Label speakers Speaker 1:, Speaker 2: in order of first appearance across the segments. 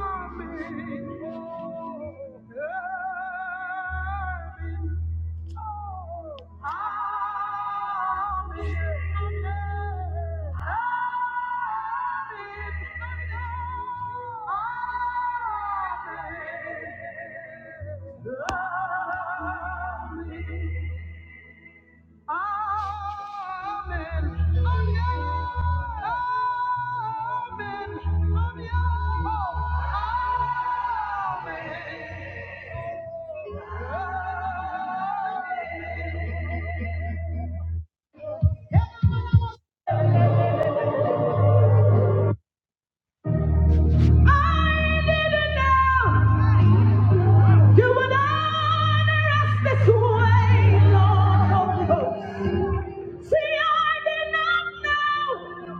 Speaker 1: love. Amen. Amen. Amen. Amen. Amen. I didn't know You would honor us this way, Lord Holy Ghost. See, I did not know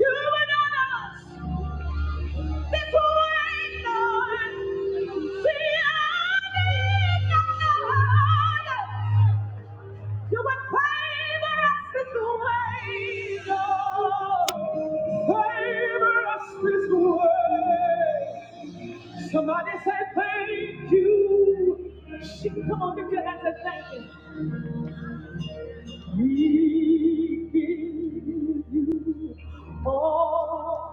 Speaker 1: you would honor us. Somebody say thank you. She- Come on, give your hands and thank you. We give you all.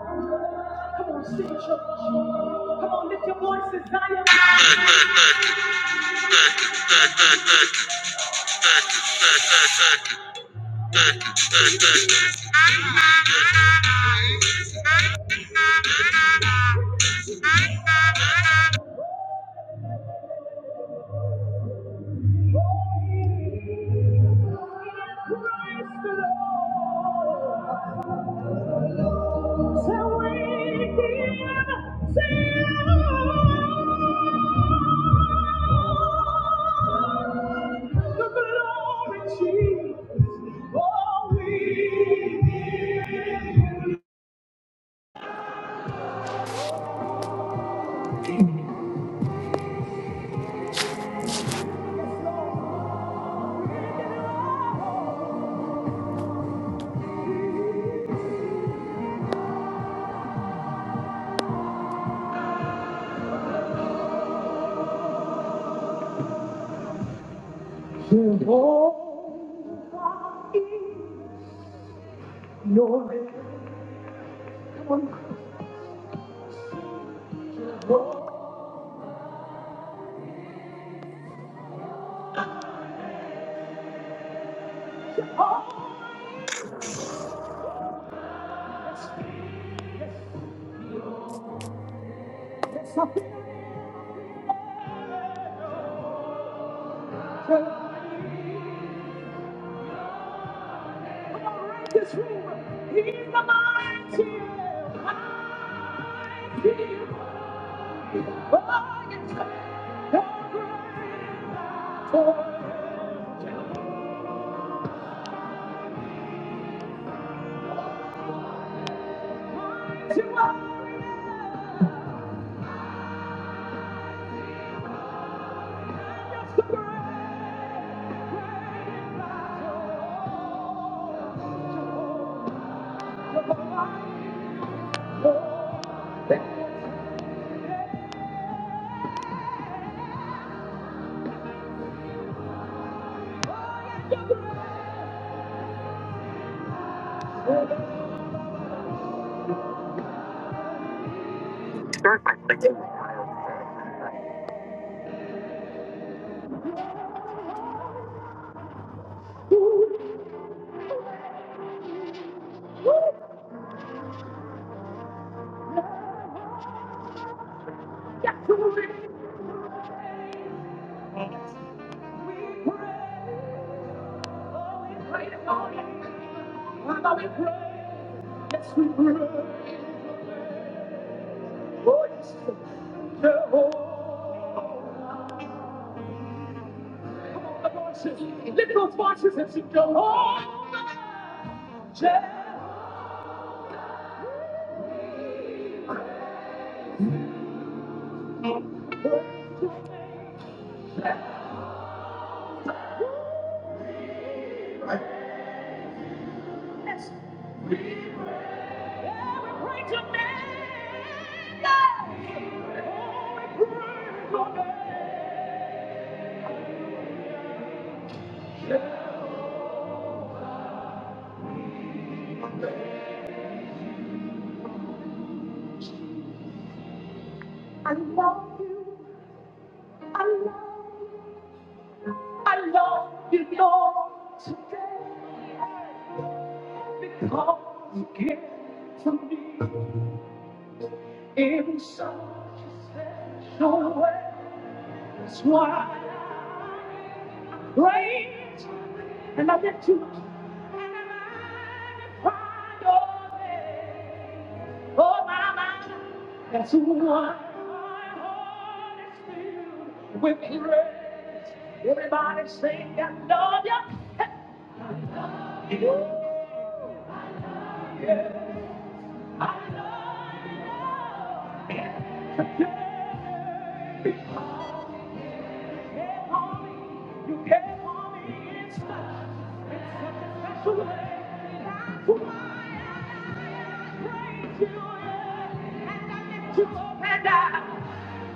Speaker 1: Come on, sing, church. Come on, lift your voices, Zion. Praise the Lord. So we give to the glory, Jesus. Oh, we give. Jehovah is your name. Come on, Jehovah. There's nothing I can. Come on, raise this room. He's the mighty power and the great. You are the great, great battle. the Jehovah, Oh, we pray this morning. Father, we pray. Yes, we pray. Oh, yes, Jehovah. Come on, the voices. Lift those voices and sing Jehovah. Jehovah. Yes. We yeah, pray to Yes. Oh, we pray to today. I love you. I love you. I love you, Lord, today because you give to me in such a special way. That's why I praise and I lift you up and I magnify your name. Oh, my, my, that's why my heart is filled with praise. Everybody sing, I love you.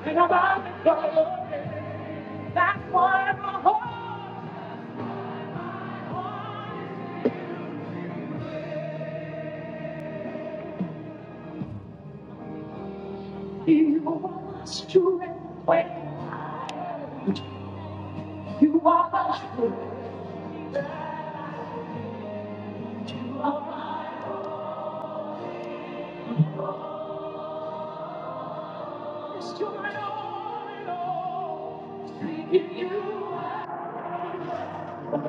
Speaker 1: And I'm on the go. That's why my heart wants You are my strength. You are my strength. You are my Thank you. I live, oh, you are my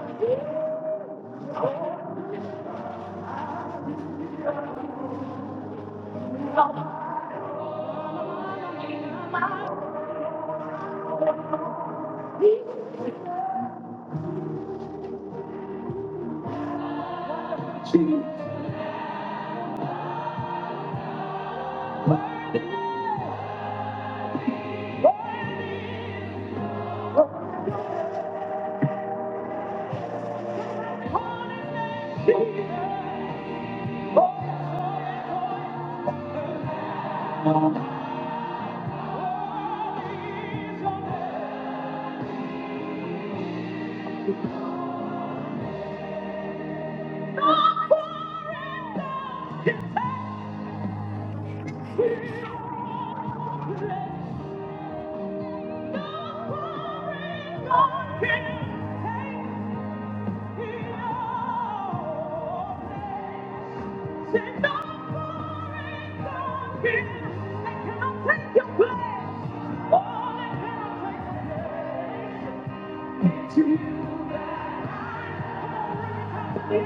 Speaker 1: Jesus. Oh, Lord, not forever, not forever. Take me all. Say no, no, here. I cannot take your place. All I cannot take is you.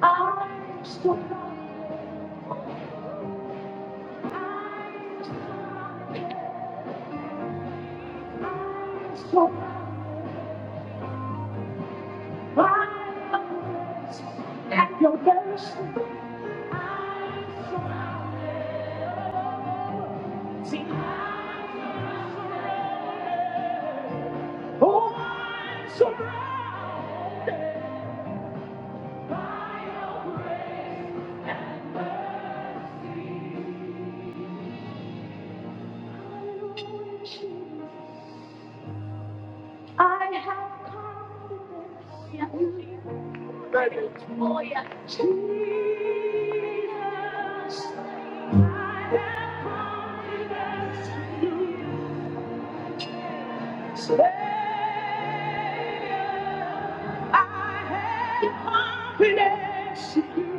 Speaker 1: I'm so I At your best, oh, I'm so I have confidence in you. yeah. Jesus, yes, you. I have confidence in you.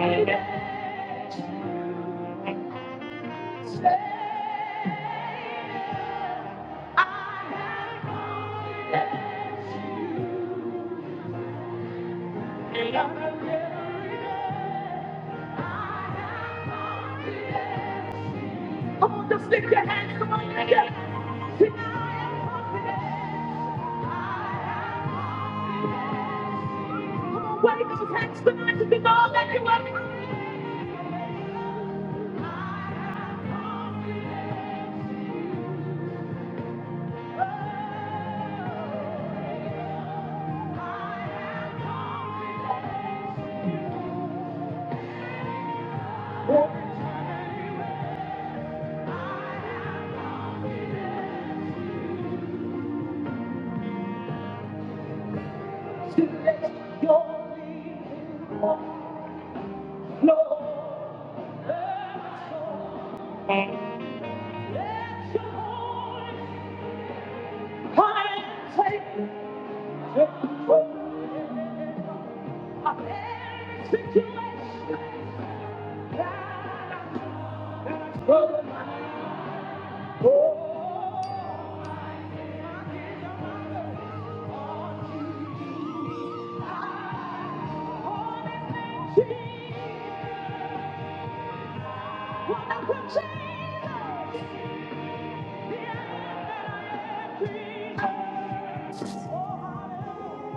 Speaker 1: Every day. Jesus, I have. Come on, just lift your hands. Come on, lift your hands. Wave those hands tonight to the God that you are. I'm I that the Thank you. You are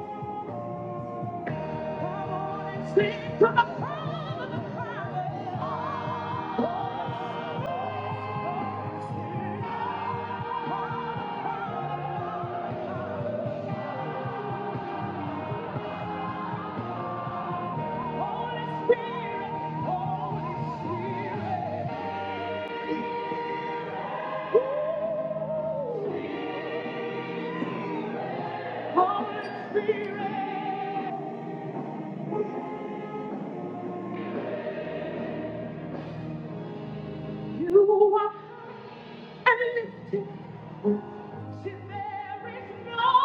Speaker 1: unlimited. There is no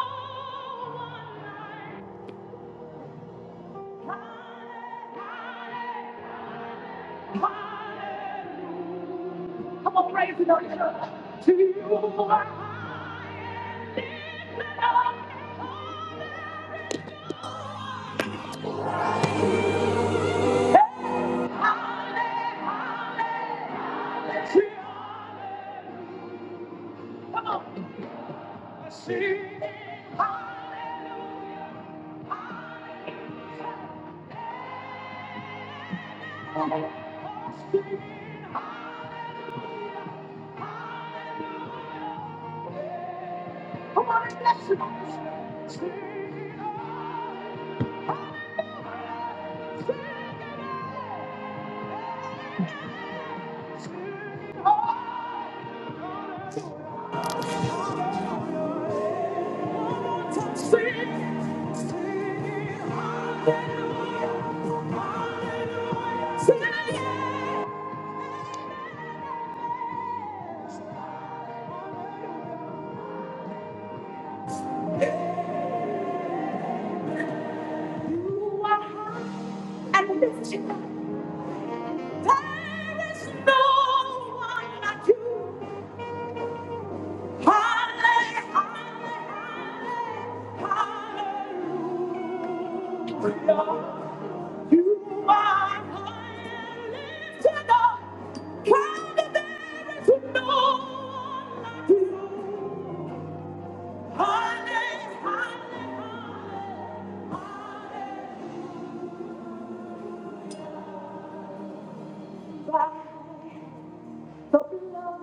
Speaker 1: one like Come on, raise it on your To you I sing. Come on, sing. Come on, and bless you. Sing, sing, sing, sing. You are high and lifted. There is no one like you. Hallelujah, hallelujah, hallelujah. You are high and lifted up, proud and there is no one like you. Hallelujah, hallelujah, by the blood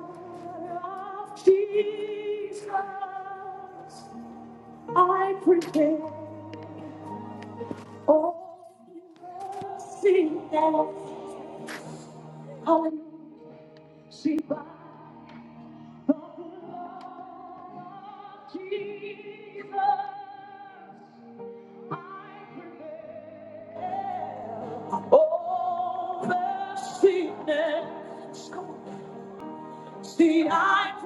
Speaker 1: of Jesus, I prepare all mercy now. Hallelujah, See by the blood of Jesus. Oh, mercy, see, I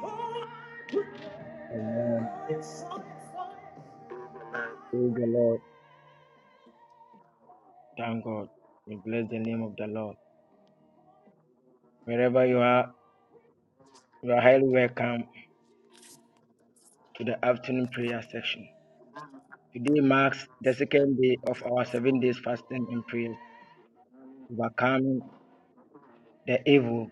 Speaker 1: prevail.
Speaker 2: Amen. Praise the Lord. Thank God. We bless the name of the Lord. Wherever you are, you are highly welcome to the afternoon prayer section. Today marks the second day of our seven days fasting and prayer, overcoming the evil.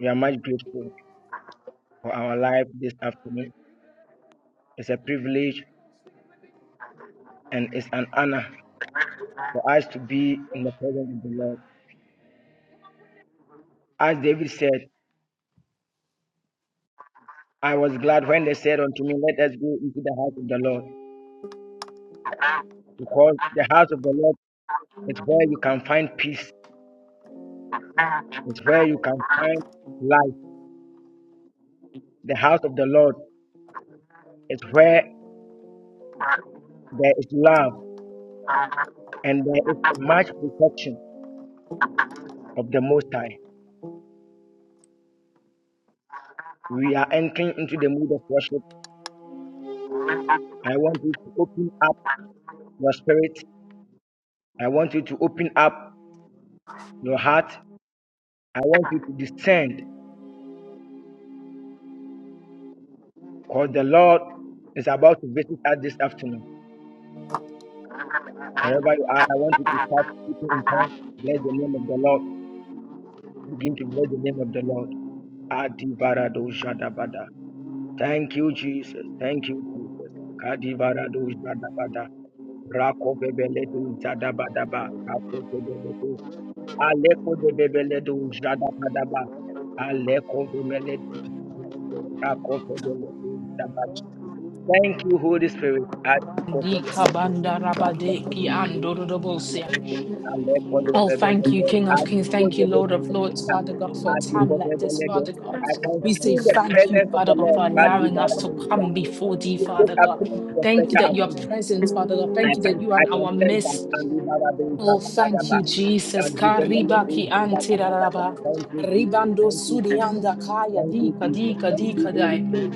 Speaker 2: We are much grateful for our life this afternoon. It's a privilege and it's an honor for us to be in the presence of the Lord. As David said, I was glad when they said unto me, Let us go into the house of the Lord, because the house of the Lord It's where you can find peace. It's where you can find life. The house of the Lord is where there is love and there is much protection of the Most High. We are entering into the mood of worship. I want you to open up your spirit. I want you to open up your heart. I want you to descend because the Lord is about to visit us this afternoon. Wherever you are, I want you to start speaking in tongues. Bless the name of the Lord. Begin to bless the name of the Lord. Adi barado Thank you, Jesus. Thank you, Jesus. Kadibaradu Zadabada. Rako Bebeledu Zadabadaba. Rako Bebeledu. Aleko de Bebeledu Zadabadaba. Aleko Bebeledu. Rako Bebeledu Zadabada. Thank you, Holy Spirit. Atiko
Speaker 3: Di
Speaker 2: Bebeledu.
Speaker 3: kabanda
Speaker 2: Rako
Speaker 3: rabade ki
Speaker 2: Bebeledu.
Speaker 3: andorodobosia.
Speaker 2: Aleko
Speaker 3: Oh, thank you,
Speaker 2: Bebeledu.
Speaker 3: King of Kings.
Speaker 2: Atiko
Speaker 3: Thank you, Lord
Speaker 2: Bebeledu.
Speaker 3: of Lords, Father God, for a time
Speaker 2: Atiko
Speaker 3: like this,
Speaker 2: Bebeledu.
Speaker 3: Father God.
Speaker 2: I can
Speaker 3: We say
Speaker 2: feel the
Speaker 3: thank you,
Speaker 2: presence of the
Speaker 3: Father God,
Speaker 2: Lord.
Speaker 3: for allowing us to
Speaker 2: Kadibaradu
Speaker 3: come before thee,
Speaker 2: this
Speaker 3: Father God.
Speaker 2: afternoon is a
Speaker 3: Thank you
Speaker 2: special
Speaker 3: that you are
Speaker 2: afternoon.
Speaker 3: present, Father God.
Speaker 2: I
Speaker 3: Thank you
Speaker 2: can
Speaker 3: that you are
Speaker 2: I
Speaker 3: in
Speaker 2: can
Speaker 3: our
Speaker 2: sense that
Speaker 3: midst.
Speaker 2: and we have a day
Speaker 3: Oh, thank
Speaker 2: that
Speaker 3: you, Jesus.
Speaker 2: that you can let us
Speaker 3: Kariba
Speaker 2: do
Speaker 3: ki
Speaker 2: that that that that.
Speaker 3: antiraraba.
Speaker 2: Thank you, Jesus.
Speaker 3: Ribando
Speaker 2: Thank you, Jesus.
Speaker 3: sudianda kaya
Speaker 2: Thank you,
Speaker 3: dika
Speaker 2: Jesus.
Speaker 3: dika
Speaker 2: Thank you,
Speaker 3: dika
Speaker 2: Holy
Speaker 3: dai.
Speaker 2: Spirit.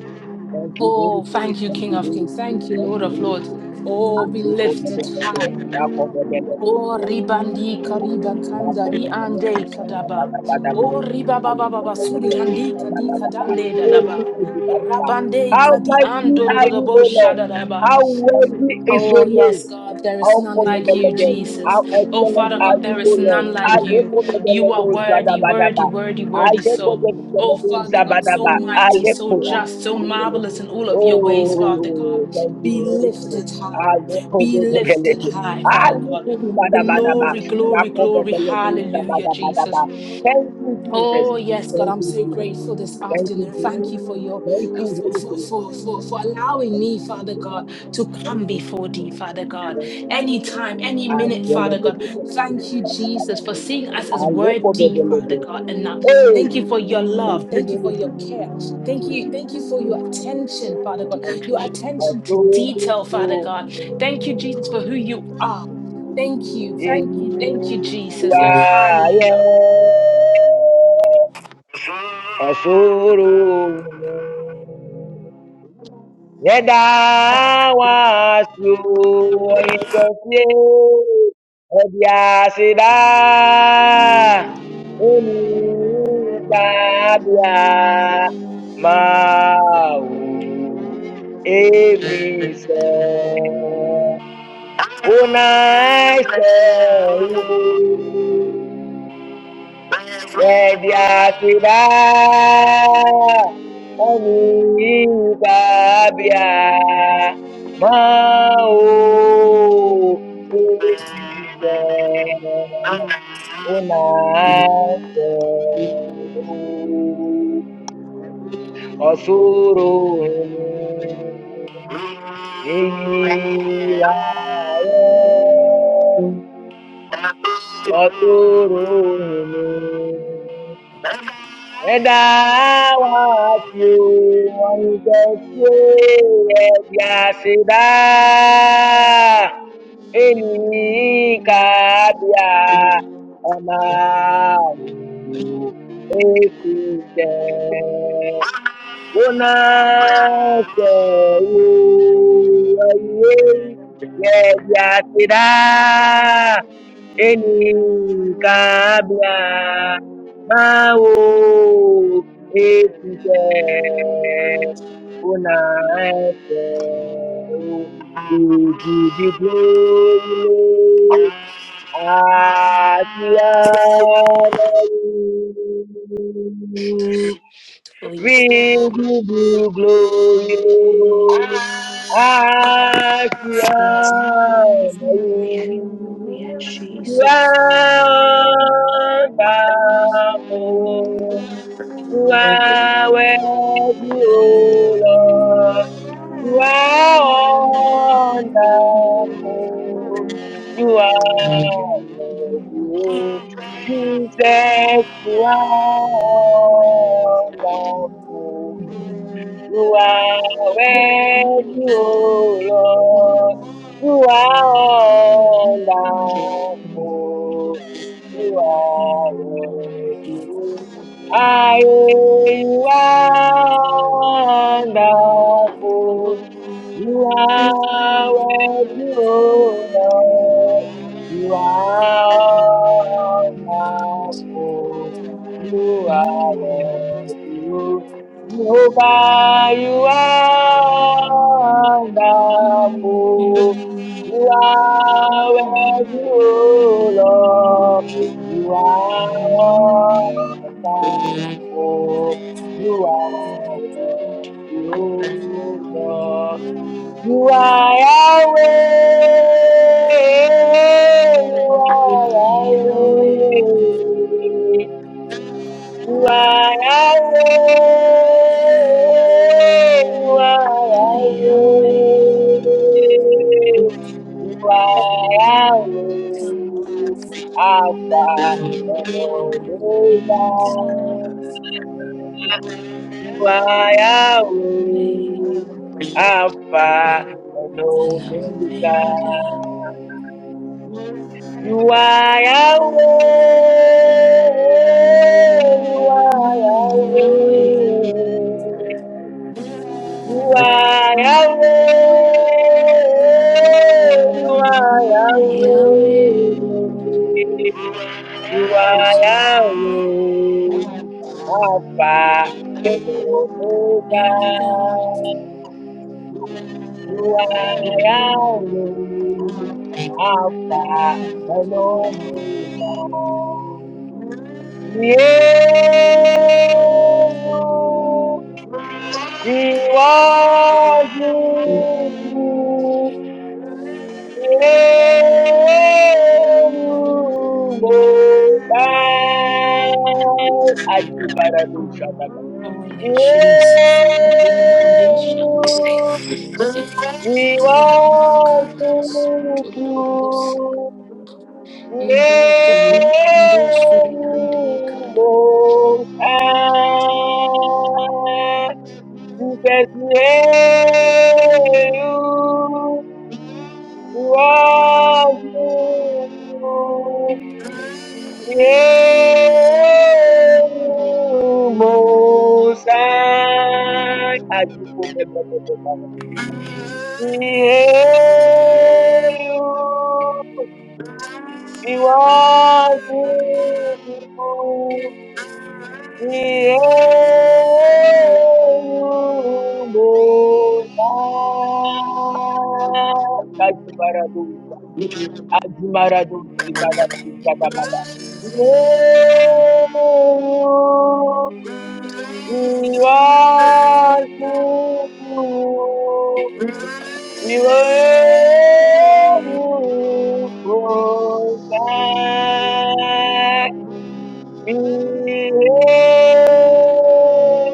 Speaker 2: Thank you, Holy
Speaker 3: Oh,
Speaker 2: Spirit.
Speaker 3: thank you,
Speaker 2: Thank
Speaker 3: King
Speaker 2: you,
Speaker 3: of
Speaker 2: Holy
Speaker 3: Kings.
Speaker 2: Spirit.
Speaker 3: Thank you,
Speaker 2: Thank
Speaker 3: Lord
Speaker 2: you,
Speaker 3: of
Speaker 2: Holy
Speaker 3: Lords.
Speaker 2: Spirit
Speaker 3: Oh,
Speaker 2: and
Speaker 3: be
Speaker 2: we call the
Speaker 3: lifted
Speaker 2: the the the
Speaker 3: high.
Speaker 2: that for the the the
Speaker 3: O ribandi kariban
Speaker 2: that for the
Speaker 3: kandari
Speaker 2: the
Speaker 3: ande
Speaker 2: the that that
Speaker 3: kadaba.
Speaker 2: that that that
Speaker 3: O ribaba
Speaker 2: and
Speaker 3: baba
Speaker 2: for the the
Speaker 3: basuri
Speaker 2: the
Speaker 3: andi
Speaker 2: that that
Speaker 3: kadi
Speaker 2: that that that
Speaker 3: kadande
Speaker 2: oh
Speaker 3: dadaba.
Speaker 2: we could do that.
Speaker 3: Rabande
Speaker 2: How
Speaker 3: kadi
Speaker 2: mighty
Speaker 3: ando
Speaker 2: are you,
Speaker 3: dodobo
Speaker 2: O Lord?
Speaker 3: shadadaba.
Speaker 2: How worthy is
Speaker 3: Oh,
Speaker 2: your name?
Speaker 3: yes, God, there is
Speaker 2: How
Speaker 3: none
Speaker 2: over
Speaker 3: like you,
Speaker 2: the Lord. How
Speaker 3: Jesus. Oh,
Speaker 2: excellent
Speaker 3: Father
Speaker 2: are
Speaker 3: God,
Speaker 2: you,
Speaker 3: there is
Speaker 2: O Lord.
Speaker 3: none
Speaker 2: I
Speaker 3: like
Speaker 2: look
Speaker 3: you.
Speaker 2: over the
Speaker 3: You are
Speaker 2: Lord.
Speaker 3: worthy, worthy,
Speaker 2: Zadabadaba.
Speaker 3: worthy,
Speaker 2: I
Speaker 3: worthy.
Speaker 2: look over
Speaker 3: So,
Speaker 2: the
Speaker 3: oh,
Speaker 2: Lord.
Speaker 3: Father God, so
Speaker 2: Zabadaba. I
Speaker 3: mighty,
Speaker 2: look
Speaker 3: so
Speaker 2: over
Speaker 3: just, so
Speaker 2: the Lord.
Speaker 3: marvelous in all of your ways, Father God.
Speaker 2: Oh, thank
Speaker 3: Be
Speaker 2: you, Holy Spirit.
Speaker 3: lifted
Speaker 2: I
Speaker 3: high,
Speaker 2: look over
Speaker 3: be
Speaker 2: the
Speaker 3: lifted
Speaker 2: Lord.
Speaker 3: high,
Speaker 2: I
Speaker 3: Father
Speaker 2: look
Speaker 3: God.
Speaker 2: over the Madabadaba.
Speaker 3: Glory, glory,
Speaker 2: Rakover
Speaker 3: glory.
Speaker 2: the Lord.
Speaker 3: Hallelujah, Jesus.
Speaker 2: Zabadabadaba. Thank you, Jesus.
Speaker 3: Oh yes, God,
Speaker 2: Thank
Speaker 3: I'm
Speaker 2: you,
Speaker 3: so
Speaker 2: Jesus.
Speaker 3: grateful this
Speaker 2: Thank you,
Speaker 3: afternoon. Thank
Speaker 2: Jesus.
Speaker 3: you for your
Speaker 2: Thank
Speaker 3: uh,
Speaker 2: you,
Speaker 3: for,
Speaker 2: Holy
Speaker 3: for
Speaker 2: Spirit.
Speaker 3: for for for allowing
Speaker 2: Thank
Speaker 3: me,
Speaker 2: you,
Speaker 3: Father
Speaker 2: Jesus.
Speaker 3: God, to
Speaker 2: Thank
Speaker 3: come
Speaker 2: you, Jesus.
Speaker 3: before thee, Father God.
Speaker 2: Thank you, Jesus.
Speaker 3: Any time, any
Speaker 2: Hey,
Speaker 3: minute,
Speaker 2: my
Speaker 3: Father God. Thank you, Jesus, for seeing us as worthy, Father
Speaker 2: divinity.
Speaker 3: God. Enough.
Speaker 2: Hey,
Speaker 3: Thank you for your love. Thank you for your care. Thank you, thank you for your attention, Father God. Your
Speaker 2: I
Speaker 3: attention to
Speaker 2: saw
Speaker 3: detail, Father
Speaker 2: you.
Speaker 3: God. Thank you, Jesus, for who you are. Thank you,
Speaker 2: Yeah,
Speaker 3: thank you, thank you,
Speaker 2: you
Speaker 3: Jesus. Oh,
Speaker 2: are, yeah.
Speaker 3: hallelujah.
Speaker 2: Osoro Yeda was you Yedawasu ointofie odiasida unitabia mau efisɛ unaise Mediasida Anikabia Mao Ukike Unase Osuru Hini Iwaye Osuru Hini Whether I want you want to say, Yasida, any cabia, Amaru, Ekite, Una, Yasida, Eni kabla mawo etuke una efe Didi di gbolo ati alayi.
Speaker 3: Oh,
Speaker 2: We
Speaker 3: yes, God.
Speaker 2: give you glory,
Speaker 3: Glory,
Speaker 2: Lord.
Speaker 3: Lord,
Speaker 2: As you
Speaker 3: we honor
Speaker 2: are,
Speaker 3: you, yes,
Speaker 2: Wonderful.
Speaker 3: Jesus. Oh,
Speaker 2: You are worthy,
Speaker 3: dear
Speaker 2: O Lord. You are wonderful. You are worthy, O Jesus. You are wonderful. You are worthy, O Lord. You are
Speaker 3: Wonderful,
Speaker 2: wonderful. You are
Speaker 3: worthy,
Speaker 2: worthy.
Speaker 3: oh,
Speaker 2: I you are wonderful.
Speaker 3: oh,
Speaker 2: You are
Speaker 3: oh,
Speaker 2: worthy, you
Speaker 3: worthy,
Speaker 2: Lord. You are
Speaker 3: Away,
Speaker 2: wonderful. You are
Speaker 3: away,
Speaker 2: worthy. Jehovah, you are wonderful. You are worthy, O Lord. You are wonderful. You are worthy, O Lord. You are Yahweh. You are Yahweh. You are Yahweh. You are Yahweh. You are Yahweh. Alpha and Omega. Waya o, Alpha
Speaker 3: away,
Speaker 2: and
Speaker 3: And now
Speaker 2: Omega.
Speaker 3: Omega,
Speaker 2: You are Yahweh. You are
Speaker 3: my Yahweh,
Speaker 2: Yahweh. You are
Speaker 3: my
Speaker 2: Yahweh. You are
Speaker 3: my
Speaker 2: Yahweh.
Speaker 3: Yahweh,
Speaker 2: You are Yahweh. Alpha and Omega.
Speaker 3: Omega,
Speaker 2: You are Yahweh, Alpha and Omega. Yeo, Iwajuju, Yeo, Mobai, Ajibaradu Shabada.
Speaker 3: Oh yeah, Jesus. Rebandi Shantira
Speaker 2: Yeo,
Speaker 3: Bosi.
Speaker 2: We
Speaker 3: Rebanda
Speaker 2: worship
Speaker 3: Karabas. Todorobosa.
Speaker 2: you,
Speaker 3: Inde Kari Ando
Speaker 2: yeah,
Speaker 3: Suri Ande Karababa.
Speaker 2: Most
Speaker 3: Thank you.
Speaker 2: High. Jesus, yeah, you We worship you, yeah, Most High. As you go, go, go, go, go, go. We hail you. We worship you. We hail you, Most High. Kajibaradosi, Ajimaradosi, Badadosi, Badabada. We hail you. We worship you. We hail you, Most High. We hail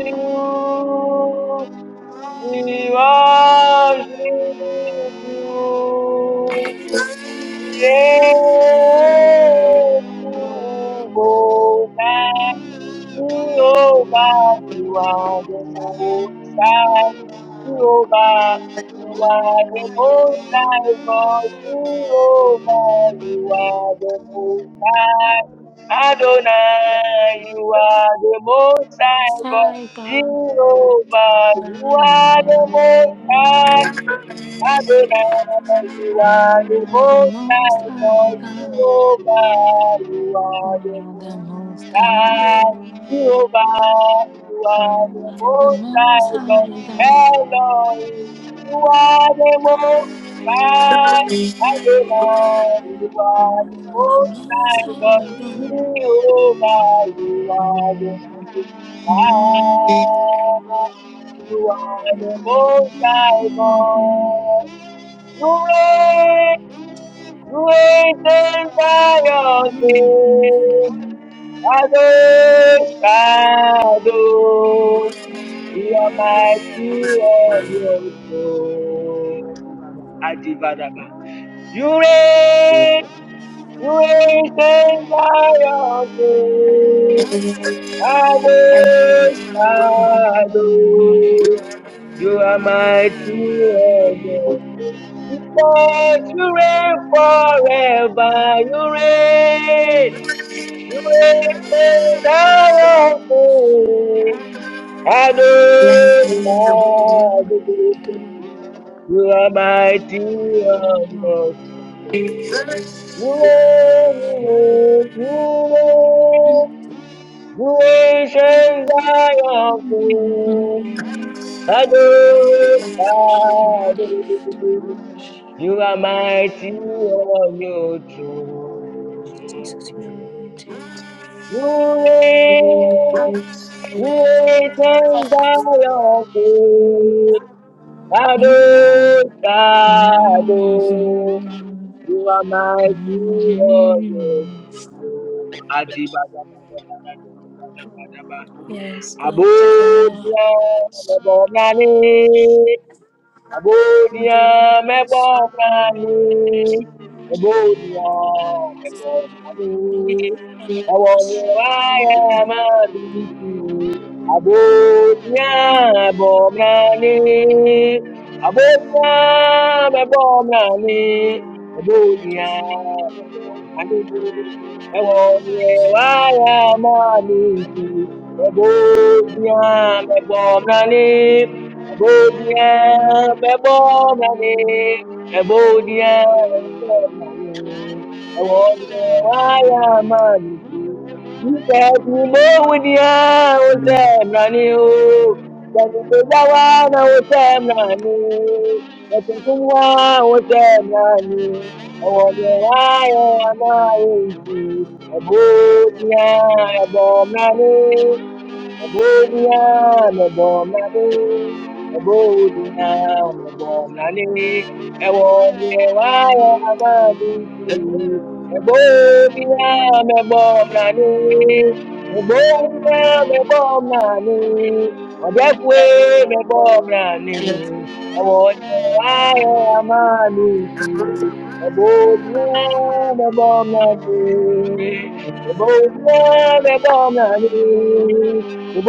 Speaker 2: you. We worship you. We hail you, most Jehovah, you are the most high. Jehovah, you are the most high God. Jehovah, you are the most high. Adonai, you are the most high God.
Speaker 3: Sai God,
Speaker 2: Jehovah, you
Speaker 3: now you
Speaker 2: are the
Speaker 3: are.
Speaker 2: most high. Adonai, you are
Speaker 3: You
Speaker 2: the
Speaker 3: are the
Speaker 2: most
Speaker 3: most
Speaker 2: high
Speaker 3: high
Speaker 2: God.
Speaker 3: God.
Speaker 2: Jehovah, you
Speaker 3: You
Speaker 2: are the most
Speaker 3: are
Speaker 2: high.
Speaker 3: the most high.
Speaker 2: God,
Speaker 3: You
Speaker 2: Jehovah, you are the
Speaker 3: are the
Speaker 2: most
Speaker 3: most
Speaker 2: high God.
Speaker 3: high God.
Speaker 2: Elohim, you are the most high Adonai, you are the
Speaker 3: You are the
Speaker 2: most
Speaker 3: most
Speaker 2: high God.
Speaker 3: high
Speaker 2: Jehovah,
Speaker 3: God.
Speaker 2: you are the
Speaker 3: Mhm.
Speaker 2: most high. You are the most high God. You reign, you reign in Zion. Shadows, shadows, you are mighty on your throne. Adivadaba. You reign, you reign, King Zion King. Shadows, shadows, you are mighty on your throne. Because you reign forever, you reign. You ain't thou awful. Adonai, you are mighty and awesome. You reign, you reign, you reign, ancient Zion King.
Speaker 3: Mhm.
Speaker 2: Adonai, you are mighty on your throne.
Speaker 3: Jesus, you are mighty.
Speaker 2: You reign, Great and powerful, Adonai, Adonai, you are mighty warrior. Adiba,
Speaker 3: Yes, God,
Speaker 2: Above
Speaker 3: God.
Speaker 2: all, Abodia
Speaker 3: Yes,
Speaker 2: mebomani, abodia mebomani, awonyewaya maliti, abodia mebomani, abodia mebomani, abodia mebomani, awonyewaya maliti, abodia mebomani. Ebodie, ebomani, ebodie, ebomani, ewonye waya manisi. Jesus, we know with you, Otem Rani, O. Tẹ̀mí tó já wá náà Otem Rani, Ẹ̀sìn tó ń wá Otem Rani, ewonye waya manisi, ebodie, ebomani. Eboniana bomani, eboniana bomani, ewonye waya amabiti. Eboniana bomani, eboniana bomani, odefwe me bomani, ewonye waya amabiti. Eboniana bomani, eboniana bomani. Why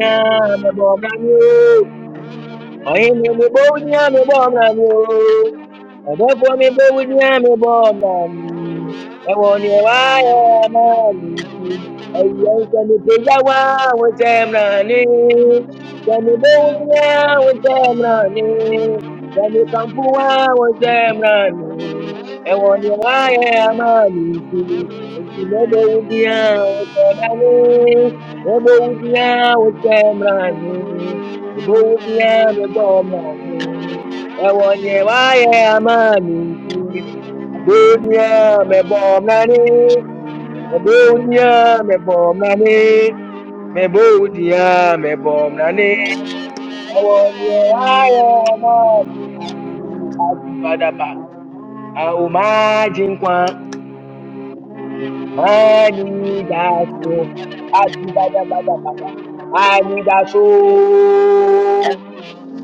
Speaker 2: am I Ọhịa emegbu onye amịgba ọna m oo. Ọdọfọ emegbu onye amịgba ọna m. Ẹ̀wọ̀n ni ẹ̀wà ayọ̀ náà lè fi. Ẹ̀yẹ ń sẹ́mi pé yáwá àwọn iṣẹ́ mìíràn ni. Sẹ́mi bó ní àwọn iṣẹ́ mìíràn ni. Sẹ́mi kan fún wa àwọn iṣẹ́ mìíràn ni. Ẹ̀wọ̀n ni ẹ̀wà ayọ̀ náà lè fi. Èsì mẹ́bọ̀ wo ni àwọn iṣẹ́ mìíràn ni. Mẹ́bọ̀ wo ni àwọn iṣẹ́ mìíràn ni. Ebonyame bomani, ewonye waye amani nti. Ebonyame bomani, ebonyame bomani, mebonyame bomani, ewonye waye amani nti. Ajibadaba, aumaji nkwa, mani daso, ajibadabadabada, mani daso.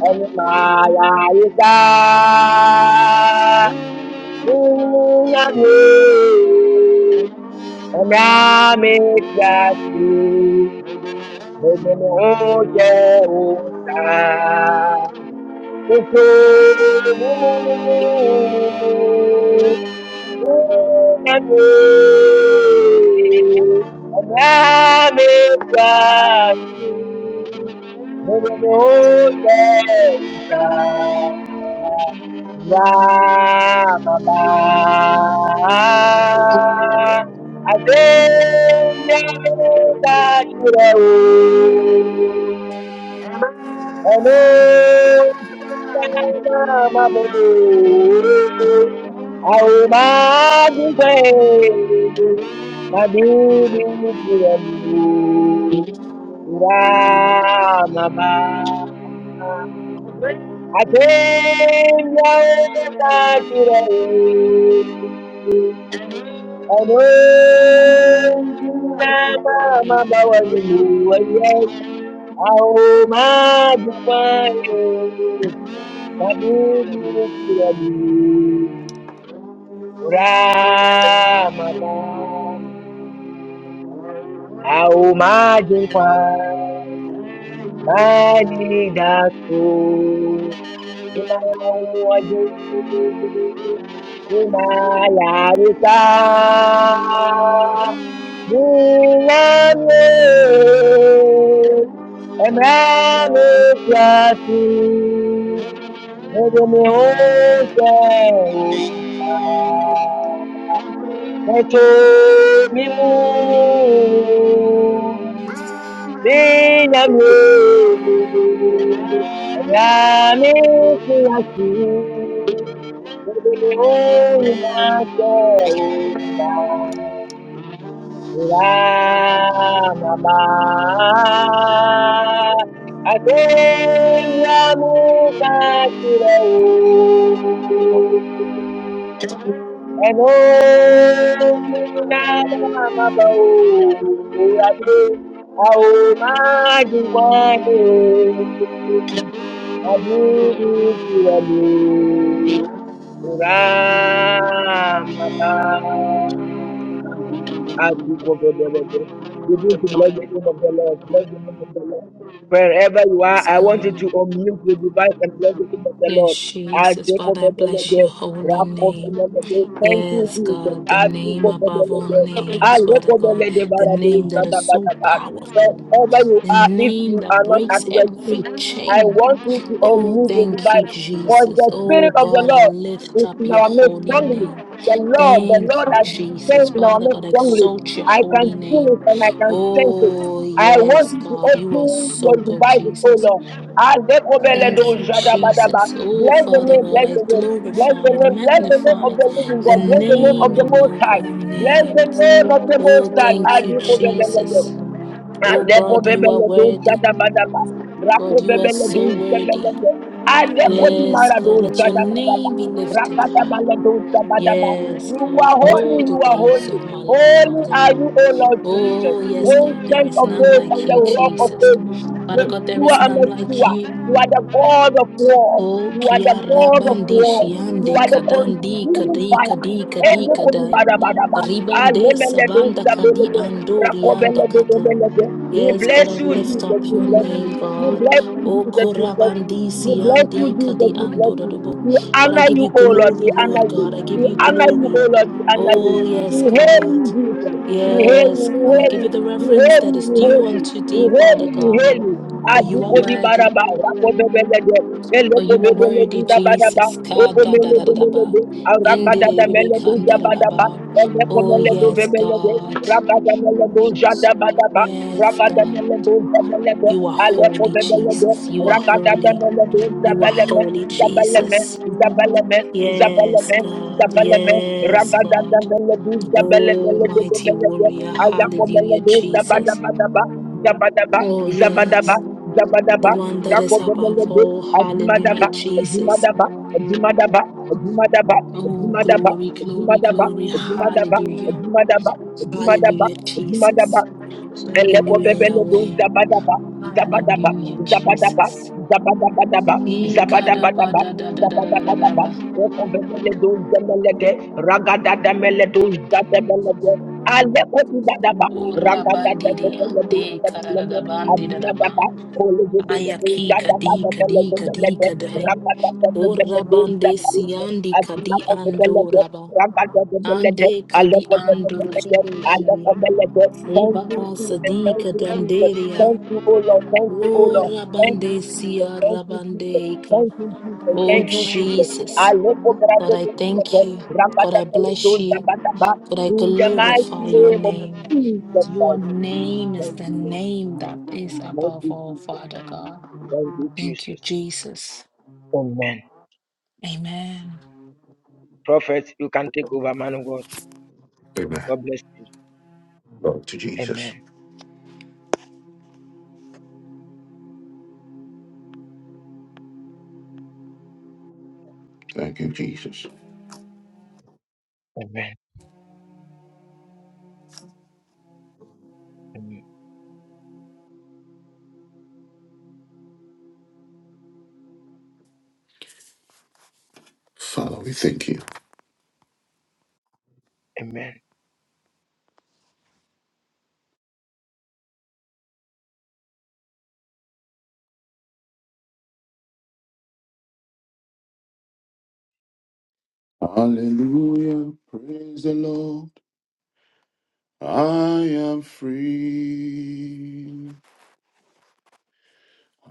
Speaker 2: Onimayayika Munyami Onamityasi Mudumu Oche Uta Kusumu Thank you. Thank you. Madudu Ramada au maji kwa maji datu nyuma ya ua juu nyuma ya rusa munamye emrani kiasi mwenye miuche umsa Netomi mu minyamye Nyame kuyasi Mugini unyase uta Ulamaba Atemya and Begin to bless the name of the Lord. Bless the name of the Lord. Wherever you are, I want you to
Speaker 3: God.
Speaker 2: unmute your device and bless the name of the Lord.
Speaker 3: Yes,
Speaker 2: I
Speaker 3: Jesus,
Speaker 2: take
Speaker 3: Father,
Speaker 2: over
Speaker 3: I
Speaker 2: the
Speaker 3: bless your
Speaker 2: Lord.
Speaker 3: holy
Speaker 2: Rock of the
Speaker 3: name.
Speaker 2: Lord. Thank you,
Speaker 3: Yes,
Speaker 2: Jesus.
Speaker 3: God, the
Speaker 2: I take
Speaker 3: name
Speaker 2: over the
Speaker 3: above all
Speaker 2: Lord. I
Speaker 3: names, Father God,
Speaker 2: recommend the
Speaker 3: the name that is so
Speaker 2: Lord.
Speaker 3: powerful,
Speaker 2: Wherever you
Speaker 3: the
Speaker 2: are, if
Speaker 3: name
Speaker 2: you
Speaker 3: that
Speaker 2: are not at
Speaker 3: breaks
Speaker 2: rest, please,
Speaker 3: every
Speaker 2: I
Speaker 3: chain.
Speaker 2: want you to
Speaker 3: Oh,
Speaker 2: unmute your
Speaker 3: thank you,
Speaker 2: device, voice. For
Speaker 3: Jesus.
Speaker 2: the
Speaker 3: Oh,
Speaker 2: Spirit of the
Speaker 3: God, I
Speaker 2: Lord
Speaker 3: lift
Speaker 2: is
Speaker 3: up
Speaker 2: in
Speaker 3: your
Speaker 2: our midst
Speaker 3: holy
Speaker 2: strongly.
Speaker 3: name.
Speaker 2: The Lord, the
Speaker 3: Thank
Speaker 2: Lord
Speaker 3: you,
Speaker 2: has
Speaker 3: Jesus.
Speaker 2: strength in our
Speaker 3: Father
Speaker 2: midst
Speaker 3: God,
Speaker 2: strongly.
Speaker 3: exalt your
Speaker 2: I can
Speaker 3: holy
Speaker 2: feel
Speaker 3: name.
Speaker 2: it and I can sense it.
Speaker 3: Oh,
Speaker 2: I want
Speaker 3: yes,
Speaker 2: you to
Speaker 3: God, you are
Speaker 2: open your
Speaker 3: so good,
Speaker 2: devices, oh
Speaker 3: Jesus.
Speaker 2: Lord.
Speaker 3: Thank
Speaker 2: Alekobeledo
Speaker 3: you,
Speaker 2: jadabadaba.
Speaker 3: Jesus. Oh,
Speaker 2: Bless the
Speaker 3: Father
Speaker 2: name,
Speaker 3: God,
Speaker 2: bless
Speaker 3: I
Speaker 2: the name, bless
Speaker 3: glorify
Speaker 2: the
Speaker 3: and
Speaker 2: name, bless the name of
Speaker 3: magnify
Speaker 2: the living
Speaker 3: the
Speaker 2: God, bless the name of
Speaker 3: name
Speaker 2: the Most
Speaker 3: above
Speaker 2: High,
Speaker 3: all
Speaker 2: bless the
Speaker 3: names.
Speaker 2: name of the
Speaker 3: Oh,
Speaker 2: Most
Speaker 3: thank you,
Speaker 2: High.
Speaker 3: Jesus. Oh,
Speaker 2: Aleko
Speaker 3: God, you are
Speaker 2: bebele do
Speaker 3: worthy.
Speaker 2: zada bada ba.
Speaker 3: God,
Speaker 2: Rako
Speaker 3: you are
Speaker 2: bebele
Speaker 3: so
Speaker 2: do zebele
Speaker 3: worthy.
Speaker 2: do. Aleko di
Speaker 3: Yes,
Speaker 2: mara
Speaker 3: God,
Speaker 2: do
Speaker 3: let your
Speaker 2: zada bada ba.
Speaker 3: name be lifted
Speaker 2: Rakata
Speaker 3: high.
Speaker 2: bala do zada ba.
Speaker 3: Yes,
Speaker 2: You are
Speaker 3: God,
Speaker 2: holy,
Speaker 3: all the
Speaker 2: you are
Speaker 3: days
Speaker 2: holy.
Speaker 3: of my life,
Speaker 2: Holy
Speaker 3: Father
Speaker 2: are
Speaker 3: God.
Speaker 2: you, O Lord Jesus.
Speaker 3: Oh, yes, God, there
Speaker 2: Ancient
Speaker 3: is
Speaker 2: of
Speaker 3: none
Speaker 2: days
Speaker 3: like
Speaker 2: and the
Speaker 3: you,
Speaker 2: rock of
Speaker 3: Jesus.
Speaker 2: ages.
Speaker 3: Father God, there
Speaker 2: Yeshua
Speaker 3: is none like
Speaker 2: Amashua.
Speaker 3: you.
Speaker 2: You are the God of war.
Speaker 3: O
Speaker 2: You are the
Speaker 3: kia
Speaker 2: God of
Speaker 3: rabandi
Speaker 2: war. You
Speaker 3: shiande
Speaker 2: are the
Speaker 3: kadandi
Speaker 2: consuming
Speaker 3: kadi
Speaker 2: fire.
Speaker 3: kadi kadi
Speaker 2: Every
Speaker 3: kadai.
Speaker 2: bada bada ba.
Speaker 3: Ribande
Speaker 2: Alemele do
Speaker 3: sabanda
Speaker 2: zebele
Speaker 3: kadi
Speaker 2: do.
Speaker 3: andori
Speaker 2: Rako
Speaker 3: anda
Speaker 2: bele do
Speaker 3: kata.
Speaker 2: zebele do. We
Speaker 3: Yes, God,
Speaker 2: bless
Speaker 3: I
Speaker 2: you,
Speaker 3: lift
Speaker 2: Jesus.
Speaker 3: up
Speaker 2: We
Speaker 3: your
Speaker 2: bless you.
Speaker 3: name,
Speaker 2: We
Speaker 3: God.
Speaker 2: bless you,
Speaker 3: O
Speaker 2: Jesus. We bless you.
Speaker 3: korabandi
Speaker 2: We bless you,
Speaker 3: siandi
Speaker 2: Jesus.
Speaker 3: kadi
Speaker 2: We bless you.
Speaker 3: andododobo.
Speaker 2: We
Speaker 3: But I
Speaker 2: honor
Speaker 3: give
Speaker 2: you,
Speaker 3: you
Speaker 2: O Lord. We
Speaker 3: glory,
Speaker 2: honor
Speaker 3: Lord
Speaker 2: you.
Speaker 3: God. I give
Speaker 2: We
Speaker 3: you
Speaker 2: honor you, O
Speaker 3: glory.
Speaker 2: Lord. We honor you.
Speaker 3: Oh, yes,
Speaker 2: We hail
Speaker 3: God.
Speaker 2: you, Jesus. We hail you.
Speaker 3: Yes,
Speaker 2: We
Speaker 3: God. I
Speaker 2: hail
Speaker 3: give you
Speaker 2: you.
Speaker 3: the
Speaker 2: We
Speaker 3: reverence
Speaker 2: hail
Speaker 3: that
Speaker 2: you.
Speaker 3: is
Speaker 2: We
Speaker 3: due
Speaker 2: hail you.
Speaker 3: unto thee,
Speaker 2: We hail
Speaker 3: Father
Speaker 2: you. We
Speaker 3: God.
Speaker 2: hail you.
Speaker 3: For you are
Speaker 2: Ajiko di
Speaker 3: worthy.
Speaker 2: baraba. Rako bebele de.
Speaker 3: For
Speaker 2: Eloko
Speaker 3: you are
Speaker 2: bebele
Speaker 3: worthy,
Speaker 2: di da baraba.
Speaker 3: Jesus. Ka
Speaker 2: Oko
Speaker 3: da da
Speaker 2: mele
Speaker 3: da
Speaker 2: de
Speaker 3: da da
Speaker 2: mele
Speaker 3: ba.
Speaker 2: de. Aramba
Speaker 3: Indi
Speaker 2: da
Speaker 3: di di
Speaker 2: da
Speaker 3: bi bi
Speaker 2: mele de
Speaker 3: kan
Speaker 2: da
Speaker 3: da da da
Speaker 2: baraba.
Speaker 3: ba.
Speaker 2: Eloko
Speaker 3: Oh,
Speaker 2: mele do
Speaker 3: yes,
Speaker 2: bebele de.
Speaker 3: God.
Speaker 2: Rabba da mele do jada baraba.
Speaker 3: Yes, God.
Speaker 2: Ragadamelebuzabelebe,
Speaker 3: You are holy,
Speaker 2: alekobebelebe,
Speaker 3: Jesus. You are holy. You are
Speaker 2: ragadadamelebuzabeleme,
Speaker 3: holy,
Speaker 2: zabeleme,
Speaker 3: Jesus.
Speaker 2: zabeleme,
Speaker 3: Yes,
Speaker 2: zabeleme,
Speaker 3: God.
Speaker 2: zabeleme,
Speaker 3: Yes, God. Oh, mighty
Speaker 2: ragadadamelebuzabelebelebelebe,
Speaker 3: warrior. Hallelujah, Jesus.
Speaker 2: ayakomelebuzabadabadaba, zabadaba,
Speaker 3: Oh,
Speaker 2: zabadaba,
Speaker 3: yes.
Speaker 2: zabadaba,
Speaker 3: The one that is above
Speaker 2: rakobebelebe,
Speaker 3: all.
Speaker 2: azimadaba,
Speaker 3: Hallelujah, Jesus.
Speaker 2: azimadaba, azimadaba, azimadaba,
Speaker 3: Oh,
Speaker 2: azimadaba,
Speaker 3: glory, glory,
Speaker 2: azimadaba,
Speaker 3: glory.
Speaker 2: azimadaba,
Speaker 3: Hallelujah.
Speaker 2: azimadaba, azimadaba,
Speaker 3: Hallelujah,
Speaker 2: azimadaba,
Speaker 3: Jesus. Hallelujah,
Speaker 2: Elekopepele do
Speaker 3: Yahweh.
Speaker 2: zabadaba, zabadaba,
Speaker 3: Hallelujah,
Speaker 2: zabadaba,
Speaker 3: Jesus.
Speaker 2: zabadabadaba, zabadabadaba, zabadabadaba.
Speaker 3: Ikadabadadadadadadadaba.
Speaker 2: Ekopepele do zemelede, ragadadamele do zatemelede. Alekopibadaba, ragadadapepele do
Speaker 3: Orabandidiande
Speaker 2: zemelede,
Speaker 3: kadadadabandidadaba.
Speaker 2: adinadaba, kolegedele do
Speaker 3: Ayakika dika
Speaker 2: zatabadapele
Speaker 3: dika
Speaker 2: zemelede,
Speaker 3: dika dai.
Speaker 2: ragadadapepele do
Speaker 3: Orabande
Speaker 2: zabalede,
Speaker 3: siandi kadi
Speaker 2: adinakopepele do
Speaker 3: andoraba.
Speaker 2: ragadadapepele de,
Speaker 3: Ande kadi
Speaker 2: alekopepele de,
Speaker 3: andorobo sharia.
Speaker 2: alekopepele de, Thank you,
Speaker 3: Rebaka
Speaker 2: Jesus. Thank
Speaker 3: sadika
Speaker 2: you, Jesus.
Speaker 3: danderia.
Speaker 2: Thank you, O Lord. Thank you, O Lord. Thank you,
Speaker 3: Orabande
Speaker 2: Jesus.
Speaker 3: siya
Speaker 2: Thank you, Jesus.
Speaker 3: rabandeika.
Speaker 2: Thank you, Jesus.
Speaker 3: Oh,
Speaker 2: Thank you, Jesus. I
Speaker 3: Jesus.
Speaker 2: look over at
Speaker 3: God, I thank
Speaker 2: the
Speaker 3: you. God, I bless you.
Speaker 2: Rambatakalatosabadaba.
Speaker 3: God, I
Speaker 2: in the mighty
Speaker 3: glorify your
Speaker 2: name of
Speaker 3: name.
Speaker 2: Jesus
Speaker 3: Your
Speaker 2: Christ.
Speaker 3: name is
Speaker 2: Thank
Speaker 3: the
Speaker 2: you,
Speaker 3: name that is
Speaker 2: Lord. Thank
Speaker 3: above
Speaker 2: you,
Speaker 3: all,
Speaker 2: Jesus.
Speaker 3: Father God.
Speaker 2: Thank you,
Speaker 3: Thank you,
Speaker 2: Jesus.
Speaker 3: Jesus.
Speaker 2: Amen.
Speaker 3: Amen.
Speaker 2: Prophet, you can take
Speaker 1: Amen. Glory to Jesus. Thank you, Jesus. Father, we thank you. Hallelujah. Praise the Lord. I am free.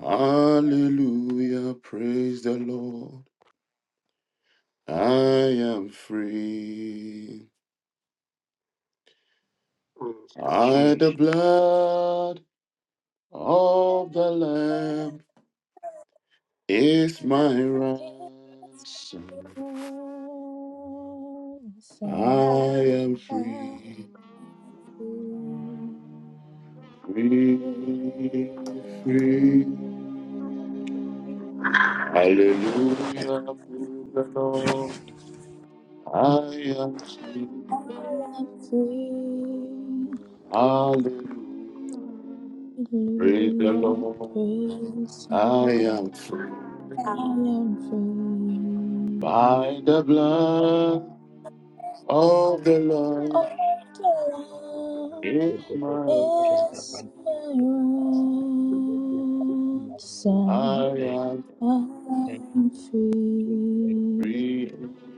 Speaker 1: Hallelujah. Praise the Lord. I am free. I, the blood of the
Speaker 4: So
Speaker 1: Lamb, is my
Speaker 4: I feel
Speaker 1: ransom. I
Speaker 4: free.
Speaker 1: am
Speaker 4: I
Speaker 1: free. Free, free. Hallelujah, praise the Lord. I am free.
Speaker 4: am free.
Speaker 1: Hallelujah, praise the
Speaker 4: Hallelujah.
Speaker 1: Lord.
Speaker 4: Praise the
Speaker 1: I
Speaker 4: Lord.
Speaker 1: am free.
Speaker 4: I am free.
Speaker 1: By the blood of the Lord
Speaker 4: Oh, the love
Speaker 1: is my right.
Speaker 4: is my ransom.
Speaker 1: I am
Speaker 4: I am free.
Speaker 1: free.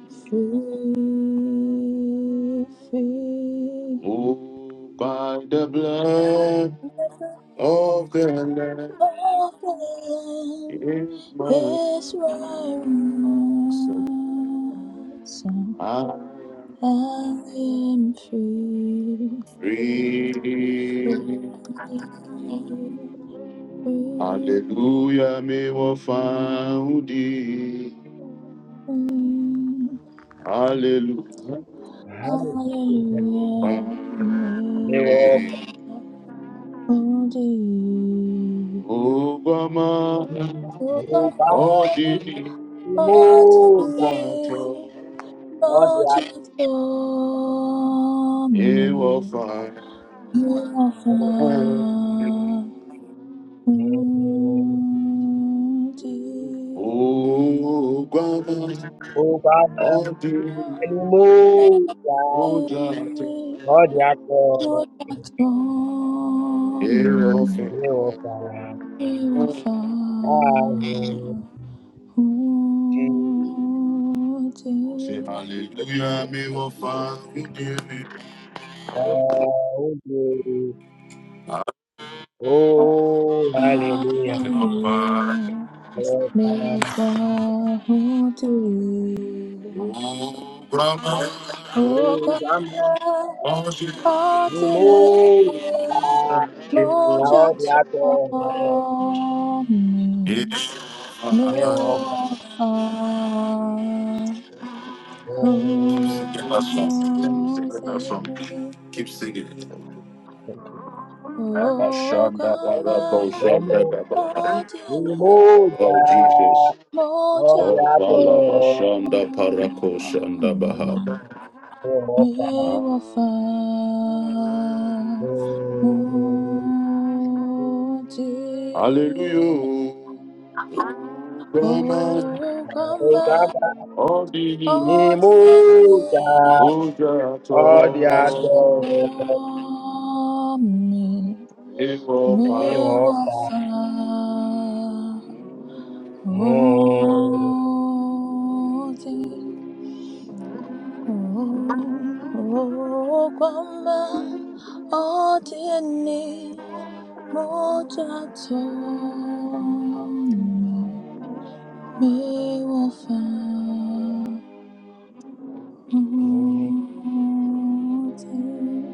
Speaker 4: Free, free.
Speaker 1: Oh, by the blood of the Lamb
Speaker 4: Problem
Speaker 1: is my
Speaker 4: is right
Speaker 1: ransom.
Speaker 4: ransom.
Speaker 1: I am
Speaker 4: I am free,
Speaker 1: Free.
Speaker 4: free, free.
Speaker 1: Hallelujah, me wo foundi.
Speaker 4: free.
Speaker 1: Hallelujah,
Speaker 4: Hallelujah,
Speaker 1: foundi.
Speaker 4: may
Speaker 2: the
Speaker 4: we
Speaker 2: walk.
Speaker 4: find all thee.
Speaker 1: Obama,
Speaker 4: You
Speaker 2: Move
Speaker 4: are
Speaker 2: up,
Speaker 1: odi,
Speaker 4: all to
Speaker 2: move up.
Speaker 4: me.
Speaker 1: ojato,
Speaker 2: All
Speaker 4: for
Speaker 2: the
Speaker 1: me wo
Speaker 4: me.
Speaker 1: foundi.
Speaker 4: You are
Speaker 2: actors.
Speaker 4: far too
Speaker 2: Move
Speaker 4: deep.
Speaker 1: Obama,
Speaker 2: up,
Speaker 1: odi,
Speaker 2: move up.
Speaker 1: ojato,
Speaker 2: Ọ dị aka ọrụ
Speaker 4: Lord, that's for
Speaker 1: me wo
Speaker 4: me.
Speaker 1: foundi.
Speaker 2: ịwụkwara m
Speaker 4: You are far
Speaker 2: ahụhụ dị
Speaker 4: too
Speaker 1: Say
Speaker 4: deep.
Speaker 1: hallelujah, me wo foundi.
Speaker 2: n'oge oh hallelujah
Speaker 1: Keep singing
Speaker 4: Hallelujah.
Speaker 2: bless
Speaker 4: Me, you
Speaker 2: am
Speaker 4: are far too deep. Oh,
Speaker 2: oh
Speaker 4: God! I didn't
Speaker 2: Bama n'ime oru
Speaker 4: know you
Speaker 2: na
Speaker 4: were
Speaker 2: ọ dị aka
Speaker 4: so near
Speaker 2: ọrụ
Speaker 4: me.
Speaker 2: ịwụkwara
Speaker 4: Oh,
Speaker 2: m
Speaker 1: it.
Speaker 4: God!
Speaker 2: ọmụ
Speaker 4: I
Speaker 2: n'ime
Speaker 4: didn't
Speaker 2: oru na
Speaker 1: Oh Jesus.
Speaker 4: know
Speaker 2: ọ dị
Speaker 1: Oh
Speaker 2: aka ọrụ
Speaker 1: Balabashanda Parakoshanda Baha.
Speaker 2: ịwụkwara m.
Speaker 4: you were so near me. Om Jai
Speaker 1: Hallelujah. Brahma
Speaker 4: Om, Om Ganesh
Speaker 1: Odini
Speaker 4: Om, Jai
Speaker 1: Ujato.
Speaker 4: Om
Speaker 1: It will
Speaker 4: Jai Shri
Speaker 1: find
Speaker 4: Ram, Jai Om Jai Om, Om Ganesh Om, Jai Ni, Om Jai Shri Ram. Mi wafah o tiri,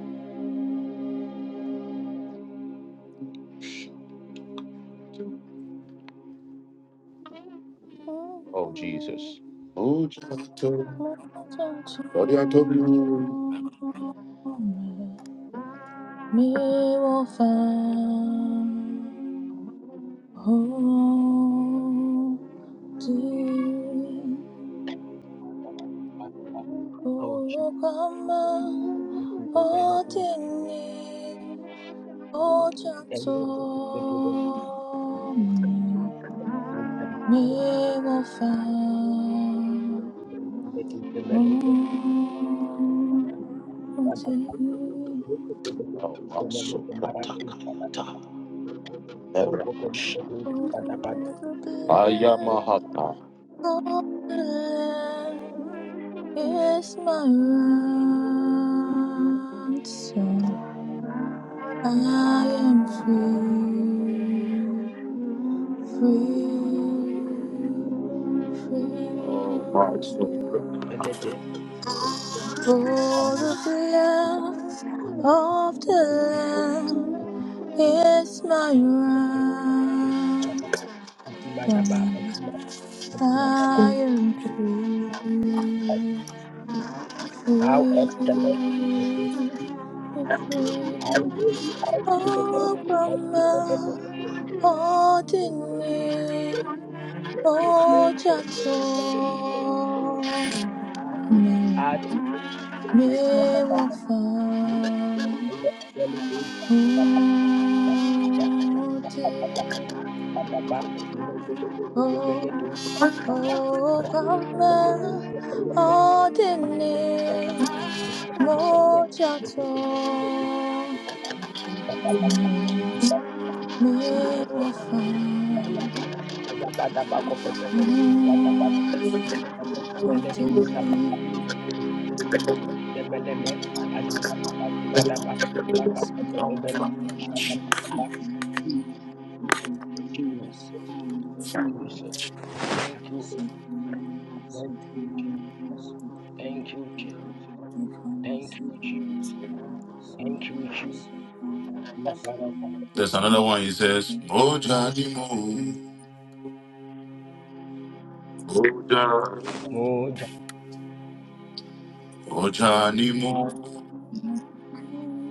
Speaker 1: Oh, Jesus. Ojato,
Speaker 4: oja
Speaker 1: Ojato,
Speaker 4: tomi. Mi wafah o tiri, o kama o tiri oja tomi. 没我法，哦，忘记，Oh,
Speaker 1: Oh, Masupratakayata. Eremasha.
Speaker 4: the blood
Speaker 1: Ayamahata.
Speaker 4: of the Lamb is my ransom. I am free, free, free.
Speaker 1: Oh, my soul.
Speaker 4: For the blood of the Lamb It's my ransom. I am free, free, free. Oh, grandma, oh, Dinny, oh, Jato, me, me, wofa, oh, dear. oh. Oh, grandma, I didn't know just how many ways I'm not the same. Mo
Speaker 1: There's another one. He says, Ojanimu, Oja, Ojani mo,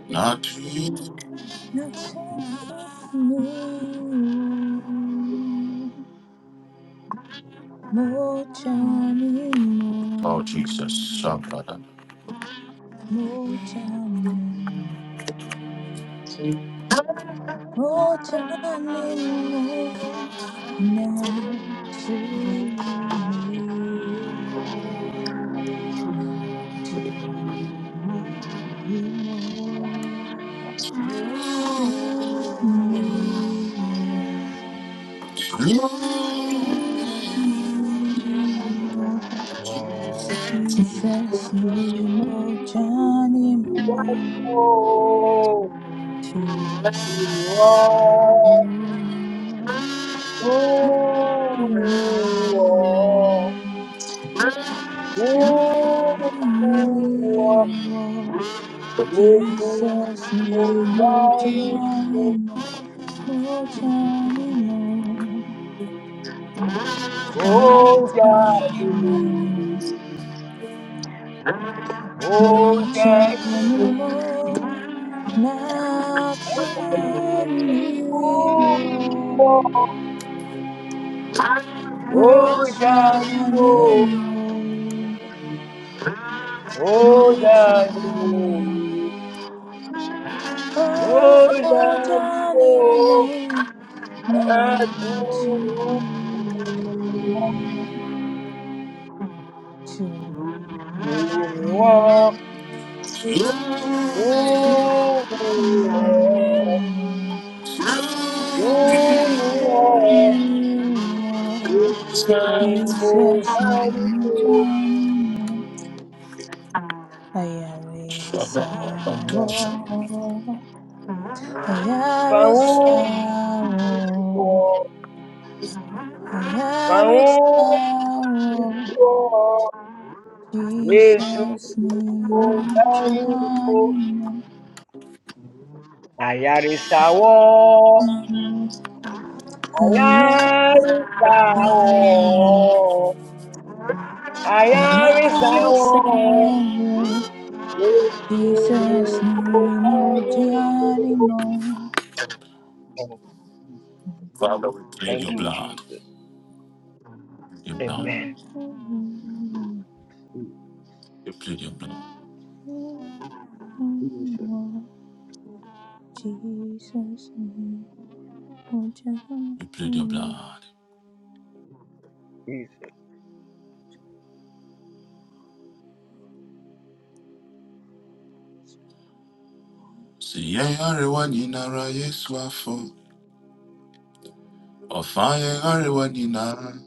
Speaker 1: not you.
Speaker 4: na
Speaker 1: Oh, Jesus, Shabrada.
Speaker 4: to me, To me, oh, to me, oh, to me, oh, Jesus, nimo,
Speaker 2: Ìwà
Speaker 4: janimo,
Speaker 2: ìwọ̀
Speaker 4: to me,
Speaker 2: ìwọ̀.
Speaker 4: oh,
Speaker 2: Oh,
Speaker 4: to me, oh, Jesus, nimo, janimo. More Johnny Mo, more Johnny Mo, more Johnny Mo, na tumiyo. More Johnny Mo, more Johnny
Speaker 2: yeah.
Speaker 4: Mo, oh more Johnny Mo, na tumiyo, tumiyo. Jesus
Speaker 2: Ni mo bá ń
Speaker 4: name
Speaker 2: kó
Speaker 4: John Ayarisawo
Speaker 2: ibi pọ̀
Speaker 4: Ayarisawo
Speaker 2: púpọ̀ ni
Speaker 4: Ayarisawo
Speaker 2: mo
Speaker 4: Jesus name
Speaker 2: bá ń kó
Speaker 4: John Ayarisawo
Speaker 2: tó ta
Speaker 4: Ayarisawo
Speaker 2: ọ̀ọ́ ètò ni
Speaker 4: Jesus
Speaker 2: mo
Speaker 4: name,
Speaker 2: bá
Speaker 4: oh
Speaker 2: ń
Speaker 4: daddy,
Speaker 2: kó.
Speaker 4: mo. Jesus name, oh daddy, mo.
Speaker 1: See, yeah, everyone in a race, waffle. Or fire, everyone in a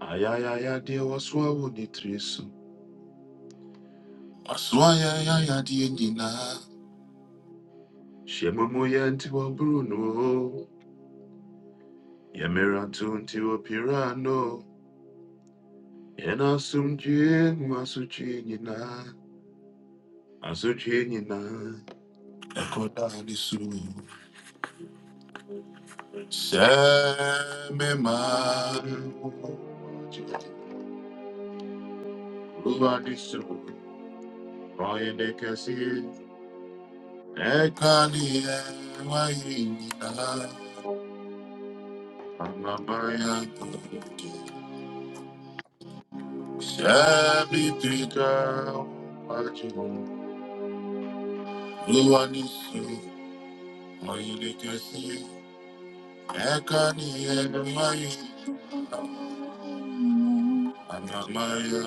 Speaker 1: Ayayaya deɛ wɔsoa wo ne tiri so. Wɔsoa yayaya deɛ nyinaa. Hyɛ mumu yɛ nti wɔ buru no o. Yɛ mmeranto nti wɔ pira no. Yɛn asomdwie mu asotwe nyinaa. Asotwe so. Ruwa ne so. de kɛse. Ɛka ne yɛ Amabaya, Sabi Pika, Pachimo, Luanisu, Mayunikasi, Ekani Enuayi, Amamaya,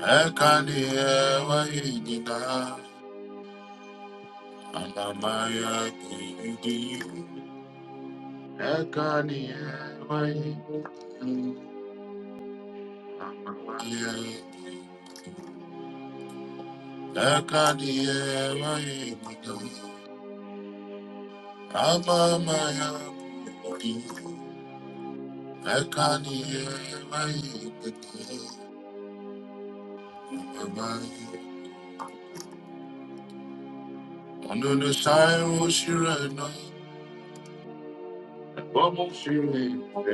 Speaker 1: Ekani Ewayi Nina, Amamaya, Kuyudi, Ekani Ewayi, Amamaya, Ekani Ewayi Nina, Amamaya, Kuyudi, Mekaniye mayi pete amai. Onunu sai oshire na. Omo shire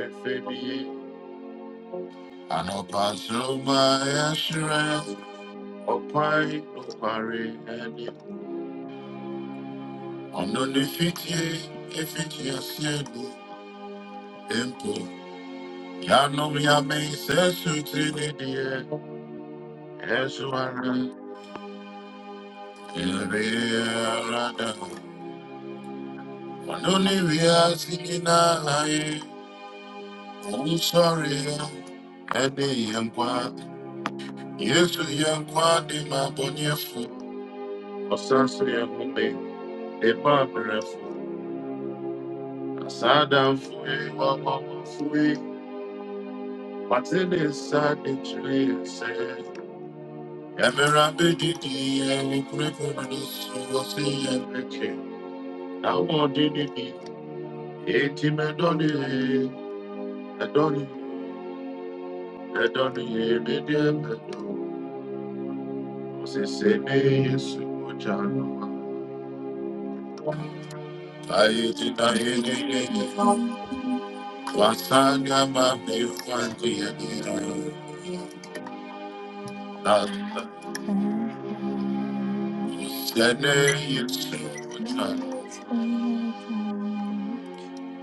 Speaker 1: efebiye. Anopa soma eshire. Opai opare eni. Onunu fitiye efitiye siedu empo. Yanom yame sesu tinidiye. Esu ara. Ere arada. Onunu wiya sinina haye. I'm sorry, and the young quad. Yes, the young quad, the maboniafu. A sensory and homey, a A sad and free, one free. But it is sad, the tree said. Emera bedi di eni kurepo na nusu wasi emeke. Na umo di di di. Eti me doni e. Me doni. Me doni e. e Ayetina yini wasanga mami fandi yene. Nata,
Speaker 4: And I am
Speaker 1: sene yitsu
Speaker 4: a
Speaker 1: kuchan.
Speaker 4: mission, oh daddy.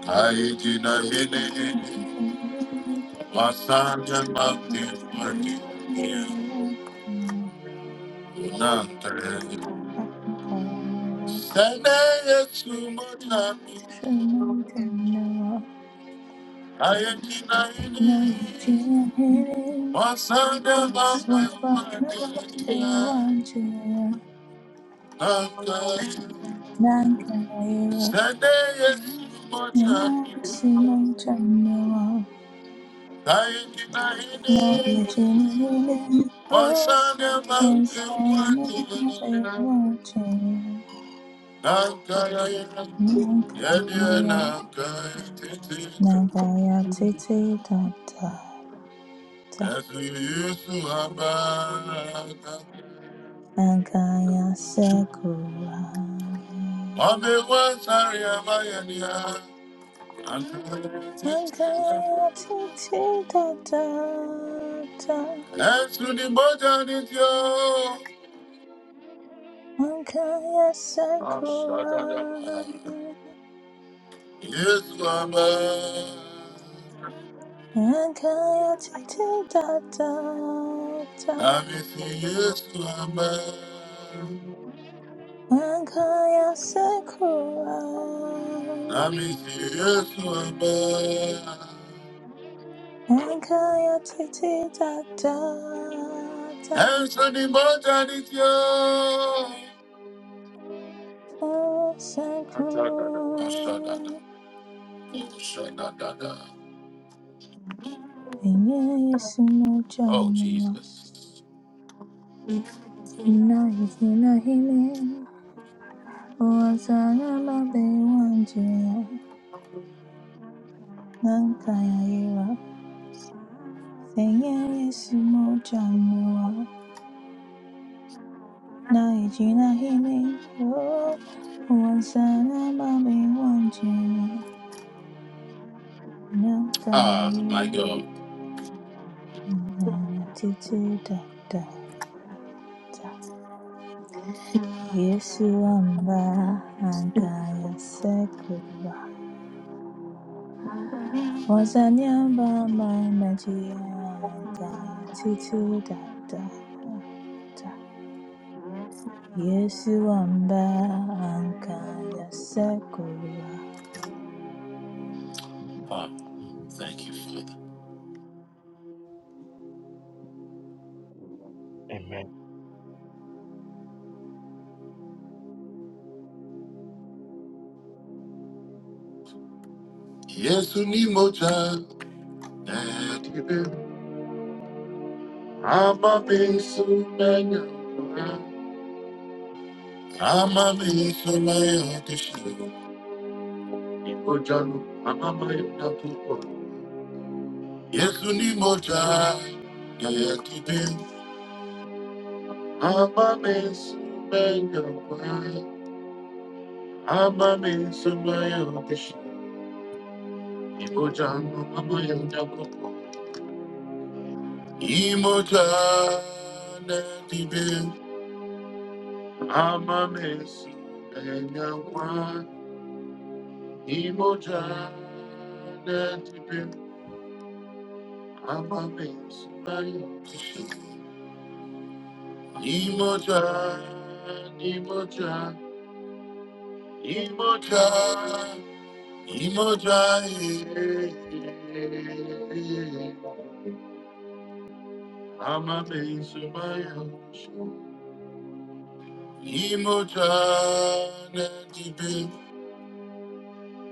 Speaker 1: Ayetina yini
Speaker 4: My family was
Speaker 1: wasanga mami fandi
Speaker 4: a
Speaker 1: yene.
Speaker 4: very
Speaker 1: Nata,
Speaker 4: am
Speaker 1: sene yitsu kuchan. Ayetina yini wasanga mami fandi yene. Sunday is Mocha. I ain't denying it. What's on the mountain? What do you know? Nankaya. Yeah, yeah, Nankaya.
Speaker 4: Nagaya titi da da da,
Speaker 1: That's who you used to have.
Speaker 4: Nagaya sekura.
Speaker 1: Mommy was sorry, I'm a yanya.
Speaker 4: Mankaya titi tata ta
Speaker 1: That's the mocha did you.
Speaker 4: Mankaya sakura
Speaker 1: Yes, Mama.
Speaker 4: Mankaya titi tata ta
Speaker 1: Nami si Yesu amba.
Speaker 4: Mankaya sakura
Speaker 1: Nami si Yesu amba.
Speaker 4: Mankaya titi tata ta
Speaker 1: Enso ni moja ni tio.
Speaker 4: Mankaya
Speaker 1: Oh, shadada.
Speaker 4: sakura
Speaker 1: Oh, shadada.
Speaker 4: Yeye sumo
Speaker 1: Oh,
Speaker 4: janwa
Speaker 1: Jesus.
Speaker 4: na hili na hili Wanza namba bei wanjia, nangaiyira. Sengen yesu mo janoa, naeji na Ejina hine. Wanza namba bei wanjia,
Speaker 1: Ah, my
Speaker 4: nangaiyira.
Speaker 1: God.
Speaker 4: Na tita da da da, yesuamba angaiyasekwa. Wanza namba ma majia angaiyata tita da da da. Yesu wamba ankaya sekura.
Speaker 1: Ah, thank you, Father. Yesu ni moja. Nedibe. Ama mi manya. Ama mi sumenya kishu. Ni moja nu. Ama mi tuko. Yesu ni moja ya kide ama mesumayokwe ama mesumayotishi moja, mama Ni moja, na kide ama msumba ni moja, na kide ama msumba yote, Ni moja, ni moja, ni moja. Imojaye, Amame Sumaya, Imojane Dibe,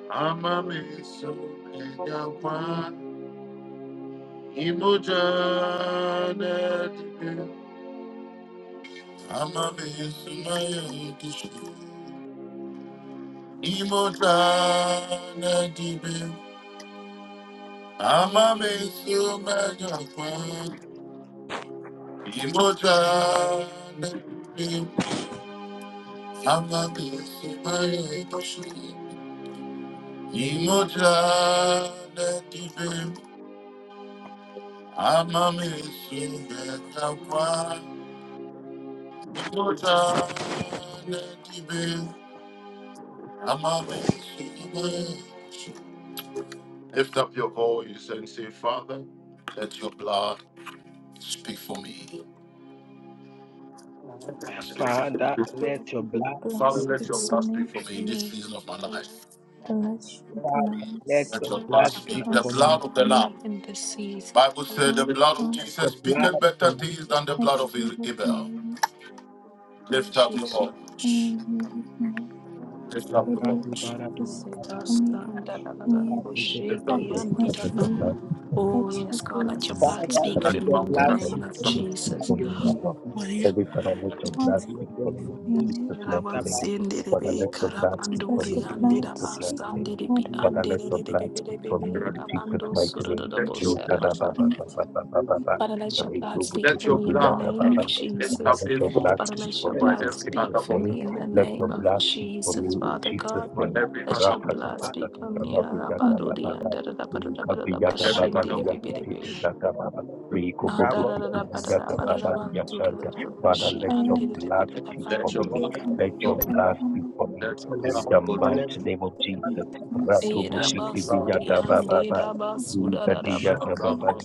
Speaker 1: Amame Sumaya, Imojane Dibe, Amame Sumaya Dishu, Imojane Dibe, Amame Sumaya, Imojane Dibe. Lift up your voice and say, Father, let your blood speak for me.
Speaker 4: Blood
Speaker 1: Father,
Speaker 3: Lord,
Speaker 1: let
Speaker 4: speak
Speaker 1: your
Speaker 4: for
Speaker 1: blood
Speaker 4: me.
Speaker 3: Speak
Speaker 1: speak for me
Speaker 3: for
Speaker 1: in this
Speaker 3: me.
Speaker 1: season of my life.
Speaker 4: The let your blood
Speaker 1: Let your blood
Speaker 3: The
Speaker 1: speak.
Speaker 3: blood,
Speaker 1: The
Speaker 4: speak
Speaker 3: speak
Speaker 1: blood of
Speaker 3: for
Speaker 1: the
Speaker 4: for me.
Speaker 1: Lamb.
Speaker 3: me in this season.
Speaker 1: Bible
Speaker 3: Lord,
Speaker 1: said the
Speaker 4: God,
Speaker 1: blood
Speaker 3: The
Speaker 1: of
Speaker 4: mom,
Speaker 3: blood,
Speaker 4: speak
Speaker 1: Jesus
Speaker 4: for me.
Speaker 1: speaketh better things than the
Speaker 4: If
Speaker 1: blood of
Speaker 4: you love my
Speaker 1: Abel.
Speaker 4: life,
Speaker 1: Lift
Speaker 3: yes,
Speaker 1: up your
Speaker 3: yes.
Speaker 1: voice.
Speaker 4: speak for me. And if you love my life,
Speaker 1: Lift up
Speaker 4: pray
Speaker 1: your
Speaker 4: that your
Speaker 1: voice.
Speaker 4: blood will
Speaker 3: Lord,
Speaker 4: speak
Speaker 3: it
Speaker 4: for
Speaker 3: does
Speaker 4: me.
Speaker 3: done, da, da, da, da, da,
Speaker 4: In
Speaker 3: oh,
Speaker 4: every
Speaker 1: Lift
Speaker 3: shake,
Speaker 1: up your
Speaker 4: aspect,
Speaker 3: yum,
Speaker 4: in
Speaker 3: dee, da,
Speaker 1: voice.
Speaker 3: ba.
Speaker 4: every area, let
Speaker 3: Oh, yes,
Speaker 4: your
Speaker 3: God, let
Speaker 4: blood
Speaker 3: your blood
Speaker 4: speak.
Speaker 2: Father,
Speaker 3: speak
Speaker 2: let
Speaker 3: for
Speaker 1: That
Speaker 2: your
Speaker 3: me
Speaker 1: man
Speaker 3: in the
Speaker 1: would
Speaker 5: Thank
Speaker 2: blood,
Speaker 4: Let
Speaker 1: not
Speaker 5: you
Speaker 1: be
Speaker 4: your
Speaker 3: name of
Speaker 4: blood
Speaker 5: speak
Speaker 1: concerned.
Speaker 3: Jesus.
Speaker 5: for
Speaker 4: speak
Speaker 5: me
Speaker 4: for me.
Speaker 5: now.
Speaker 3: Maria.
Speaker 5: Every Father, let your
Speaker 4: Mighty
Speaker 5: blood speak for
Speaker 4: speak
Speaker 5: me
Speaker 4: for
Speaker 5: in
Speaker 4: me in every.
Speaker 5: Jesus' mighty name. Father,
Speaker 3: Rabasenderebe
Speaker 5: let your blood speak for
Speaker 4: Let
Speaker 3: karabanduri
Speaker 5: me
Speaker 4: your
Speaker 5: in
Speaker 4: blood
Speaker 5: Jesus'
Speaker 4: speak.
Speaker 5: mighty name.
Speaker 3: andirabasandiribi
Speaker 4: Lord,
Speaker 5: Father, let your blood speak for
Speaker 3: anderebebebebebe
Speaker 5: me
Speaker 1: The
Speaker 5: in
Speaker 1: radical would
Speaker 5: Jesus'
Speaker 1: not
Speaker 3: rabando
Speaker 1: be
Speaker 5: mighty name.
Speaker 1: concerned. Let your
Speaker 5: In Tada
Speaker 1: blood
Speaker 5: ba
Speaker 3: surododobosaraba.
Speaker 4: in
Speaker 5: ba ba ba ba ba ba ba.
Speaker 3: Father, let your blood
Speaker 5: Reto
Speaker 3: speak
Speaker 1: Let
Speaker 3: for
Speaker 5: butiti
Speaker 1: your
Speaker 3: me
Speaker 5: bi
Speaker 3: in the
Speaker 5: da
Speaker 1: blood
Speaker 5: da ba
Speaker 3: name of
Speaker 5: ba.
Speaker 1: lift
Speaker 5: Father,
Speaker 1: up
Speaker 3: Jesus.
Speaker 5: let
Speaker 1: his
Speaker 5: your blood
Speaker 3: Father,
Speaker 1: voice
Speaker 5: speak
Speaker 3: let
Speaker 5: for
Speaker 3: your
Speaker 5: me
Speaker 1: for
Speaker 4: the
Speaker 3: blood
Speaker 5: in
Speaker 1: every
Speaker 3: speak
Speaker 5: Jesus'
Speaker 1: other
Speaker 3: for
Speaker 5: name.
Speaker 3: me
Speaker 1: voice,
Speaker 3: in the
Speaker 5: Let your
Speaker 3: name of
Speaker 5: blood speak for me
Speaker 3: Jesus.
Speaker 5: in
Speaker 3: Father
Speaker 5: Jesus'
Speaker 3: God,
Speaker 1: for
Speaker 5: name.
Speaker 1: every
Speaker 3: let
Speaker 1: other
Speaker 3: your blood
Speaker 1: voice,
Speaker 3: speak for me.
Speaker 4: blood.
Speaker 3: Rabaduri
Speaker 5: Ra-ta-ta-ta-ta-ta-ta-ba-bi-ya-ta-ba-ba-ba. In
Speaker 1: for every other voice.
Speaker 3: andarabadabadabashindiribibiribi.
Speaker 5: Kavi-ya-ta-ba-ba-bi-ya-ti-ti-bi-ya-ta-ba-ba.
Speaker 3: Ah, da da da da ba da da ba da da
Speaker 4: Masikayanda
Speaker 3: ba, su da da
Speaker 5: Rikobobosikidiyatababaliyashanta.
Speaker 3: da bu
Speaker 5: Father,
Speaker 3: shi
Speaker 5: let
Speaker 3: an
Speaker 5: your
Speaker 3: di di di bi
Speaker 5: blood
Speaker 3: da da
Speaker 5: speak
Speaker 3: ba.
Speaker 5: for
Speaker 1: Let your
Speaker 5: me. Let
Speaker 1: blood
Speaker 5: your
Speaker 4: dekayanda
Speaker 5: blood
Speaker 1: go.
Speaker 5: speak
Speaker 4: mama
Speaker 5: for me.
Speaker 1: Let your
Speaker 5: In the
Speaker 1: blood
Speaker 4: masikayanda
Speaker 5: mighty
Speaker 1: go.
Speaker 5: name of Jesus.
Speaker 4: yanda masikari
Speaker 1: Let
Speaker 3: Dera
Speaker 1: your blood
Speaker 3: basudi and
Speaker 1: go.
Speaker 5: Ratobosikidiyatabalaba.
Speaker 3: dera basuda da da
Speaker 1: Let
Speaker 3: ba
Speaker 4: dekayanda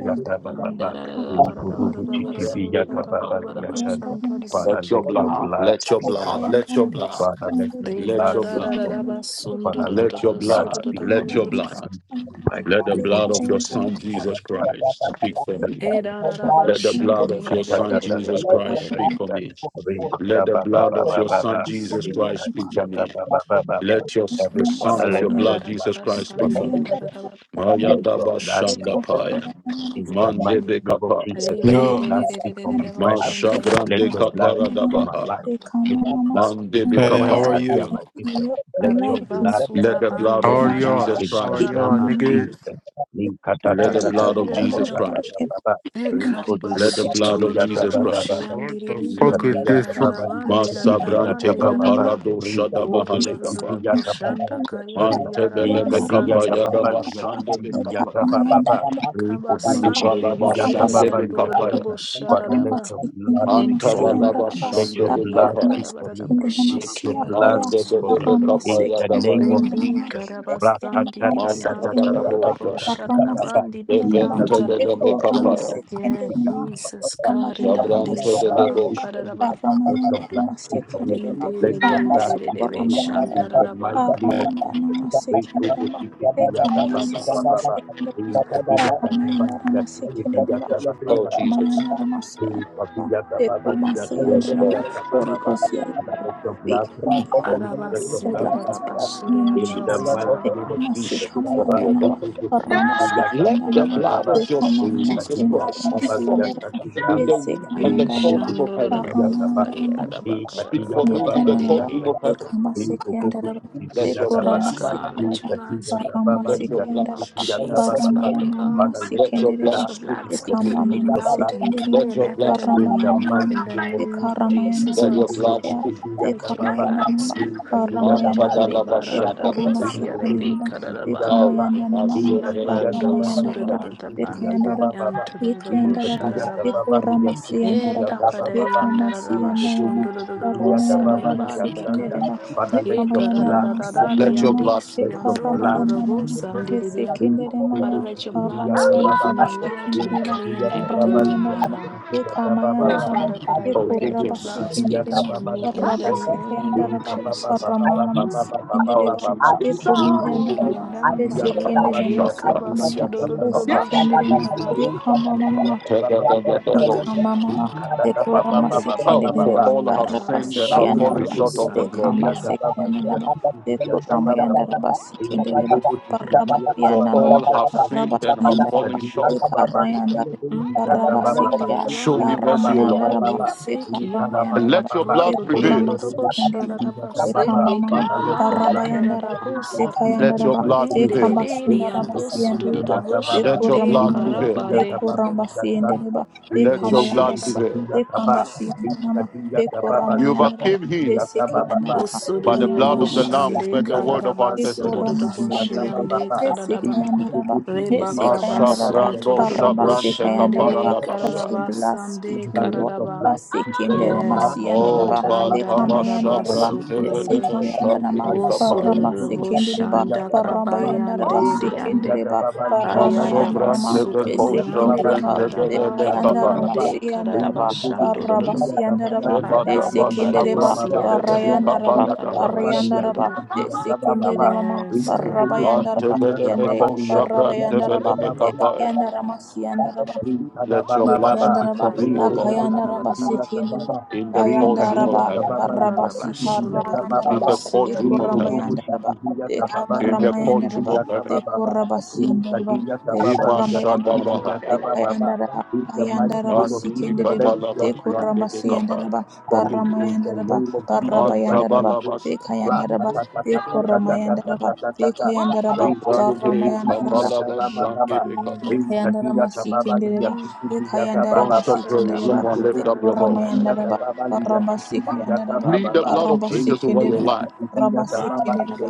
Speaker 4: yanda
Speaker 3: and da da da
Speaker 4: ram
Speaker 3: da ba da da ba
Speaker 4: indi
Speaker 3: da da ba da da
Speaker 4: masikayanda
Speaker 3: ba da ba da da ba da ba
Speaker 4: yanda
Speaker 5: Rikobobosikidiyatababaliyashanta.
Speaker 3: shanta da da
Speaker 5: Father,
Speaker 1: your
Speaker 5: let
Speaker 4: masikindi
Speaker 5: your
Speaker 1: blood,
Speaker 4: mama
Speaker 1: let your blood,
Speaker 5: blood
Speaker 1: let your
Speaker 5: speak
Speaker 1: blood,
Speaker 5: for us.
Speaker 4: dekayanda
Speaker 1: let your blood,
Speaker 5: Father, let
Speaker 4: masikindi
Speaker 5: your
Speaker 3: de
Speaker 1: let
Speaker 5: blood
Speaker 3: ba
Speaker 1: your
Speaker 3: da
Speaker 5: speak
Speaker 3: da
Speaker 1: blood,
Speaker 3: da
Speaker 4: yanda
Speaker 5: for
Speaker 3: da
Speaker 5: us.
Speaker 3: ba
Speaker 4: masikama
Speaker 3: sundu
Speaker 5: Father,
Speaker 3: da da
Speaker 5: let
Speaker 3: da
Speaker 1: let
Speaker 5: your
Speaker 3: ba
Speaker 5: blood
Speaker 3: suda da
Speaker 5: speak
Speaker 3: da ba
Speaker 5: for
Speaker 3: da
Speaker 4: dekabayanda
Speaker 5: me.
Speaker 3: da
Speaker 1: your
Speaker 3: da
Speaker 1: blood,
Speaker 5: In the
Speaker 4: masikama
Speaker 5: mighty
Speaker 1: let the
Speaker 5: name of
Speaker 1: blood of your
Speaker 4: dekabayanda
Speaker 5: Jesus.
Speaker 1: son
Speaker 4: masikaya
Speaker 1: Jesus Christ speak for
Speaker 4: masikayanda
Speaker 1: me.
Speaker 3: e
Speaker 2: let
Speaker 3: da
Speaker 2: your
Speaker 3: da da
Speaker 2: blood
Speaker 3: ba
Speaker 1: Let the
Speaker 2: speak
Speaker 4: masikama
Speaker 2: for
Speaker 1: blood
Speaker 2: me,
Speaker 3: shande
Speaker 1: of
Speaker 3: da
Speaker 2: O
Speaker 3: da
Speaker 1: your
Speaker 3: da
Speaker 2: Lord.
Speaker 3: de
Speaker 1: son
Speaker 4: dekabayanda
Speaker 3: de da da
Speaker 1: Jesus
Speaker 3: da
Speaker 2: Let
Speaker 3: de
Speaker 2: your
Speaker 1: Christ
Speaker 3: de
Speaker 2: blood
Speaker 1: speak
Speaker 3: de
Speaker 1: for
Speaker 2: speak
Speaker 1: me.
Speaker 2: for me, O Lord.
Speaker 1: Let the
Speaker 2: Let
Speaker 1: blood
Speaker 2: your
Speaker 1: of your
Speaker 2: blood
Speaker 1: son
Speaker 2: speak for
Speaker 1: Jesus
Speaker 2: me, O Lord.
Speaker 1: Christ speak for me.
Speaker 2: Let your blood
Speaker 1: Let your s-
Speaker 5: Every
Speaker 1: the son
Speaker 5: father,
Speaker 1: of
Speaker 3: o
Speaker 5: let
Speaker 1: your
Speaker 3: da
Speaker 5: your
Speaker 3: da
Speaker 1: blood
Speaker 3: da da
Speaker 5: blood
Speaker 1: Jesus
Speaker 3: ba
Speaker 5: speak
Speaker 1: Christ
Speaker 5: for
Speaker 1: speak for
Speaker 3: shande
Speaker 2: speak for me, O Lord. Let
Speaker 5: me.
Speaker 2: your
Speaker 3: da
Speaker 1: me.
Speaker 3: da da
Speaker 4: masikayanda
Speaker 2: blood
Speaker 3: da ba da
Speaker 4: masikayanda
Speaker 1: Maya
Speaker 5: Let your
Speaker 1: daba
Speaker 5: blood
Speaker 4: The
Speaker 5: speak
Speaker 1: shanda
Speaker 4: The
Speaker 5: for me.
Speaker 1: paya.
Speaker 5: In the mighty name of
Speaker 1: Mande
Speaker 5: Jesus,
Speaker 3: re
Speaker 4: The
Speaker 5: let
Speaker 3: re
Speaker 5: your
Speaker 3: re
Speaker 6: Yo,
Speaker 4: name
Speaker 5: blood
Speaker 3: re
Speaker 4: of
Speaker 3: re re
Speaker 5: speak
Speaker 3: re
Speaker 5: for
Speaker 3: re
Speaker 5: my
Speaker 3: re ba
Speaker 5: finances.
Speaker 3: shunda da da da
Speaker 5: Let
Speaker 3: ba
Speaker 1: Mashabrande
Speaker 3: da
Speaker 5: your
Speaker 3: da ba
Speaker 5: blood
Speaker 3: da
Speaker 5: speak for my
Speaker 1: kaparadabaha.
Speaker 5: life.
Speaker 4: The
Speaker 5: Let your blood speak
Speaker 1: Mandebe
Speaker 5: for
Speaker 6: hey,
Speaker 5: my
Speaker 6: how
Speaker 1: kapa.
Speaker 6: are
Speaker 5: career, my
Speaker 6: you?
Speaker 5: business. Let your
Speaker 3: re
Speaker 4: not
Speaker 3: ba
Speaker 5: blood
Speaker 1: Let
Speaker 3: sura
Speaker 1: the
Speaker 3: ba
Speaker 5: speak
Speaker 1: blood
Speaker 5: for
Speaker 3: de
Speaker 6: How
Speaker 1: of
Speaker 6: are
Speaker 4: not
Speaker 3: da
Speaker 5: me
Speaker 3: da
Speaker 6: y'all?
Speaker 3: ba
Speaker 1: Jesus
Speaker 5: in
Speaker 6: How
Speaker 5: the
Speaker 6: are
Speaker 4: be
Speaker 3: shara
Speaker 1: Christ.
Speaker 3: da
Speaker 5: name
Speaker 4: in
Speaker 6: y'all,
Speaker 5: of
Speaker 3: ba
Speaker 4: your life.
Speaker 5: Jesus.
Speaker 6: niggas?
Speaker 1: Let the
Speaker 5: Nikatatatata
Speaker 1: blood of Jesus Christ.
Speaker 5: zubabababababa.
Speaker 3: Ekariba
Speaker 1: Let the blood of Jesus
Speaker 4: That
Speaker 3: sotorororoboshi
Speaker 5: Rikodobochitiviyatabababa.
Speaker 1: Christ.
Speaker 6: What the
Speaker 3: yandiriri
Speaker 4: is
Speaker 6: fuck is this
Speaker 4: not
Speaker 6: room, bro?
Speaker 1: Masabrante
Speaker 3: handirararabandirararabandiraraba.
Speaker 5: ba
Speaker 1: kaparado shadabahale kapa.
Speaker 3: Ororororoboshanda kayari
Speaker 5: Rikobobochitiviyatababaligasharta.
Speaker 3: yaraba
Speaker 1: Mantebele me kapa
Speaker 3: sandiribi.
Speaker 1: yadabashande be kapa.
Speaker 5: Nikadiyatababaligashitiviyatabababa.
Speaker 3: Kaba sandiribiriri
Speaker 4: Thank you.
Speaker 1: Ibalabashande be kapa.
Speaker 5: Rikodobochitiviyatababaligasharta. Father,
Speaker 2: speak
Speaker 4: Aramba
Speaker 5: let
Speaker 3: yandorororoboshararaba.
Speaker 5: your blood
Speaker 4: sikindele
Speaker 5: speak
Speaker 2: for
Speaker 4: masi
Speaker 5: for
Speaker 2: me,
Speaker 5: me.
Speaker 3: Yenkararabararaba
Speaker 4: andaraba
Speaker 5: Let your
Speaker 1: Antabalabashande be
Speaker 5: blood
Speaker 4: yakorama
Speaker 1: kapa.
Speaker 5: speak for me.
Speaker 3: suriyararabararaba
Speaker 4: sikindele
Speaker 5: Let
Speaker 4: masi
Speaker 5: your
Speaker 3: shikiyaraba
Speaker 5: blood
Speaker 4: akaya
Speaker 5: speak
Speaker 1: Mandebe
Speaker 5: for me
Speaker 1: de
Speaker 4: arama
Speaker 3: sundororobo.
Speaker 1: kapa
Speaker 5: in the name of
Speaker 1: yadabaya.
Speaker 4: sikindele
Speaker 3: Rembi
Speaker 4: mama
Speaker 5: Jesus.
Speaker 3: karaba
Speaker 5: Father,
Speaker 4: ekandaraba
Speaker 3: sandiribi
Speaker 5: Let
Speaker 4: masikindele ba
Speaker 1: Mantabadabosha.
Speaker 4: arama
Speaker 3: antorororoboshararabandiribi
Speaker 2: O
Speaker 4: sikindaraba
Speaker 2: Lord.
Speaker 1: Levente de le
Speaker 3: antararaba.
Speaker 1: me
Speaker 2: Thank
Speaker 4: ekorama
Speaker 1: kapa.
Speaker 3: Yeah,
Speaker 4: sikindele ma
Speaker 2: you.
Speaker 3: Jesus,
Speaker 4: ekamba yandaraba
Speaker 1: Shabran
Speaker 3: Kariandi
Speaker 1: to
Speaker 5: your
Speaker 1: the
Speaker 5: blood
Speaker 4: sikindele
Speaker 5: speak
Speaker 4: ba
Speaker 1: debauch.
Speaker 5: for me.
Speaker 3: Sabankaraba.
Speaker 4: arama
Speaker 5: Let your blood
Speaker 4: yandaraba
Speaker 5: speak for me.
Speaker 4: sikindele ba
Speaker 5: Let your
Speaker 4: mama
Speaker 5: blood speak
Speaker 3: Ndididididididididi,
Speaker 5: for me
Speaker 4: sukorama
Speaker 5: in
Speaker 4: yandaraba
Speaker 5: the mighty
Speaker 3: shandararaba,
Speaker 4: arama
Speaker 5: name of Jesus.
Speaker 4: yandarama
Speaker 5: Great
Speaker 4: sikindele
Speaker 5: Togo
Speaker 4: ba
Speaker 5: Shiki
Speaker 4: ekama
Speaker 5: Baba Baba
Speaker 4: yandaraba
Speaker 5: Baba.
Speaker 4: sikindele ba
Speaker 5: In Kadiya
Speaker 4: arama yandaraba sikindele ba
Speaker 5: Baba
Speaker 1: Oh,
Speaker 5: Baba.
Speaker 1: Jesus.
Speaker 4: Ramayana Ramaswamy
Speaker 5: And I let
Speaker 4: Deku Masayanda
Speaker 1: Yes,
Speaker 4: Rama
Speaker 1: Lord.
Speaker 4: Holy Ghost Yahweh,
Speaker 5: your
Speaker 4: speak
Speaker 5: blood
Speaker 4: on
Speaker 5: speak
Speaker 4: behalf
Speaker 5: for
Speaker 4: of
Speaker 5: me.
Speaker 3: araba,
Speaker 5: Let your
Speaker 4: the
Speaker 5: blood
Speaker 4: blood
Speaker 5: speak
Speaker 3: surararaba,
Speaker 4: speak
Speaker 5: for us.
Speaker 4: in the name of
Speaker 5: In the
Speaker 4: Jesus
Speaker 5: mighty
Speaker 4: Deku
Speaker 5: name
Speaker 3: suryandararabararaba,
Speaker 5: of
Speaker 4: Masay
Speaker 5: Jesus.
Speaker 1: Speak for
Speaker 4: Kamayanda
Speaker 1: me, O
Speaker 4: Rama
Speaker 1: God.
Speaker 4: Ramasay
Speaker 1: Let
Speaker 4: Kamayanda
Speaker 1: the
Speaker 4: Rama
Speaker 5: Ra-tu-tu-bu-tu-tu-di-ya-ta-ba-ba-ba-ba-ba.
Speaker 1: blood
Speaker 5: ba ba ba
Speaker 1: of your
Speaker 4: Deku
Speaker 1: son,
Speaker 5: li
Speaker 1: Jesus
Speaker 5: ya ta
Speaker 4: Masayanda
Speaker 1: Christ, speak for
Speaker 4: Masayanda
Speaker 1: me
Speaker 4: Rama
Speaker 5: ti
Speaker 1: in the
Speaker 4: Yese
Speaker 1: room and
Speaker 3: eh,
Speaker 1: the
Speaker 4: Kamayanda Rama
Speaker 1: courtroom of heaven.
Speaker 5: ya
Speaker 3: shandorororabo,
Speaker 5: ta
Speaker 4: Ramayanda Rama
Speaker 5: ee ba
Speaker 3: sariyararaba,
Speaker 5: ee ka di
Speaker 1: Speak
Speaker 5: ya
Speaker 1: for
Speaker 3: kararaba,
Speaker 5: ta
Speaker 1: me
Speaker 5: ba
Speaker 1: in
Speaker 5: ba
Speaker 1: the
Speaker 4: Yekayanda Rama
Speaker 1: courtroom
Speaker 3: sendididi.
Speaker 1: of
Speaker 4: Deku
Speaker 1: heaven.
Speaker 4: Masay Kamayanda Rama
Speaker 1: Let
Speaker 4: Deku
Speaker 1: your blood
Speaker 3: Yes,
Speaker 1: speak.
Speaker 4: Ramasay
Speaker 3: God,
Speaker 5: E
Speaker 3: let your
Speaker 4: Kamayanda
Speaker 3: blood
Speaker 5: kadiya
Speaker 3: speak for
Speaker 5: baba
Speaker 3: me
Speaker 4: Ramasay
Speaker 1: Let
Speaker 3: in
Speaker 1: your
Speaker 5: yata
Speaker 3: the name
Speaker 4: Kamayanda
Speaker 1: blood
Speaker 3: of
Speaker 4: Rama
Speaker 1: speak, Lord.
Speaker 5: kiyata
Speaker 3: Jesus,
Speaker 5: baba baba.
Speaker 4: Paramaya
Speaker 3: Father God.
Speaker 4: nama
Speaker 5: Father, let
Speaker 1: Let
Speaker 5: your
Speaker 1: your
Speaker 4: sikendereba,
Speaker 3: Let
Speaker 5: blood
Speaker 1: blood
Speaker 3: your
Speaker 1: speak,
Speaker 3: blood
Speaker 5: speak for
Speaker 3: speak
Speaker 5: me.
Speaker 3: for
Speaker 1: Lord.
Speaker 4: ikamama
Speaker 3: me
Speaker 5: Let
Speaker 4: nama
Speaker 5: your blood
Speaker 3: loud and
Speaker 4: sikendereba,
Speaker 3: clear
Speaker 1: Let
Speaker 3: and
Speaker 5: pray.
Speaker 1: your blood speak.
Speaker 3: evident in
Speaker 5: In
Speaker 4: paramaya
Speaker 5: the
Speaker 3: my life
Speaker 5: mighty
Speaker 4: nama,
Speaker 3: in the
Speaker 5: name of
Speaker 3: name of
Speaker 5: Jesus, we
Speaker 4: ikaramaya
Speaker 3: Jesus,
Speaker 5: pray.
Speaker 1: Let
Speaker 4: nama
Speaker 1: your
Speaker 3: Father
Speaker 5: We will
Speaker 3: God.
Speaker 1: blood
Speaker 5: see
Speaker 4: sikaya,
Speaker 1: speak.
Speaker 5: you,
Speaker 3: Let
Speaker 5: Yata
Speaker 3: your
Speaker 4: ikamaya
Speaker 5: Baba.
Speaker 3: blood
Speaker 4: nama,
Speaker 3: speak
Speaker 5: We can
Speaker 3: for
Speaker 5: do
Speaker 3: me.
Speaker 4: paramaya
Speaker 5: Yata
Speaker 1: Manta
Speaker 5: Baba,
Speaker 4: nama,
Speaker 3: Hare
Speaker 5: Yasanta.
Speaker 1: balabashanda
Speaker 3: barararabo,
Speaker 4: ikorama
Speaker 5: We can
Speaker 1: kabala.
Speaker 5: do this,
Speaker 3: siyarebe,
Speaker 4: sikendereba,
Speaker 5: we can do
Speaker 3: kararaba.
Speaker 5: Yata
Speaker 1: Oh,
Speaker 4: ikamaya
Speaker 5: Ba.
Speaker 1: I
Speaker 4: nama,
Speaker 5: We
Speaker 1: so
Speaker 5: can
Speaker 1: get
Speaker 5: do
Speaker 1: on
Speaker 5: Yata
Speaker 3: Ibando
Speaker 4: paramaya
Speaker 5: Baba,
Speaker 4: nama,
Speaker 1: Shahanaba.
Speaker 3: surada
Speaker 5: Yashiki,
Speaker 3: bandi
Speaker 5: Yata
Speaker 3: bibi
Speaker 4: ikayandara,
Speaker 5: Ba Baba.
Speaker 3: antarada
Speaker 5: We
Speaker 3: bo
Speaker 5: can
Speaker 4: ikayandaraba,
Speaker 5: do Yata
Speaker 3: shararaba.
Speaker 5: Baba,
Speaker 4: ikorama
Speaker 5: Yashiki,
Speaker 4: siyandaraba,
Speaker 3: Nenda
Speaker 5: Yata Ba
Speaker 3: kadari
Speaker 5: Baba.
Speaker 4: ikama
Speaker 5: We
Speaker 3: andararaba
Speaker 5: can do
Speaker 4: siyandaraba,
Speaker 5: this, we can
Speaker 3: shundurada
Speaker 5: do
Speaker 3: bo
Speaker 4: paramaya
Speaker 5: Yata Baba,
Speaker 4: nama
Speaker 3: sararabanda
Speaker 5: Yasanta.
Speaker 3: kaya.
Speaker 4: sikendereba,
Speaker 5: Father, let your
Speaker 4: ikamaya
Speaker 5: blood
Speaker 4: nama
Speaker 5: speak for
Speaker 3: Ekararararari
Speaker 1: Let
Speaker 5: me.
Speaker 1: your
Speaker 4: sunanama,
Speaker 1: blood
Speaker 3: andisi
Speaker 5: Let
Speaker 1: speak.
Speaker 2: Let
Speaker 5: your
Speaker 2: your
Speaker 4: ikaramaya
Speaker 5: blood
Speaker 3: andorada
Speaker 2: holy
Speaker 3: bo
Speaker 5: speak
Speaker 4: nama.
Speaker 2: image
Speaker 5: for me.
Speaker 2: be
Speaker 3: sandiribia.
Speaker 5: We can
Speaker 2: for me.
Speaker 5: do
Speaker 3: Father,
Speaker 4: Yesekenderemaya,
Speaker 5: this,
Speaker 3: let your
Speaker 5: we
Speaker 2: In
Speaker 3: blood speak
Speaker 2: every
Speaker 3: for
Speaker 4: Ramayandaraba,
Speaker 3: me
Speaker 2: aspect of
Speaker 3: loud and
Speaker 2: life,
Speaker 4: Sekendereba,
Speaker 5: can do
Speaker 3: clear and
Speaker 5: Yata
Speaker 2: in
Speaker 5: Ba
Speaker 3: evident
Speaker 2: every
Speaker 3: in
Speaker 5: Baba.
Speaker 3: my
Speaker 4: Ramayandaraba,
Speaker 2: aspect,
Speaker 3: life.
Speaker 5: Baba
Speaker 3: Oh,
Speaker 2: let
Speaker 5: Baba,
Speaker 2: thy
Speaker 4: Ekamayandaraba,
Speaker 3: Father God,
Speaker 2: light
Speaker 3: I
Speaker 2: be
Speaker 1: Oh,
Speaker 3: pray that your
Speaker 4: Ekoraba,
Speaker 1: Jesus.
Speaker 3: blood
Speaker 2: let thy
Speaker 3: speaks
Speaker 4: Sekenderema,
Speaker 2: light
Speaker 3: for
Speaker 2: be
Speaker 3: me in
Speaker 4: Raba,
Speaker 3: the
Speaker 2: let thy
Speaker 3: name
Speaker 2: light
Speaker 3: of
Speaker 2: be.
Speaker 4: Sekayandaraba,
Speaker 3: Jesus.
Speaker 2: I
Speaker 4: Ramama,
Speaker 2: plead,
Speaker 1: Oh,
Speaker 4: Sekendereba,
Speaker 2: I plead
Speaker 1: Jesus.
Speaker 2: for the
Speaker 3: Lord,
Speaker 2: Creator.
Speaker 4: Ekomayandaraba,
Speaker 2: I
Speaker 3: yaramba
Speaker 2: plead the blood,
Speaker 4: Yesekenderema,
Speaker 3: diande
Speaker 2: I plead for the
Speaker 4: Sekabaya,
Speaker 2: Creator.
Speaker 3: kabasudododobo
Speaker 2: My God, my
Speaker 4: Yesekenderema,
Speaker 2: God,
Speaker 3: shararaba.
Speaker 2: my God, my God, my
Speaker 4: Ekamama,
Speaker 2: God. Wrap up the
Speaker 4: Deka
Speaker 2: Creator,
Speaker 4: mama
Speaker 2: and
Speaker 4: ma
Speaker 2: we
Speaker 4: deka mama
Speaker 5: Baba,
Speaker 2: the
Speaker 4: sikindi
Speaker 5: Baba,
Speaker 1: Oh,
Speaker 4: dede
Speaker 1: for
Speaker 5: Baba,
Speaker 1: all
Speaker 2: Creator.
Speaker 1: have
Speaker 4: barra
Speaker 1: sinned
Speaker 2: Thank
Speaker 1: and
Speaker 4: basiki
Speaker 1: have
Speaker 5: Father, let
Speaker 1: fallen
Speaker 5: the
Speaker 4: andaraba
Speaker 1: short of the
Speaker 4: deka
Speaker 1: glory.
Speaker 4: mama
Speaker 3: Andarabashururubusambiribia.
Speaker 4: sikindi andaraba deka mama andaraba sikindi deba barra basi
Speaker 1: For
Speaker 4: andanama
Speaker 1: all have
Speaker 4: barra
Speaker 1: sinned and
Speaker 4: basi
Speaker 1: have
Speaker 4: andaraba
Speaker 1: fallen short.
Speaker 4: deka
Speaker 3: Mm,
Speaker 4: Karabasikaya
Speaker 1: Show me mercy, O Lord.
Speaker 4: Ramayandaraba Eka
Speaker 3: arabandirabarabariyandeseki.
Speaker 1: And
Speaker 4: Ramayandaraba
Speaker 1: let your blood
Speaker 4: Eku
Speaker 1: prevail.
Speaker 4: Ramasikandiriba Eka
Speaker 3: Rododododorobosharabasende
Speaker 4: Mamama
Speaker 3: karabandi
Speaker 5: blood be
Speaker 4: Parabayandaraba
Speaker 5: in
Speaker 3: karadabosar.
Speaker 4: Eka
Speaker 1: Let
Speaker 5: Jesus'
Speaker 1: your
Speaker 4: Yandaraba
Speaker 5: mighty
Speaker 1: blood
Speaker 5: name.
Speaker 4: Eka
Speaker 1: prevail.
Speaker 5: Those who
Speaker 4: Masundaraba
Speaker 5: go to
Speaker 4: Siandiriba
Speaker 5: Baba,
Speaker 4: Eku
Speaker 1: Let your
Speaker 3: Enderereriandosururubusande
Speaker 1: blood
Speaker 4: Ramamama
Speaker 1: prevail.
Speaker 4: Eku
Speaker 3: karabade.
Speaker 4: Rambasiandiriba Eka
Speaker 1: Let your
Speaker 3: Yes,
Speaker 5: Itobobo
Speaker 1: blood
Speaker 3: yes.
Speaker 4: Mayandaraba
Speaker 1: prevail.
Speaker 5: shikuya
Speaker 4: Eka
Speaker 5: kaba,
Speaker 4: Masiandarama
Speaker 5: ikaduya
Speaker 4: Eku
Speaker 5: kaba
Speaker 1: You
Speaker 5: baluya
Speaker 4: Ramayandaraba
Speaker 1: overcame him
Speaker 5: shikuya
Speaker 4: Esiki
Speaker 5: kaba baba,
Speaker 4: Yandaraba
Speaker 1: by the blood
Speaker 4: Ayandara
Speaker 1: of
Speaker 5: itobobo
Speaker 1: the Lamb
Speaker 3: Osururubushande
Speaker 1: and
Speaker 5: shikuya
Speaker 1: the
Speaker 4: masekendereba
Speaker 1: word
Speaker 5: kaba
Speaker 1: of our
Speaker 5: baluya
Speaker 4: ekora
Speaker 1: testimony.
Speaker 5: shikuya kaba
Speaker 4: masenderebe
Speaker 3: kararabasururubushiande
Speaker 5: baba,
Speaker 3: karadaba.
Speaker 4: esekayandaraba
Speaker 5: itobobo shikuya kaba
Speaker 4: esekayandaraba
Speaker 5: baluya
Speaker 1: Ashabrando
Speaker 5: shaka
Speaker 4: araba
Speaker 1: shabrante
Speaker 3: Rebakabasuntururubushande
Speaker 4: sekayandaraba
Speaker 1: kaparada
Speaker 4: that
Speaker 5: kaba
Speaker 1: basha.
Speaker 4: you
Speaker 5: baba.
Speaker 4: bless
Speaker 3: kararabasande
Speaker 4: it O
Speaker 5: Father, let
Speaker 4: Lord
Speaker 5: your
Speaker 3: karadaba.
Speaker 2: you.
Speaker 5: blood speak, let
Speaker 4: basekendere
Speaker 5: your blood
Speaker 3: Yes,
Speaker 5: speak, let
Speaker 1: Oh,
Speaker 4: masiyandaraba
Speaker 3: God.
Speaker 5: your blood
Speaker 3: Anda
Speaker 1: banta
Speaker 3: da da
Speaker 5: speak.
Speaker 3: da da
Speaker 1: basha
Speaker 5: For
Speaker 4: ekamayandaraba
Speaker 5: me
Speaker 3: basu
Speaker 1: Bantabashabrante
Speaker 5: in
Speaker 3: kurudu.
Speaker 1: belemo
Speaker 5: Jesus' mighty
Speaker 4: esekayandarama
Speaker 1: shandiki
Speaker 5: name.
Speaker 3: Bosu da da
Speaker 1: kapaya.
Speaker 5: Praise
Speaker 4: barama
Speaker 5: to the city,
Speaker 4: sekendereba
Speaker 5: Villa
Speaker 3: boshanda
Speaker 5: Baba
Speaker 4: baraba
Speaker 5: Baba.
Speaker 4: yandaraba
Speaker 3: kabayande
Speaker 5: Villa Villa
Speaker 3: diande.
Speaker 4: sekendereba
Speaker 5: Baba Villa
Speaker 4: barama
Speaker 5: Santa.
Speaker 3: Ayara
Speaker 4: yandarama
Speaker 1: Asobrante
Speaker 3: basu
Speaker 5: Villa
Speaker 1: beko
Speaker 5: Villa Baba
Speaker 4: esekendereba
Speaker 5: Villa
Speaker 1: shambrante
Speaker 5: City,
Speaker 3: karadaba
Speaker 1: beleme
Speaker 5: Villa Baba
Speaker 1: kapaya.
Speaker 5: Baba.
Speaker 3: kadiande
Speaker 5: Praise
Speaker 3: karadaba
Speaker 4: Bayandarabasiyandaraba,
Speaker 5: to
Speaker 3: shando
Speaker 5: city, Villa Baba
Speaker 4: Barabasiyandaraba,
Speaker 5: Villa City, Villa
Speaker 3: Abaraba
Speaker 5: Baba
Speaker 4: Desikindereba,
Speaker 3: desi
Speaker 5: Baba.
Speaker 1: Shebatabashabrante beleme
Speaker 5: Praise to
Speaker 4: Barayandaraba,
Speaker 3: antaraban
Speaker 1: kapaya dabaya.
Speaker 3: karadaba
Speaker 5: Baba Villa
Speaker 3: shodo
Speaker 4: Barayandaraba,
Speaker 5: City, Villa Baba Baba.
Speaker 4: Desikindemama,
Speaker 5: Praise
Speaker 3: Yes,
Speaker 5: to
Speaker 3: God.
Speaker 5: city,
Speaker 1: Bante
Speaker 4: Barabayandaraba,
Speaker 5: Villa
Speaker 1: beleme
Speaker 4: Yande,
Speaker 5: Baba
Speaker 1: ko
Speaker 5: Villa City,
Speaker 1: shabrante
Speaker 5: Villa
Speaker 4: Barabayandaraba,
Speaker 1: beleme
Speaker 5: Baba.
Speaker 1: kapaya.
Speaker 4: Dekayandaramasiyandaraba,
Speaker 2: Thank
Speaker 1: Let your blood
Speaker 5: Rikadabababa,
Speaker 1: speak
Speaker 4: Likhayandaraba,
Speaker 1: for
Speaker 3: Da da
Speaker 1: me, O
Speaker 3: da da
Speaker 1: Lord,
Speaker 3: da da da da
Speaker 4: Takayandaraba,
Speaker 3: da da da.
Speaker 5: rikodobosikidiyasababa,
Speaker 4: Sikindiraba,
Speaker 1: in the courtroom
Speaker 3: Ada
Speaker 1: of
Speaker 3: da
Speaker 4: Dayandaraba,
Speaker 3: da da
Speaker 1: heaven,
Speaker 3: da da da da
Speaker 4: Barabasi,
Speaker 3: ba shundo do do do
Speaker 1: in
Speaker 3: bo
Speaker 4: Karayandaraba,
Speaker 5: rikadiyasababaliyasikidiyasababa,
Speaker 1: the courtroom of
Speaker 3: siande.
Speaker 1: heaven,
Speaker 4: Dekuramayandaraba,
Speaker 1: in the courtroom
Speaker 4: Dekambaramayandaraba,
Speaker 1: of heaven.
Speaker 5: rikobobosikidiyasababaliyasikidiyasababa,
Speaker 4: Dekurabasiyandaraba,
Speaker 1: Ima shata
Speaker 4: Dekuramayandaraba,
Speaker 1: baha baha.
Speaker 5: rikadiyasababaliyasikidiyasababa.
Speaker 4: Dekayandaraba,
Speaker 5: In the mighty
Speaker 4: Dayandaraba,
Speaker 5: name of
Speaker 1: Andi
Speaker 5: Jesus,
Speaker 1: bika
Speaker 4: Sikindiriba,
Speaker 5: let your
Speaker 1: balabas
Speaker 5: blood
Speaker 1: grande
Speaker 5: speak
Speaker 1: bika baha.
Speaker 4: Dekurabasiyandaraba,
Speaker 5: for me. In the
Speaker 4: Baramayandaraba,
Speaker 5: name of Jesus
Speaker 1: Manta
Speaker 5: Christ, I
Speaker 4: Barabayandaraba,
Speaker 5: pray.
Speaker 1: balabas.
Speaker 4: Dekayandaraba, Dekuramayandaraba, Dekayandaraba,
Speaker 1: Sabrante
Speaker 4: Baramayandaraba,
Speaker 1: kabalabas sande
Speaker 5: Ra-ta-ta-ta-ta-ta-ta-ta-ta-ta-ta-ta.
Speaker 3: Dika
Speaker 1: bika
Speaker 5: Ri-ku-bu-bu-ti-ti-ti-ya-ta-ba-ba-ba-ba.
Speaker 3: dika
Speaker 4: Yekayandara
Speaker 3: dika
Speaker 4: masikendereba, yekayandara
Speaker 1: Don't
Speaker 5: Ri-ka-di-ya-ta-ba-ba-li-ya-ti-ti-ti-ya-ta-ba-ba-ba.
Speaker 1: stop
Speaker 3: And
Speaker 1: praying.
Speaker 4: basikendereba,
Speaker 1: Someone
Speaker 3: the
Speaker 1: lift up your voice.
Speaker 4: ekoramayandara karambasikendereba,
Speaker 1: Plead the
Speaker 5: Ri-ku-bu-bu-ti-ti-ti-ya-ta-ba-ba-li-ya-ti-ti-ti-ya-ta-ba-ba-ba.
Speaker 1: blood of Jesus over your
Speaker 4: karambasekendereba,
Speaker 1: life.
Speaker 4: karambasikenderebe,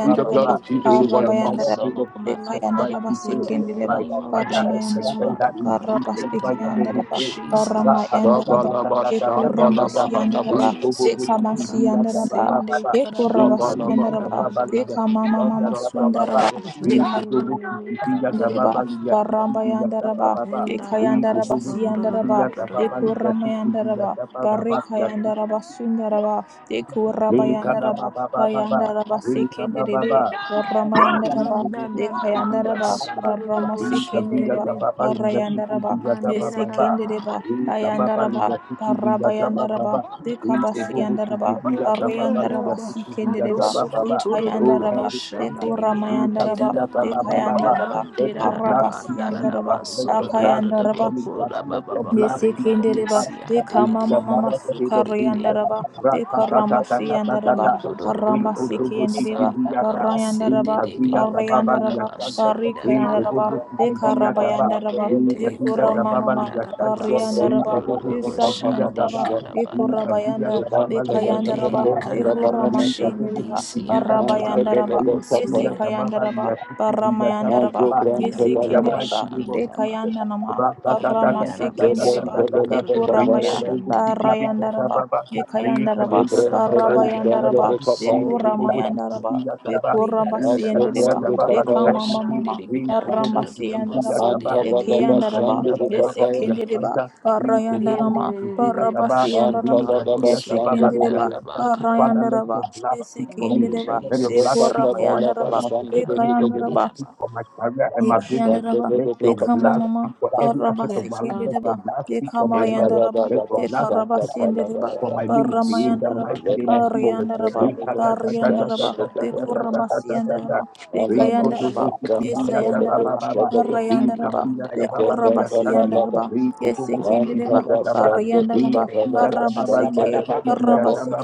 Speaker 1: Plead the blood of Jesus
Speaker 5: In
Speaker 1: over
Speaker 5: the
Speaker 1: your
Speaker 5: mighty
Speaker 1: family.
Speaker 4: karabayandaraba,
Speaker 5: name of Jesus
Speaker 4: bekayandara
Speaker 5: Christ, we pray. By
Speaker 4: basikendereba,
Speaker 3: name of
Speaker 5: Father, I
Speaker 3: Jesus,
Speaker 4: karamayandaraba,
Speaker 5: and that
Speaker 3: Father
Speaker 5: in
Speaker 3: God, I
Speaker 5: Jesus'
Speaker 3: plead the
Speaker 5: mighty
Speaker 3: blood
Speaker 5: name we
Speaker 3: of
Speaker 4: karabasikeyandaraba,
Speaker 5: pray.
Speaker 3: Jesus
Speaker 4: karamayandaraba,
Speaker 3: for my
Speaker 1: Shabalaba
Speaker 3: life. In the
Speaker 1: Shambalaba
Speaker 5: Ra-ta-ta-ta-ta-ta-ta-ta-ta-ta.
Speaker 3: name of
Speaker 4: ekoramasiyandaraba,
Speaker 1: Halabasha
Speaker 3: Jesus, coola ba
Speaker 4: bekamasiyandaraba,
Speaker 3: sin de
Speaker 5: Ee-ko-bo-bo-si-si-di-ya-ta-ba-ba-ba-ba.
Speaker 3: ka da ba me ka
Speaker 1: Shabalaba
Speaker 4: ekorabasiyandaraba,
Speaker 3: da ba
Speaker 5: Ee-ka-di-ya-ta-ba-ba-li-ya-si-si-di-ya-ta-ba-ba-ba.
Speaker 4: bekamamamasundaraba,
Speaker 1: Shatakarandish.
Speaker 3: ni ni ni me ka da ba
Speaker 4: Yandaraba, Baramba Yandaraba,
Speaker 5: Ee-ko-bo-bo-si-si-di-ya-ta-ba-ba-li-ya-si-si-di-ya-ta-ba-ba-ba.
Speaker 3: end da da ba
Speaker 4: Ekayandaraba,
Speaker 3: sun do do do
Speaker 4: Siyandaraba,
Speaker 3: do do do ba
Speaker 4: Dekurama Yandaraba, Barika
Speaker 5: Ee-ko-bo-bo-si-si-di-ya-ta-ba-ba-li-ya-si-si-di-ya-ta-ba-ba-ba-li-ya-si-si.
Speaker 4: Yandaraba, Sundaraba, Dekuraba Yandaraba,
Speaker 5: Ee-ka-ba-ba-ba-ba-ba-ba.
Speaker 4: Bayandaraba,
Speaker 5: Ee-ka-ba-ba-ba.
Speaker 4: Sekenderebe, Barama
Speaker 5: Oh,
Speaker 4: Yandaraba,
Speaker 3: and da da da ka
Speaker 5: Heavenly
Speaker 3: ba
Speaker 5: Father,
Speaker 4: Dekayandaraba,
Speaker 3: sun do do do
Speaker 4: Barama
Speaker 3: ba
Speaker 5: let
Speaker 3: sin de ni
Speaker 4: Sekendereba,
Speaker 3: ba.
Speaker 4: Arayandaraba,
Speaker 3: Mandera da da ba.
Speaker 4: Esekendereba, Ayandaraba, Tarabayandaraba, Dekabasiyandaraba,
Speaker 3: Ekira da
Speaker 4: Ariandaraba,
Speaker 3: ba. Sato
Speaker 4: Sikendereba,
Speaker 3: soko toro do do do bo
Speaker 4: Dekayandaraba,
Speaker 3: shandi ni bi ante da
Speaker 4: Dekuramayandaraba,
Speaker 3: da ba ndi di
Speaker 4: Dekayandaraba,
Speaker 3: ante da
Speaker 5: your
Speaker 3: da
Speaker 5: blood
Speaker 3: ba
Speaker 5: speak for
Speaker 3: da
Speaker 5: me,
Speaker 3: da
Speaker 4: Arabasiyandaraba,
Speaker 3: ba
Speaker 5: Father. Let
Speaker 3: so
Speaker 5: your
Speaker 3: do do do
Speaker 5: blood
Speaker 3: do do
Speaker 5: speak for
Speaker 4: Akayandaraba,
Speaker 3: bo
Speaker 5: me, Father.
Speaker 3: ba
Speaker 5: Let
Speaker 3: ba
Speaker 5: your
Speaker 3: ba ba
Speaker 5: blood
Speaker 3: ri
Speaker 5: speak
Speaker 3: ba
Speaker 5: for me,
Speaker 4: Yesekendereba,
Speaker 5: Father.
Speaker 3: si ande de
Speaker 5: In
Speaker 4: Ekama
Speaker 3: de
Speaker 5: the
Speaker 3: de
Speaker 4: Mama
Speaker 5: mighty
Speaker 3: de de de
Speaker 5: name
Speaker 3: de
Speaker 5: of
Speaker 3: de de
Speaker 5: Jesus.
Speaker 3: de.
Speaker 4: Sukariandaraba,
Speaker 3: Don
Speaker 4: Ekaramasiandaraba,
Speaker 5: Ra-ta-ta-ta-ta-ta-ta-ta-ta.
Speaker 3: do do do do do do do bo
Speaker 4: Paramasikiandereba,
Speaker 3: santa ka
Speaker 5: Re-ko-to-bo-chi-chi-vi-ya-ta.
Speaker 3: ba
Speaker 4: Parayandaraba,
Speaker 3: sende de be
Speaker 5: Rikaziya
Speaker 3: kana
Speaker 5: Tababa
Speaker 4: Parayandaraba,
Speaker 3: ba
Speaker 5: Liyasante,
Speaker 3: shanda da da da
Speaker 4: Parikayandaraba,
Speaker 5: Rikabobo
Speaker 3: ba.
Speaker 5: Sitiziya Taba,
Speaker 4: Ekarabayandaraba,
Speaker 3: Ende
Speaker 5: Rikaziya
Speaker 3: kada
Speaker 4: Ekura
Speaker 5: Tababa
Speaker 4: Mama,
Speaker 3: da da
Speaker 5: Liyashanta,
Speaker 3: ba soko
Speaker 4: Pariandaraba,
Speaker 3: do do
Speaker 5: Rikabobo
Speaker 3: do bo
Speaker 5: Sitiziya
Speaker 3: shandi
Speaker 4: Isakayandaraba,
Speaker 5: Taba,
Speaker 3: kada
Speaker 1: Ashwanda
Speaker 5: Rikaziya
Speaker 4: Ekurabayanda,
Speaker 5: Tababa
Speaker 4: Ekayandaraba,
Speaker 5: Liyashintu
Speaker 3: Ende
Speaker 5: Yahanda,
Speaker 4: Ekura
Speaker 3: kararaba
Speaker 5: Rikabobo
Speaker 3: shandi
Speaker 4: Masiandereba,
Speaker 5: Sitiziya
Speaker 3: siyan
Speaker 5: Taba,
Speaker 4: Parabayandaraba,
Speaker 3: tududududubu
Speaker 5: Rikaziya
Speaker 3: suriya
Speaker 5: Tababa
Speaker 4: Yesikayandaraba,
Speaker 5: Liyasitiziya Taba
Speaker 4: Baramayandaraba,
Speaker 5: Taba, in the
Speaker 3: andadadaba
Speaker 4: Yesikindiriba,
Speaker 5: mighty name of
Speaker 3: shandi raba
Speaker 5: Jesus.
Speaker 4: Ekayandanama,
Speaker 5: Ba- ba- ta- ta-
Speaker 4: Barama
Speaker 5: ta- ta- ta-
Speaker 3: ayaraba
Speaker 5: ta- ta-
Speaker 4: Sikindiriba,
Speaker 5: ta- ta- ta.
Speaker 3: sundudududubu
Speaker 4: Ekuramaya,
Speaker 5: Rikabobo
Speaker 3: shandi dibi
Speaker 5: Sitiziya
Speaker 4: Barayandaraba,
Speaker 5: Taba,
Speaker 4: Ekayandaraba,
Speaker 3: akaba
Speaker 5: Rikaziya Tababa
Speaker 4: Barabayandaraba,
Speaker 3: sankarararaba
Speaker 5: Liyashanta, Rikabobo
Speaker 3: sididididi
Speaker 4: Ekuramayandaraba,
Speaker 5: Sitiziya Taba, Hii
Speaker 3: arigarararaba
Speaker 5: katika
Speaker 4: Ekurabasiendiriba,
Speaker 5: tababa
Speaker 3: sundududubu
Speaker 5: ligashiriki,
Speaker 3: shandi
Speaker 4: Ekamamama,
Speaker 3: dibi
Speaker 5: hii kububu
Speaker 3: antudududubu
Speaker 5: sisihiga
Speaker 4: Arambasiyandaraba,
Speaker 3: suriya
Speaker 5: taba, hii
Speaker 3: andidaba
Speaker 4: Yekiyandaraba,
Speaker 5: katika tababa
Speaker 3: andadadaba
Speaker 4: Yesikindiriba,
Speaker 5: ligasanta, hii kububu
Speaker 4: Arayandarama,
Speaker 3: Ende de de de de
Speaker 5: sisihiga
Speaker 3: de
Speaker 5: taba,
Speaker 3: bashan do do
Speaker 5: hii
Speaker 4: Barabasiyandaraba,
Speaker 3: do bo
Speaker 5: katika
Speaker 3: suri
Speaker 5: tababa
Speaker 3: anda da
Speaker 4: Yesikindiriba,
Speaker 3: da
Speaker 5: ligasanta.
Speaker 3: bang
Speaker 5: Father, let
Speaker 4: Arayandaraba,
Speaker 5: your blood speak for
Speaker 3: Thank
Speaker 5: me.
Speaker 3: you,
Speaker 4: Yesikindiriba,
Speaker 5: Let your blood
Speaker 3: Jesus.
Speaker 5: speak for my
Speaker 4: Dekorabayandaraba,
Speaker 5: finances. Let your blood
Speaker 4: Bekayandaraba,
Speaker 5: speak
Speaker 3: Samirabasarabandidaba.
Speaker 5: for my career and my business.
Speaker 4: Ekyandaraba,
Speaker 5: Let your blood
Speaker 4: Bekamama,
Speaker 5: speak for every aspect of
Speaker 3: Yes,
Speaker 5: my life.
Speaker 3: God.
Speaker 5: Let
Speaker 4: Barabasikindiraba,
Speaker 5: your blood speak for my marriage.
Speaker 4: Bekamayandaraba,
Speaker 5: Let your blood
Speaker 4: Bekarabasindiraba,
Speaker 5: for my ministry in the
Speaker 4: Baramayandaraba,
Speaker 5: mighty name of
Speaker 1: Rapayam
Speaker 5: Jesus.
Speaker 4: Ariandaraba,
Speaker 1: Prabhu
Speaker 4: Bariandaraba,
Speaker 3: Osukutubiandikarabakuideshadadadaba.
Speaker 4: Bekurabasiandaraba,
Speaker 5: Ikatatatatatatatatatatatatata.
Speaker 4: Bekayandaraba,
Speaker 3: Indekabandaraba.
Speaker 4: Yesayandaraba,
Speaker 5: Rikodobosikidiyatatabababa.
Speaker 4: Barayandaraba,
Speaker 3: Sekadiandarabandododo.
Speaker 5: Rikabiyatababaliyasanti.
Speaker 4: Ekorabasiandaraba, Yesekendereba,
Speaker 5: Rikobobosikidiyataba.
Speaker 4: Barayandaraba,
Speaker 3: Odododokotoriandidibianda.
Speaker 4: Barabaseke,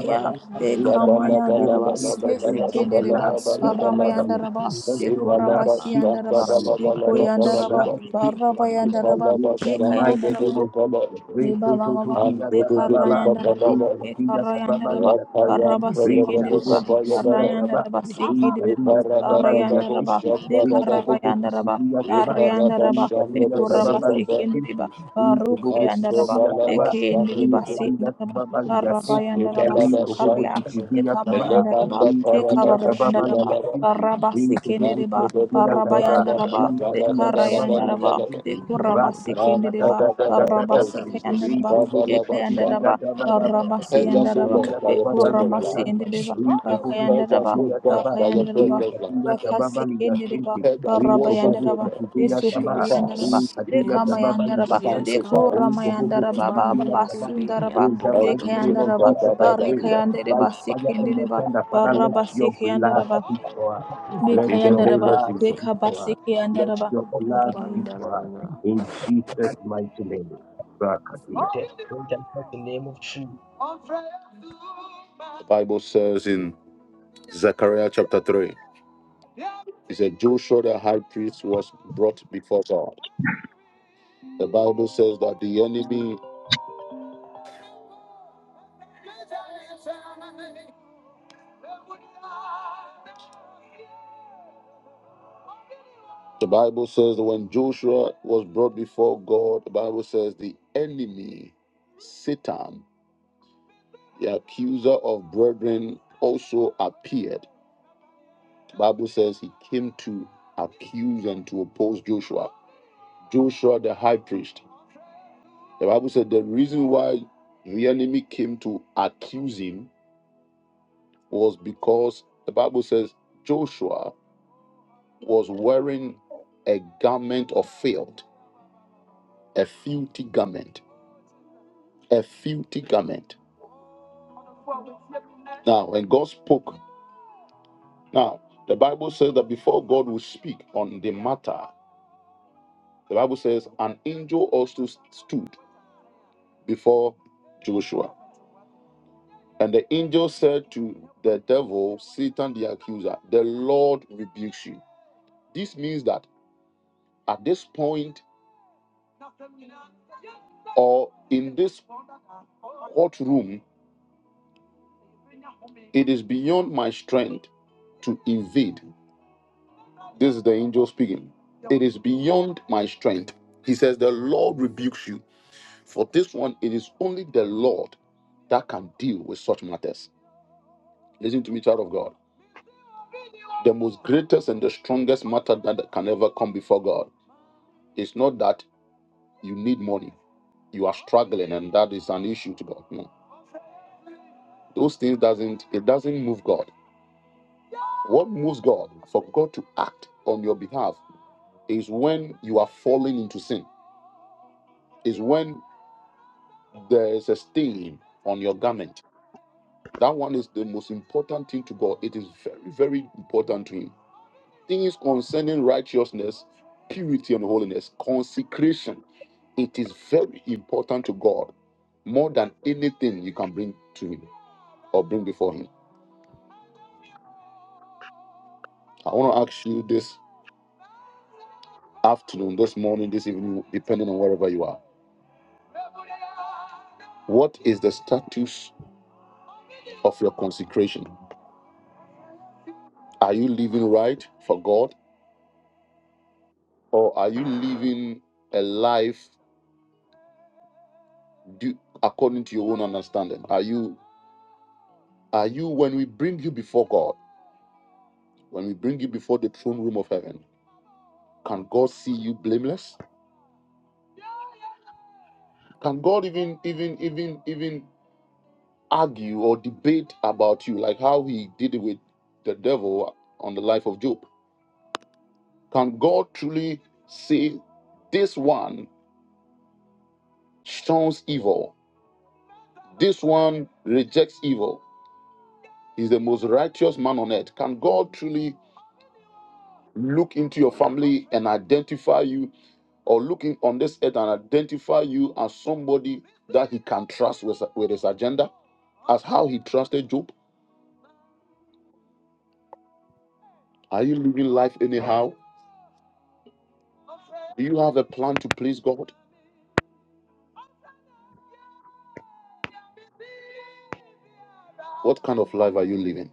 Speaker 2: you.
Speaker 5: In the mighty name of
Speaker 4: Ekamayandaraba,
Speaker 5: Jesus, let your
Speaker 4: Yesekendereba,
Speaker 5: blood speak,
Speaker 3: Ayabandoriandisiandarabasundididi.
Speaker 5: Father Lord.
Speaker 4: Baramayandaraba,
Speaker 5: Let your blood speak,
Speaker 4: Ekorabasiandaraba,
Speaker 5: Father Lord. Let your
Speaker 4: Ekoyandaraba,
Speaker 5: blood
Speaker 3: Sandabarabasundididi.
Speaker 5: in the mighty
Speaker 4: Barabayandaraba,
Speaker 5: name of Jesus, we
Speaker 4: Liba
Speaker 5: to to
Speaker 4: baba
Speaker 5: to
Speaker 4: ba,
Speaker 5: viga da ba ba ba.
Speaker 4: likarayanda raba,
Speaker 5: In the viga da ba
Speaker 4: likarayanda
Speaker 5: ba
Speaker 4: raba,
Speaker 5: liya santi.
Speaker 4: karaba
Speaker 5: We to
Speaker 2: Help
Speaker 4: sekindi
Speaker 5: bo
Speaker 3: Yes,
Speaker 5: bo
Speaker 4: raba,
Speaker 5: to to
Speaker 3: Jesus.
Speaker 1: Kapaya
Speaker 5: viga
Speaker 1: Baba
Speaker 5: da
Speaker 4: karayanda
Speaker 5: ba.
Speaker 4: raba
Speaker 5: In
Speaker 4: sekindi
Speaker 5: the
Speaker 4: raba,
Speaker 5: viga da ba ba liya
Speaker 4: karayanda
Speaker 1: Oh
Speaker 4: raba,
Speaker 5: shinti. In to bo bo
Speaker 4: likarabayanda
Speaker 5: to to
Speaker 4: raba,
Speaker 5: viga da ba.
Speaker 4: karayanda
Speaker 5: In
Speaker 4: raba,
Speaker 5: the viga da ba
Speaker 4: likuraba
Speaker 5: ba liya
Speaker 4: sekindi raba,
Speaker 5: shinti. In to bo bo to
Speaker 4: karukayanda
Speaker 5: to
Speaker 4: raba,
Speaker 5: viga da ba.
Speaker 4: likindi
Speaker 5: In
Speaker 4: raba
Speaker 5: the
Speaker 4: sekindi
Speaker 5: viga da
Speaker 4: raba,
Speaker 5: ba ba liya
Speaker 3: Yes,
Speaker 5: shinti.
Speaker 4: karabayanda raba
Speaker 5: We to bo bo
Speaker 4: sukarya,
Speaker 5: to to viga da ba.
Speaker 4: likamayanda raba,
Speaker 5: In the viga da ba
Speaker 4: likabarayanda
Speaker 5: ba
Speaker 4: raba,
Speaker 5: liya shinti.
Speaker 4: karaba
Speaker 5: In to bo
Speaker 4: sekindi
Speaker 5: bo to
Speaker 4: raba,
Speaker 5: to viga da ba.
Speaker 4: karabayanda
Speaker 5: In
Speaker 4: raba,
Speaker 5: the
Speaker 4: Rayandaraba, the Kurabasi Kindidiba, the Rabasi
Speaker 1: Jesus.
Speaker 4: Kayandaraba, Yekayandaraba, the Rabasi
Speaker 1: Hedge us, O
Speaker 4: Yandaraba,
Speaker 1: Lord, by
Speaker 4: the
Speaker 1: your breath of
Speaker 4: Kurabasi
Speaker 1: life.
Speaker 4: Indidiba,
Speaker 1: Hedge us,
Speaker 4: Bakayandaraba,
Speaker 1: O God, by your breath
Speaker 4: Bakayandaraba,
Speaker 1: of life.
Speaker 4: Bakasi Kindidiba,
Speaker 1: Hedge us, wash us, O
Speaker 4: Barabayandaraba, the
Speaker 1: Lord. Purify
Speaker 4: Sukuriandaraba,
Speaker 3: Jesus.
Speaker 1: us,
Speaker 4: the
Speaker 3: Yes, God.
Speaker 4: Kamayandaraba,
Speaker 3: Yes,
Speaker 4: the
Speaker 1: sanctify
Speaker 3: God.
Speaker 1: us.
Speaker 4: Kuramayandaraba, Baba
Speaker 3: Bandere bibiri
Speaker 4: Basundaraba,
Speaker 1: Oh,
Speaker 4: the
Speaker 5: mighty
Speaker 3: andororo.
Speaker 5: name
Speaker 1: Jesus.
Speaker 5: of
Speaker 4: Kayandaraba,
Speaker 1: Ba,
Speaker 5: Jesus,
Speaker 1: ba,
Speaker 5: I
Speaker 1: ba, ba,
Speaker 5: pray.
Speaker 1: ba.
Speaker 5: By
Speaker 4: Barikayandaraba,
Speaker 5: fire and my
Speaker 4: Sikindidiba,
Speaker 5: thunder, Father, let
Speaker 4: Barabasi
Speaker 5: your blood
Speaker 4: Kayandaraba,
Speaker 5: speak for us. Let
Speaker 1: In
Speaker 5: your
Speaker 4: Bikayandaraba,
Speaker 5: blood speak for us. Let
Speaker 4: Gekabasikiyandaraba,
Speaker 5: your blood
Speaker 4: Tarabaya.
Speaker 5: speak for us.
Speaker 3: Bandara.
Speaker 5: In Jesus' mighty name. Rakadia.
Speaker 1: The Bible says in Zechariah chapter 3, it said Joshua the high priest was brought before God. The Bible says that the enemy The Bible says that when Joshua was brought before God, the Bible says the enemy, Satan, the accuser of brethren also appeared The bible says he came to accuse and to oppose joshua joshua the high priest the bible said the reason why the enemy came to accuse him was because the bible says joshua was wearing a garment of filth a filthy garment a filthy garment now when god spoke now the bible says that before god will speak on the matter The Bible says, An angel also stood before Joshua. And the angel said to the devil, Satan the accuser, The Lord rebukes you. This means that at this point or in this courtroom, it is beyond my strength to invade. This is the angel speaking. It is beyond my strength. He says, The Lord rebukes you. For this one, it is only the Lord that can deal with such matters. Listen to me, child of God. The most greatest and the strongest matter that can ever come before God is not that you need money, you are struggling, and that is an issue to God. No, those things doesn't it doesn't move God. What moves God for God to act on your behalf is when you are falling into sin. Is when there is a stain on your garment. That one is the most important thing to God. It is very, very important to Him things concerning righteousness, purity, and holiness, consecration, it is very important to God more than anything you can bring to Him or bring before Him. I want to ask you this afternoon, this morning, this evening, depending on wherever you are. What is the status of your consecration? Are you living right for God or are you living a life due, according to your own understanding? Are you are you when we bring you before God? When we bring you before the throne room of heaven, can God see you blameless? Can God even even even even argue or debate about you like how he did it with the devil on the life of Job? Can God truly say this one shuns evil? This one rejects evil. He's the most righteous man on earth. Can God truly look into your family and identify you or looking on this earth and identify you as somebody that he can trust with, with his agenda, as how he trusted Job? Are you living life anyhow? Do you have a plan to please God? What kind of life are you living?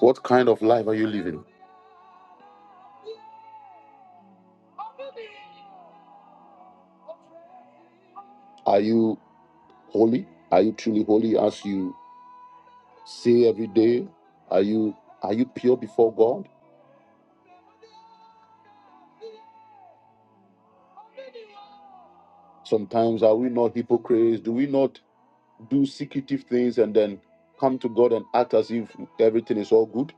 Speaker 1: What kind of life are you living? Are you Holy? Are you truly holy as you say every day? Are you are you pure before God? Sometimes are we not hypocrites? Do we not do secretive things and then come to God and act as if everything is all good?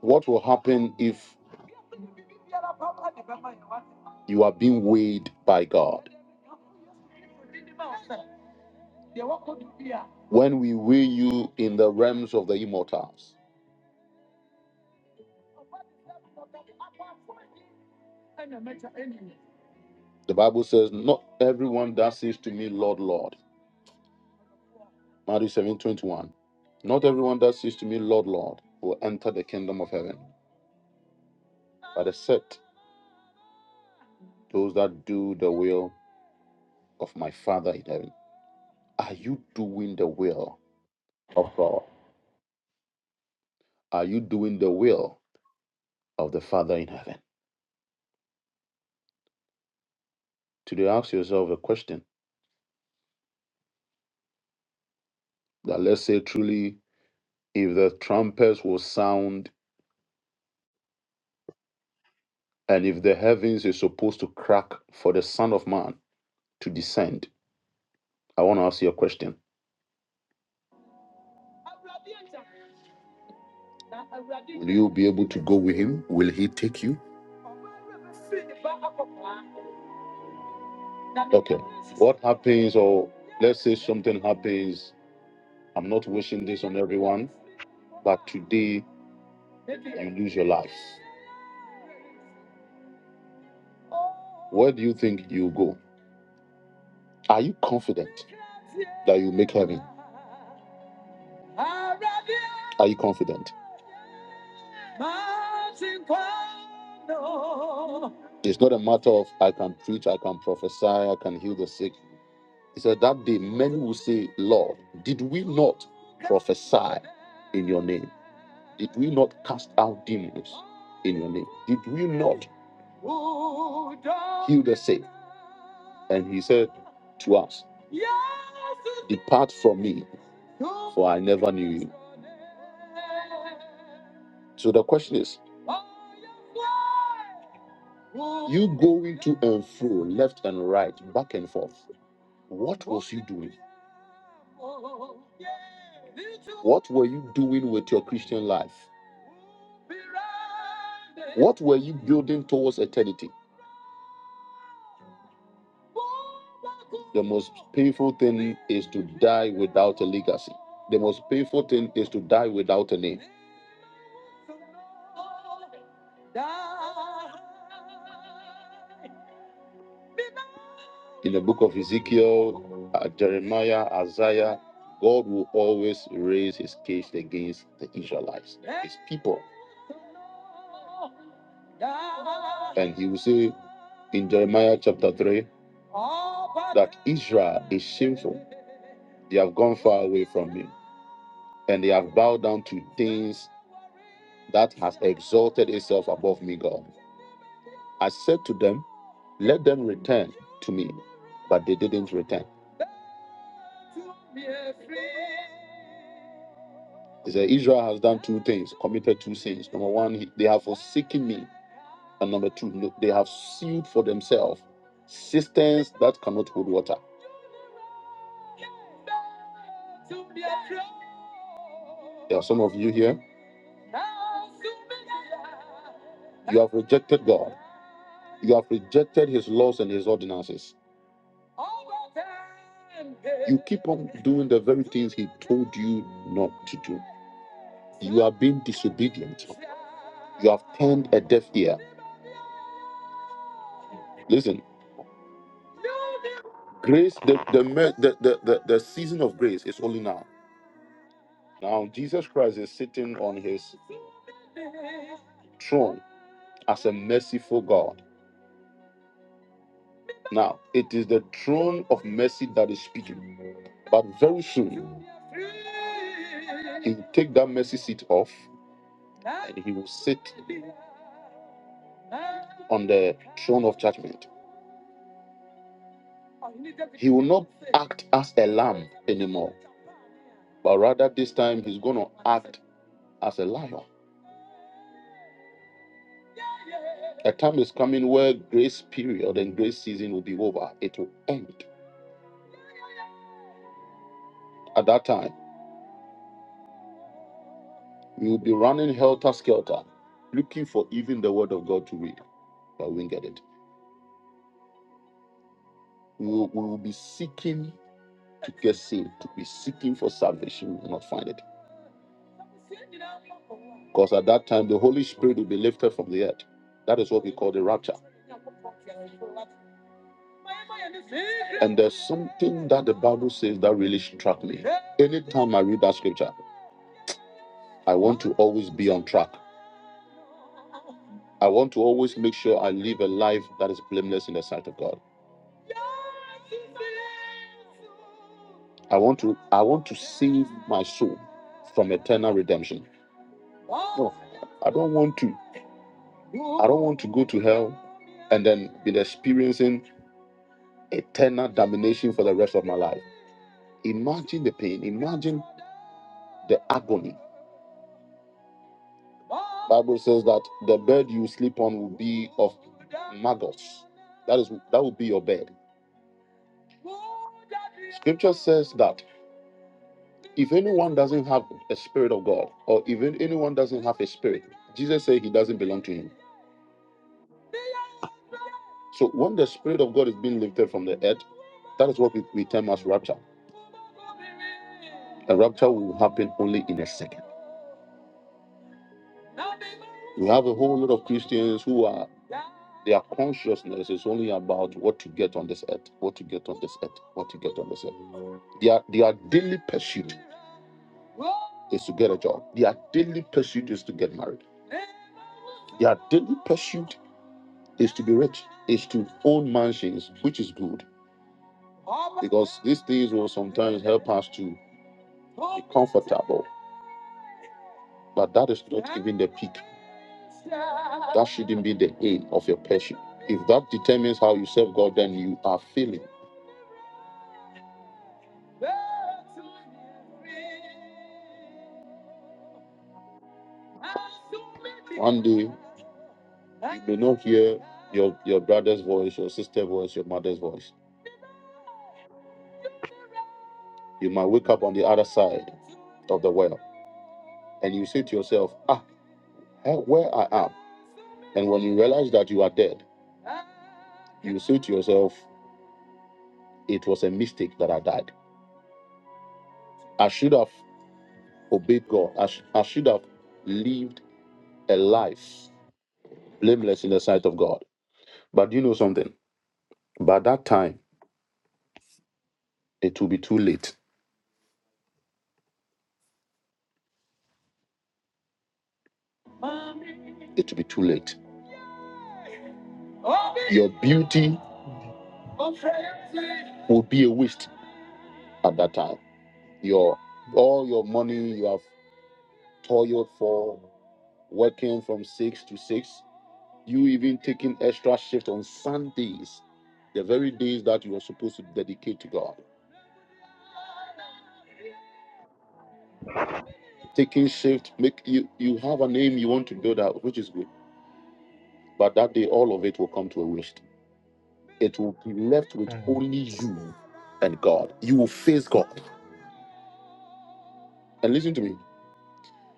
Speaker 1: What will happen if you are being weighed by God? When we weigh you in the realms of the immortals, The Bible says, Not everyone that says to me, Lord, Lord. Matthew seven twenty one. Not everyone that says to me, Lord, Lord, will enter the kingdom of heaven, but except those that do the will of my Father in heaven. Are you doing the will of God? Are you doing the will of the Father in heaven? Today, ask yourself a question that let's say truly, if the trumpets will sound and if the heavens is supposed to crack for the Son of Man to descend, I want to ask you a question. Will you be able to go with him? Will he take you? Okay. What happens, or let's say something happens, I'm not wishing this on everyone, but today you lose your life. Where do you think you go? Are you confident that you make heaven? Are you confident? It's not a matter of I can preach, I can prophesy, I can heal the sick. He said that day many will say, Lord, did we not prophesy in your name? Did we not cast out demons in your name? Did we not? healed the sick. And he said to us, Depart from me, for I never knew you. So the question is, you going to and fro, left and right, back and forth. What was you doing? What were you doing with your Christian life? What were you building towards eternity? The most painful thing is to die without a legacy. The most painful thing is to die without a name. in the book of Ezekiel, uh, Jeremiah, Isaiah, God will always raise his case against the Israelites, his people. And he will say in Jeremiah chapter 3 Israel is shameful. They have gone far away from me, and they have bowed down to things that has exalted itself above me, God. I said to them, Let them return to me, but they didn't return. He said, Israel has done two things, committed two sins. Number one, they have forsaken me And number two, no- they have sealed for themselves systems that cannot hold water. There are some of you here, have rejected God. You have rejected his laws and his ordinances. You keep on doing the very things he told you not to do. You are being disobedient. You have turned a deaf ear. Listen, grace, the, the, me- the, the, the the season of grace is only now. Now, Jesus Christ is sitting on his throne as a merciful God. Now, it is the throne of mercy that is speaking. But very soon, take that mercy seat off, he will sit of judgment. Act as a lion, but rather distant as a lion. A time is coming where grace period and grace season will be over. It will end. At that time, we will be running helter skelter, looking for even the word of God to read, but we won't get it. We will, we will be seeking to get saved, to be seeking for salvation, we will not find it. Because at that time, the Holy Spirit will be lifted from the earth. That is what we call the rapture. And there's some that the Bible says that really struck me. Anytime I read that scripture, I want to always be on track. I want to always make sure I live a life that is blameless in the sight of God. I want to I want to save my soul from eternal redemption. No, I don't want to. I don't want to go to hell and then be experiencing eternal damnation for the rest of my life. Imagine the pain. Imagine the agony. Bible says that the bed you sleep on will be of maggots. That is that will be your bed. Scripture says that if anyone doesn't have a spirit of God, or even anyone doesn't have a spirit, Jesus said he doesn't belong to him. So when the spirit of God is being lifted from the earth, that is what we, we term as rapture. A rapture will happen only in a second. We have a whole lot of Christians who are. Their consciousness is only about what to get on this earth, what to get on this earth, what to get on this earth. Their, their daily pursuit is to get a job. Their daily pursuit is to get married. Their daily pursuit is to be rich, is to own mansions, which is good because these things will sometimes help us to travel. But that is not even the peak. That shouldn't be the aim of your pursuit. If that determines how you serve God, then you are failing. One day, you may not hear your, your brother's voice, your sister's voice, your mother's voice. You might wake up on the other side of the well and you say to yourself, Ah, eh, where I am. And when you realize that you are dead, you say to yourself, It was a mistake that I died. I should have obeyed God. I, sh- I should have lived a life blameless in the sight of God. But you know something? By that time, it will be too late. It will be too late. Your beauty will be a waste at that time. Your all your money you have toiled for, working from six to six, you even taking extra shift on Sundays, the very days that you are supposed to dedicate to God. Taking shift, make you you have a name you want to build out, which is good. But that day all of it will come to a waste. It will be left with only you and God. You will face God. And listen to me.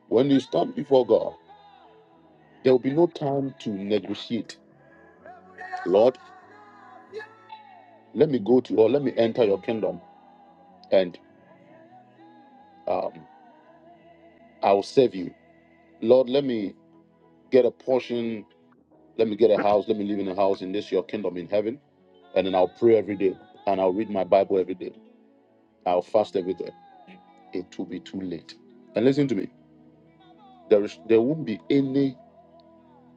Speaker 1: When you stand before God, there will be no time to negotiate. Lord, let me go to or let me enter your kingdom and um, I will serve you. Lord, let me get a portion. Let me get a house. Let me live in a house in this your kingdom in heaven. And then I'll pray every day and I'll read my Bible every day. I'll fast every day. It will be too late. And listen to me. There is there won't be any.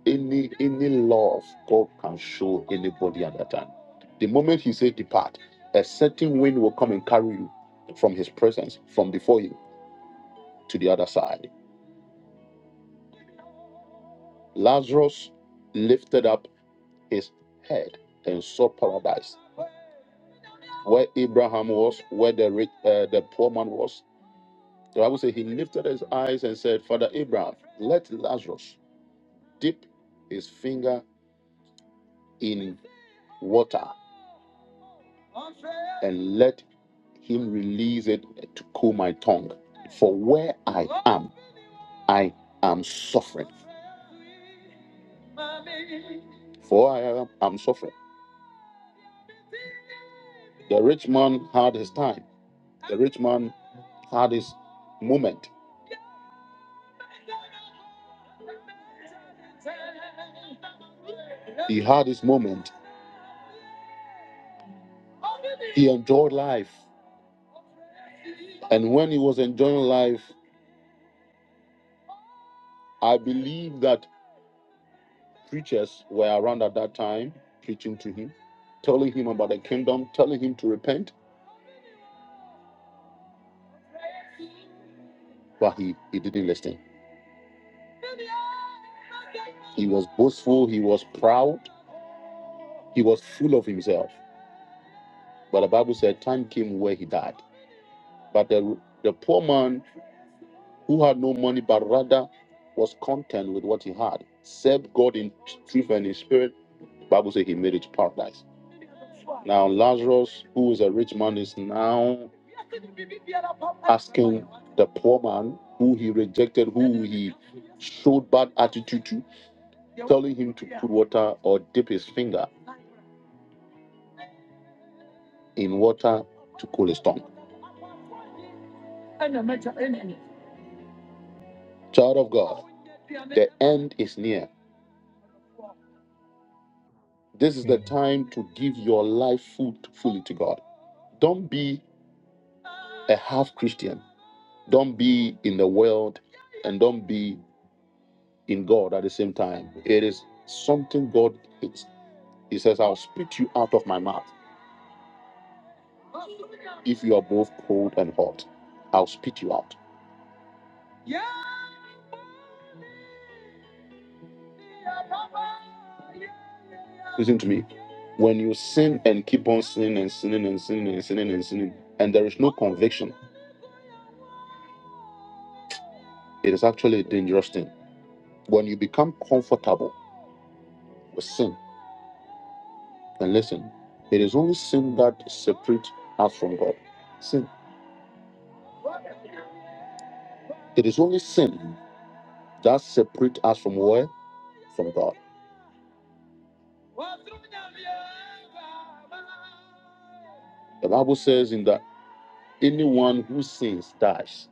Speaker 1: any any love God can show anybody at that time. The moment He said depart, a certain wind will come and carry you from His presence, from before you to the other side. Lazarus lifted up his head and saw paradise, where Abraham was, where the rich, uh, the poor man was. The Bible says he lifted his eyes and said, "Father Abraham, let Lazarus dip his finger in water and let him release it to cool my tongue. For where I am, I am suffering. For I am, I'm suffering. The rich man had his time, the rich man had his moment. He had his moment, He enjoyed life. And when he was enjoying life, I believe that preachers were around at that time preaching to him, telling him about the kingdom, telling him to repent, but he, he didn't listen. He was boastful, he was proud, he was full of himself. But the Bible said time came where he died. But the, the poor man who had no money, but rather was content with what he had, served God in truth and in spirit. The Bible says he made it to paradise. Now Lazarus, who is a rich man, is now poor man who he rejected, who showed bad attitude, water or dip his finger in water to cool his tongue. Child of God, end is near. This is the time to give your life food fully to God. Don't be a half Christian. Don't be in the world and don't be in God at the same time. It is something God is. He says, I'll spit you out of my mouth. If you are both cold and hot, I'll spit you out. Listen to me. When you sin and keep on sinning and sinning and sinning and sinning and sinning, and there is no conviction, it is actually a dangerous thing. When you become comfortable with sin, and listen, it is only sin that separates us from God. Sin. It is only sin that separates us from where? from God. The Bible says in that anyone who sins dies.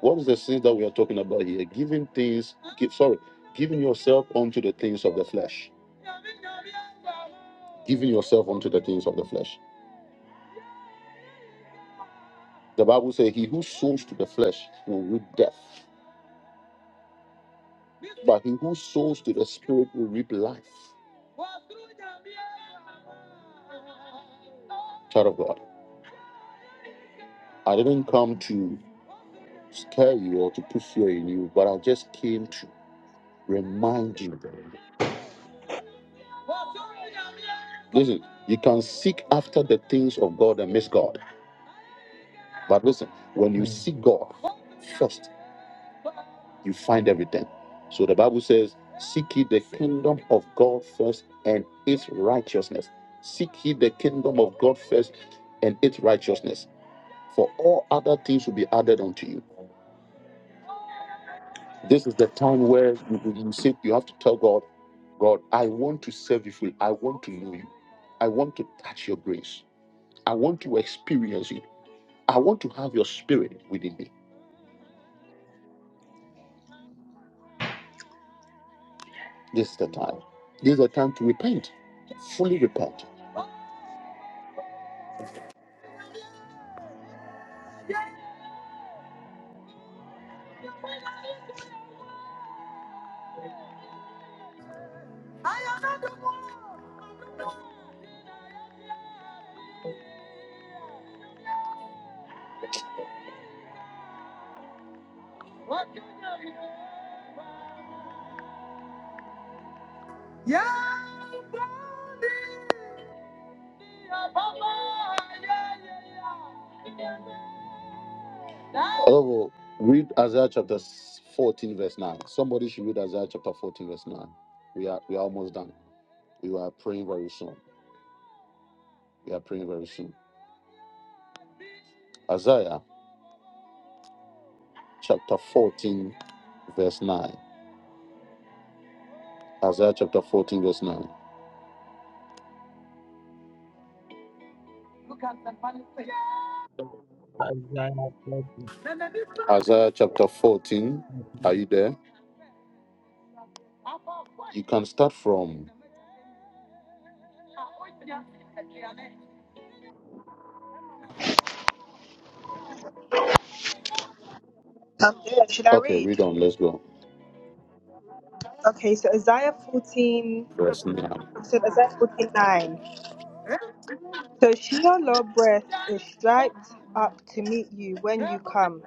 Speaker 1: What is the sins that we are talking about here? Giving things, give, sorry, giving yourself unto the things of the flesh. Giving yourself unto the things of the flesh. The Bible says, He who sows to the flesh will reap death, but he who sows to the spirit will reap life. Child of God, I didn't come to scare you or to put fear in you, but I just came to remind you. Listen, you can seek after the things of God and miss God. But listen, when you seek God first, you find everything. So the Bible says, Seek ye the kingdom of God first and its righteousness. Seek ye the kingdom of God first and its righteousness, for all other things will be added unto you. This is the time where you, you say you have to tell God, God, I want to serve you fully. I want to know you. I want to touch your grace. I want to experience you. I want to have your spirit within me. This is the time. This is the time to repent, fully repent. Oh, read Isaiah chapter 14, verse 9. Somebody should read Isaiah chapter 14, verse 9. We are we are almost done. We are praying very soon. We are praying very soon. Isaiah chapter 14, verse 9. Isaiah chapter 14, verse 9. Isaiah chapter 14. Are you there? Can start from
Speaker 7: I'm good. Should I
Speaker 1: okay,
Speaker 7: read?
Speaker 1: read on. Let's go.
Speaker 7: Okay, so Isaiah 14,
Speaker 1: Verse 9.
Speaker 7: you said Isaiah 14, nine. So Sheol breath is striped up to meet you when you come.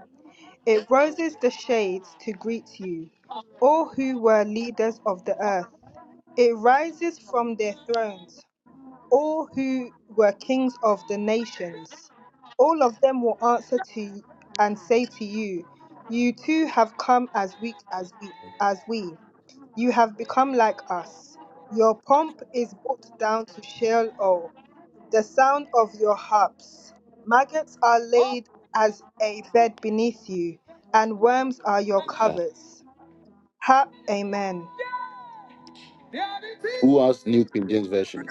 Speaker 7: It roses the shades to greet you, all who were leaders of the earth. It rises from their thrones, all who were kings of the nations. All of them will answer to you and say to you, You too have come as weak as we as we. You have become like us. Your pomp is brought down to Sheol, the sound of your harps. Maggots are laid as a bed beneath you, and worms are your covers. Ha, amen.
Speaker 1: Who has New King James Version?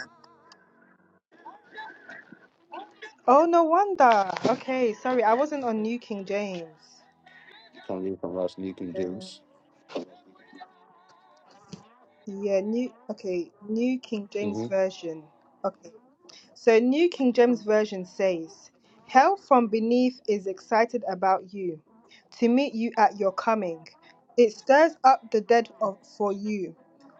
Speaker 7: Oh, no wonder. Okay, sorry, I wasn't on New King James.
Speaker 1: Can read from us New King
Speaker 7: Uh,
Speaker 1: James.
Speaker 7: yeah, new, okay, New King James
Speaker 1: Mm-hmm.
Speaker 7: Version. Okay. So, New King James Version says, Hell from beneath is excited about you to meet you at your coming. It stirs up the dead of, for you,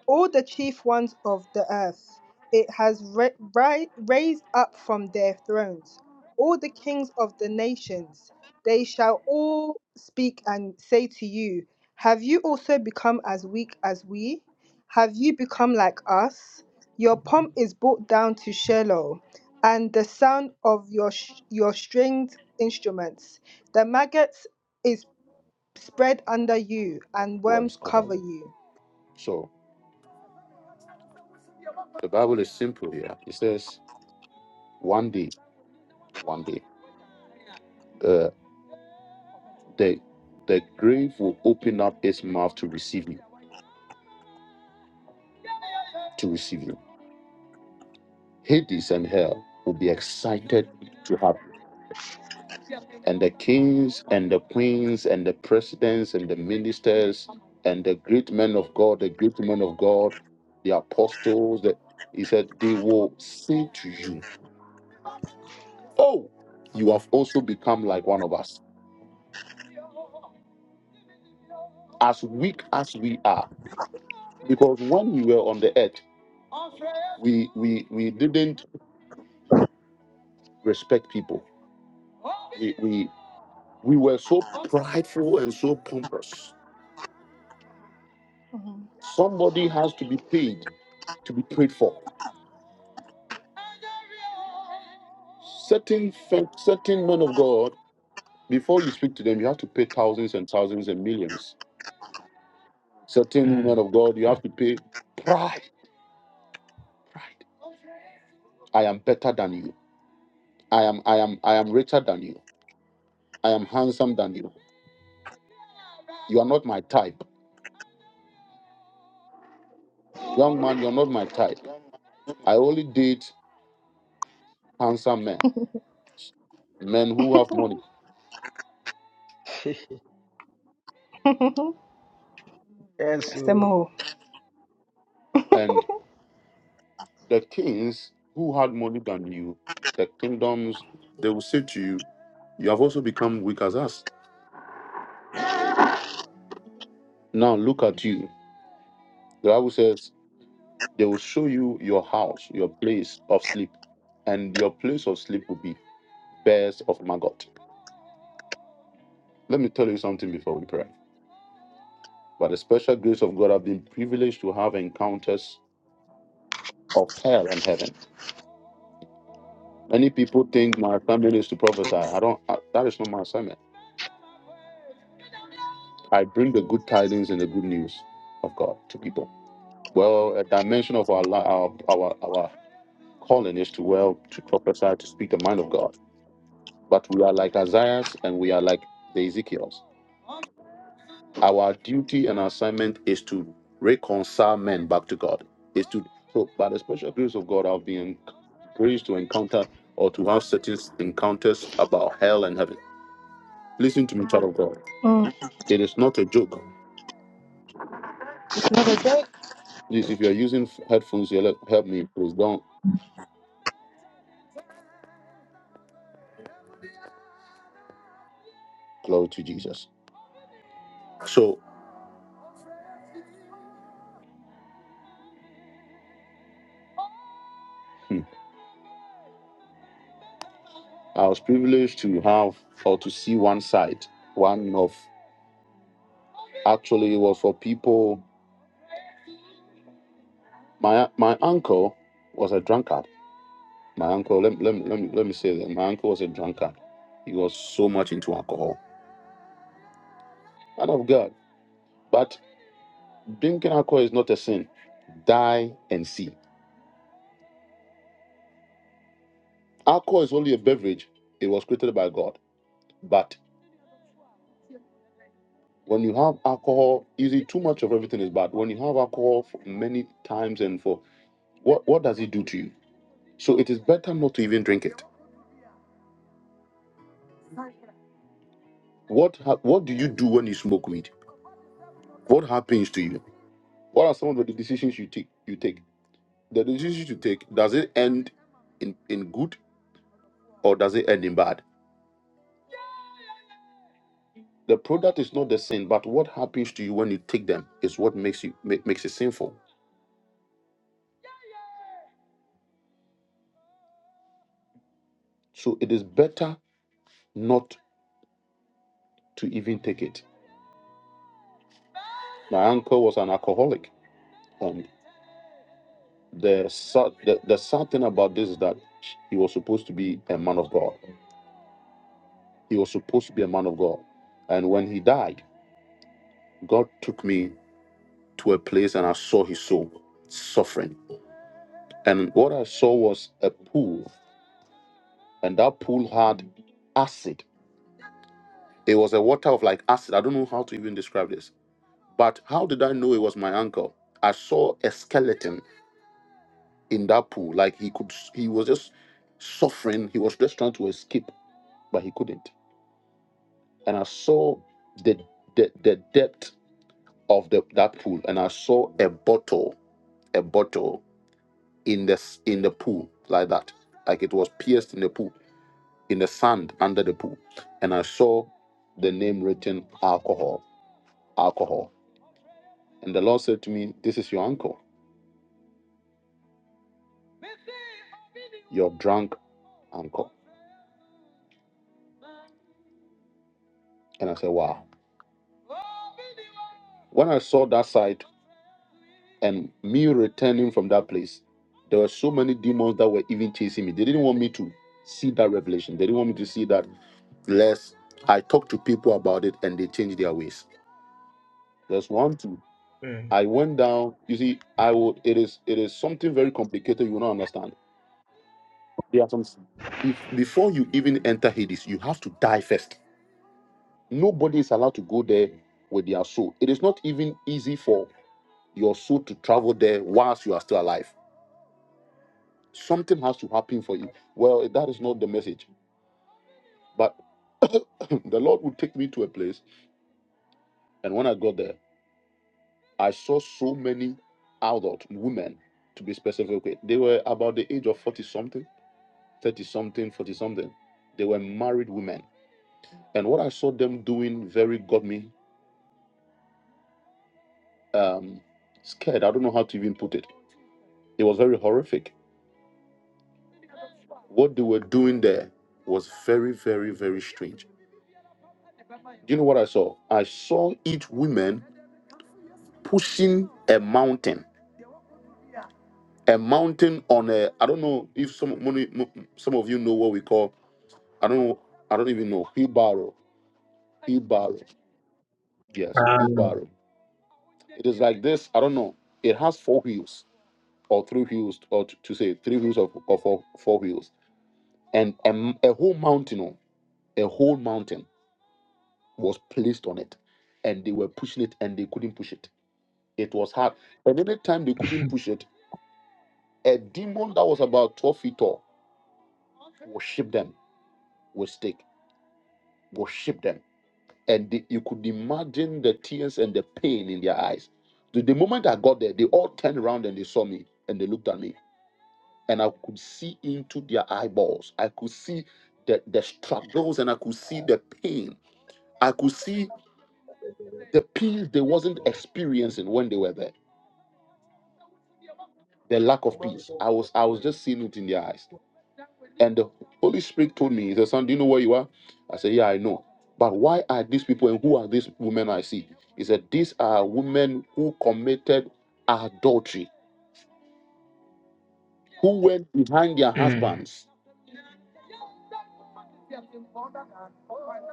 Speaker 7: all the chief ones of the earth. It has ra- ri- raised up from their thrones all the kings of the nations. They shall all speak and say to you, Have you also become as weak as we? Have you become like us? Your pomp is brought down to Shiloh and the sound of your sh- your stringed instruments. The maggots is spread under you, and
Speaker 1: Who are
Speaker 7: worms
Speaker 1: discovered?
Speaker 7: cover you.
Speaker 1: So the Bible is simple here. It says, one day, one day, uh, the the grave will open up its mouth to receive you, to receive you. Hades and hell will be excited to have you. The kings and the queens and the presidents and the ministers and the great men of God, the great women of God, the apostles. The, he said, they will say to you, "Oh, you have also become like one of us, as weak as we are." Because when we were on the earth we we we didn't respect people we we were so prideful and so pompous
Speaker 7: Mhm.
Speaker 1: somebody has to be paid to be prayed for certain fe- certain men of god before you speak to them you have to pay thousands and thousands and millions certain women of god you have to pay pride pride i am better than you i am i am i am richer than you i am handsome than you you are not my type young man you are not my type i only date handsome men men who have money
Speaker 7: Some more.
Speaker 1: And the kings who had more than you, the kingdoms, they will say to you, You have also become weak as us. Now look at you. The Bible says, They will show you your house, your place of sleep, and your place of sleep will be bears of maggot. Let me tell you something before we pray. By the special grace of God, I've been privileged to have encounters of hell and heaven. Many people think my assignment is to prophesy. I don't. I, that is not my assignment. I bring the good tidings and the good news of God to people. Well, a dimension of our li- our our, our calling is to well to prophesy to speak the mind of God. But we are like Isaiah's and we are like the Ezekiel's. Our duty and assignment is to reconcile men back to God. Is to so by the special grace of God, I've been grace to encounter or to have certain encounters about hell and heaven. Listen to me, child of God.
Speaker 7: Mm.
Speaker 1: It is not a joke.
Speaker 7: No, the,
Speaker 1: Please, if you are using headphones, you help me. Please don't. Glory to Jesus. So hmm, I was privileged to have or to see one side, one of actually it was for people. My my uncle was a drunkard. My uncle, let, let, me- let, me, let me say that my uncle was a drunkard. He was so much into alcohol. Man of God. But drinking alcohol is not a sin. Die and see. Alcohol is only a beverage. It was created by God. But when you have alcohol, easy too much of everything is bad. When you have alcohol for many times and for What what does it do to you? So it is better not to even drink it. What ha- what do you do when you smoke weed? What happens to you? What are some of the decisions you take? You take the decisions you take. Does it end in in good or does it end in bad? The product is not the sin, but what happens to you when you take them is what makes you ma- makes it sinful. So it is better not to even take it. My uncle was an alcoholic, and the sad the, the sad thing about this is that he was supposed to be a man of God. He was supposed to be a man of God. And when he died, God took me to a place and I saw his soul suffering. And what I saw was a pool, and that pool had acid. It was a water of like acid. I don't know how to even describe this. But how did I know it was my uncle? I saw a skeleton in that pool. Like he could, he was just suffering. He was just trying to escape, but he couldn't. And I saw the the, the depth of the that pool, and I saw a bottle a bottle in the in the pool like that, like it was pierced in the pool, in the sand under the pool, and I saw the name written alcohol, alcohol, and the Lord said to me, "This is your uncle, your drunk uncle," and I said, "Wow." When I saw that sight and me returning from that place, there were so many demons that were even chasing me. They didn't want me to see that revelation. They didn't want me to see that. Less I talked to people about it and they changed their ways. There's one. I went down. You see, I would. It is. It is something very complicated. You will not understand. There are some. Be, before you even enter Hades, you have to die first. Nobody is allowed to go there with their soul. It is not even easy for your soul to travel there whilst you are still alive. Something has to happen for you. Well, that is not the message. But the Lord would take me to a place, and when I got there, I saw so many adult women, to be specific. okay. They were about the age of forty something 30 something, 40 something. They were married women. And what I saw them doing very got me um, scared. I don't know how to even put it. It was very horrific. What they were doing there was very, very, very strange. Do you know what I saw? I saw each woman pushing a mountain, a mountain on a, I don't know if some, many- mo- some of you know what we call, I don't know, I don't even know, wheelbarrow, wheelbarrow. Yes, wheelbarrow. Like this, I don't know. It has four wheels or three wheels, or t- to say three wheels or, or four, four wheels, and a a whole mountain, oh, a whole mountain was placed on it, and they were pushing it, and they couldn't push it. It was hard. And any time they couldn't push it, a demon that was about twelve feet tall would ship them with stick, would ship them, and they, you could imagine the tears and the pain in their eyes. The, the moment I got there, they all turned around and they saw me, and they looked at me and I could see into their eyeballs. I could see the, the struggles and I could see the pain. I could see the peace they wasn't experiencing when they were there. The lack of peace. I was I was just seeing it in their eyes. And the Holy Spirit told me, He said, Son, do you know where you are? I said, Yeah, I know. But why are these people and who are these women I see? He said, These are women who committed adultery, who went behind their husbands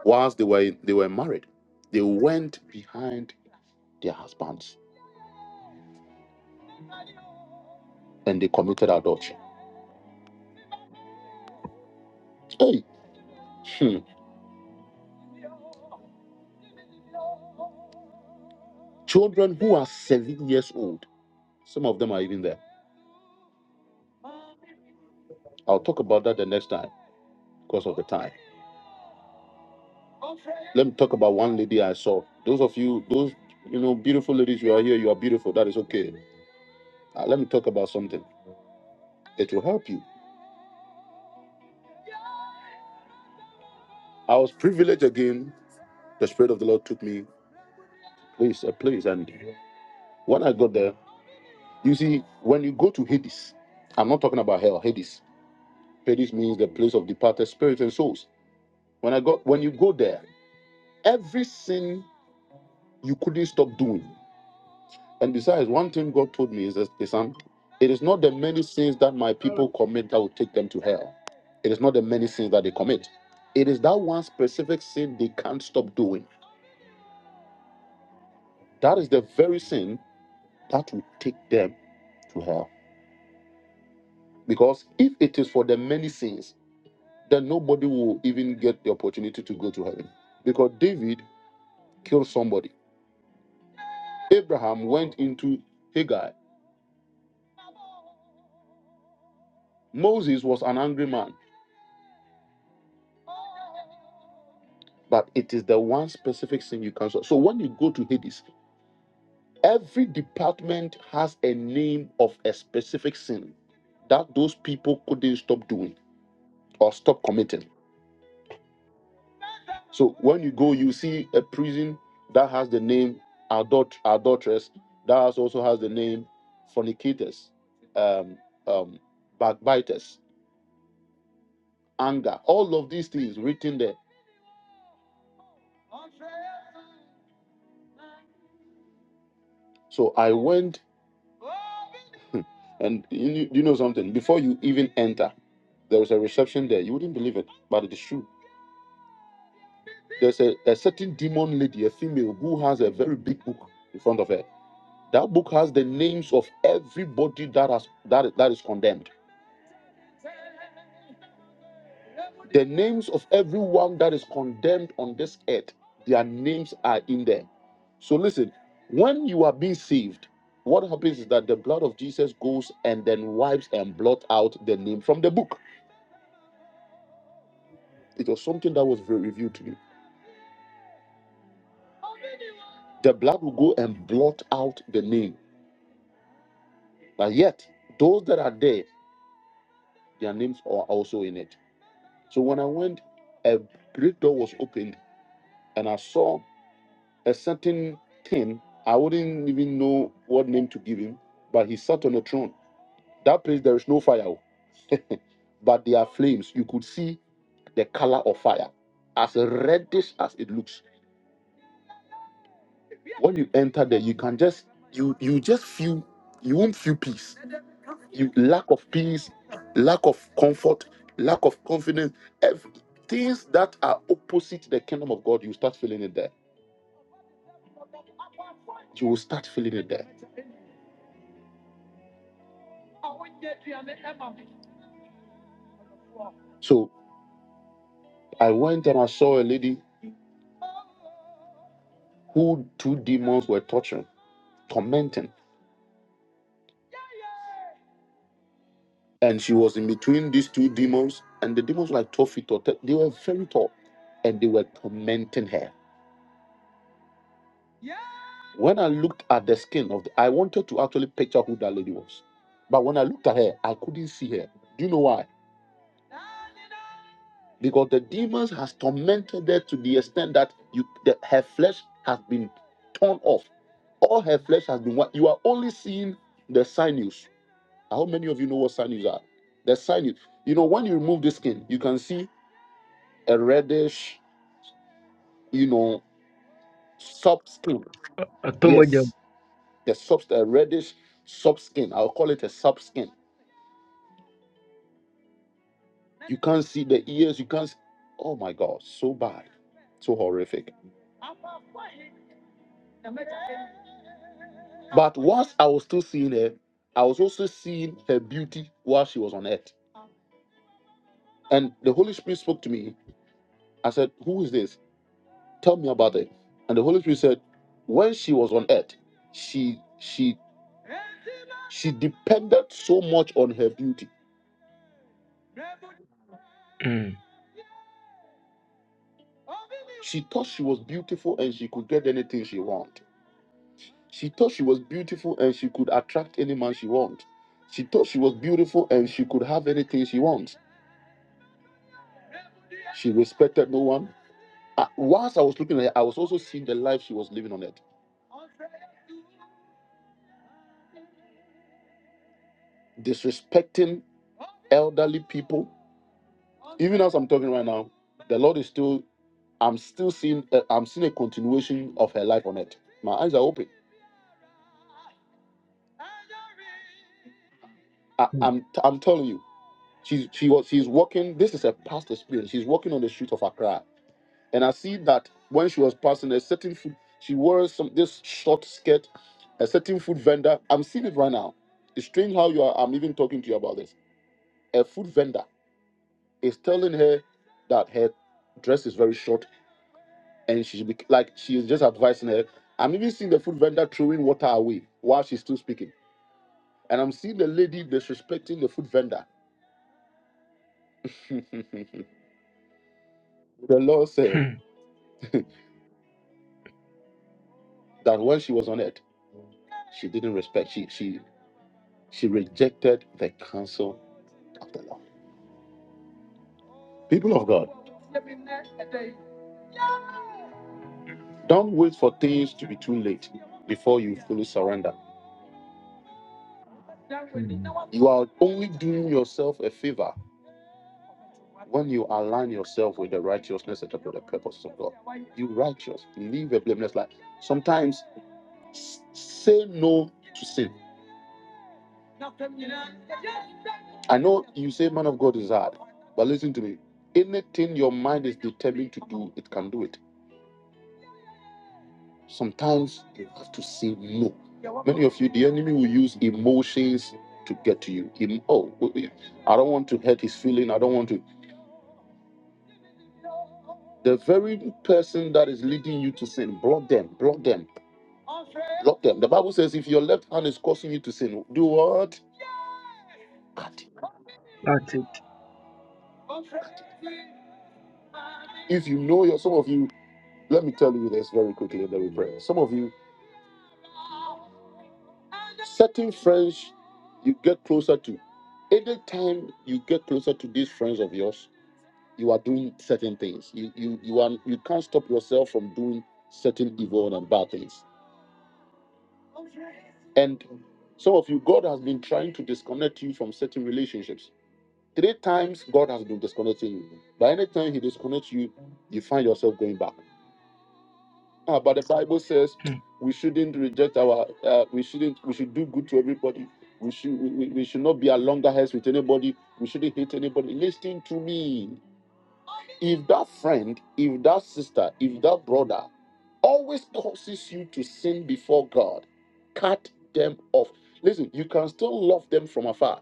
Speaker 1: whilst they were they were married. They went behind their husbands and they committed adultery. Hey, hmm, children who are seven years old, some of them are even there. I'll talk about that the next time because of the time. Let me talk about one lady I saw. Those of you, those you know, beautiful ladies, you are here, you are beautiful. That is okay. Uh, let me talk about something. It will help you. I was privileged again. The spirit of the Lord took me place a place, and when I got there, you see, when you go to Hades, I'm not talking about hell. Hades, Hades means the place of departed spirits and souls. When I got, when you go there. Every sin you couldn't stop doing. And besides, one thing God told me is that is, um, it is not the many sins that my people commit that will take them to hell. It is not the many sins that they commit. It is that one specific sin they can't stop doing. That is the very sin that will take them to hell. Because if it is for the many sins, then nobody will even get the opportunity to go to heaven. Because David killed somebody. Abraham went into Hagar. Moses was an angry man. but it is the one specific sin you cancel. So when you go to Hades, every department has a name of a specific sin that those people couldn't stop doing or stop committing. So when you go, you see a prison that has the name adult adulteress, that also has the name fornicators, um, um, backbiters, anger, all of these things written there. So I went and you you know something before you even enter There was a reception there. You wouldn't believe it, but it is true. There's a, a certain demon lady, a female, who has a very big book in front of her. That book has the names of everybody that has that, that is condemned. The names of everyone that is condemned on this earth, their names are in there. So listen, when you are being saved, what happens is that the blood of Jesus goes and then wipes and blot out the name from the book. It was something that was re- revealed to me. The blood will go and blot out the name But yet, those that are there, their names are also in it. So when I went, a great door was opened, and I saw a certain king. I wouldn't even know what name to give him, but he sat on a throne. That place, there is no fire, oh, but there are flames. You could see the color of fire, as reddish as it looks. When you enter there, you can just you you just feel you won't feel peace. Lack of peace lack of comfort, lack of confidence, ev- things that are opposite the kingdom of God, you start feeling it there. You will start feeling it there. So I went and I saw a lady who two demons were torturing, tormenting, and she was in between these two demons, and the demons were like 12 feet tall. They were very tall, and they were tormenting her. When I looked at the skin of the, I wanted to actually picture who that lady was, but when I looked at her, I couldn't see her. Do you know why? because the demons has tormented her to the extent that you the, her flesh has been torn off all her flesh has been what you are only seeing the sinews how many of you know what sinews are the sinews you know when you remove the skin you can see a reddish you know soft skin yes the soft a reddish soft skin i'll call it a soft skin you can't see the ears you can't s- oh my god so bad so horrific But whilst I was still seeing her, I was also seeing her beauty while she was on earth. And the Holy Spirit spoke to me. I said, Who is this? Tell me about it. And the Holy Spirit said, When she was on earth, she she she depended so much on her beauty. She thought she was beautiful and she could get anything she wanted. She thought she was beautiful and she could attract any man she wanted. She thought she was beautiful and she could have anything she wants. She respected no one. Uh, whilst I was looking at it, I was also seeing the life she was living on it, disrespecting elderly people. Even as I'm talking right now, the Lord is still. I'm still seeing. Uh, I'm seeing a continuation of her life on it. My eyes are open. I, I'm. T- I'm telling you, she's. She was. She's walking. This is a past experience. She's walking on the street of Accra, and I see that when she was passing a certain food, she wore some this short skirt. A certain food vendor. I'm seeing it right now. It's strange how you are. I'm even talking to you about this. A food vendor is telling her that her dress is very short and she should be like she is just advising her. I'm even seeing the food vendor throwing water away while she's still speaking. And I'm seeing the lady disrespecting the food vendor. the Lord said that when she was on earth, she didn't respect, she she she rejected the counsel of the Lord. People of God, don't wait for things to be too late before you fully surrender. You are only doing yourself a favor. You righteous, live a blameless life. Sometimes S- Say no to sin. What is hard? But listen to me. Anything your mind is determined to do, it can do it. Sometimes you have to say no. Many of you, the enemy will use emotions to get to you. Em- oh, oh, yeah. I don't want to hurt his feeling. I don't want to. The very person that is leading you to sin, block them, block them, block them. The Bible says, if your left hand is causing you to sin, do what? If you know your, some of you, let me tell you this very quickly, and then we pray. Some of you Certain friends you get closer to. Anytime you get closer to these friends of yours, you are doing certain things. You you you are you can't stop yourself from doing certain evil and bad things. And some of you, God has been trying to disconnect you from certain relationships. Three times God has been disconnecting you. By any time He disconnects you, you find yourself going back. Ah, but the Bible says we shouldn't reject our. Uh, we shouldn't. We should do good to everybody. We should. We, we we should not be a loggerheads with anybody. We shouldn't hate anybody. Listen to me. If that friend, if that sister, if that brother, always causes you to sin before God, cut them off. Listen, you can still love them from afar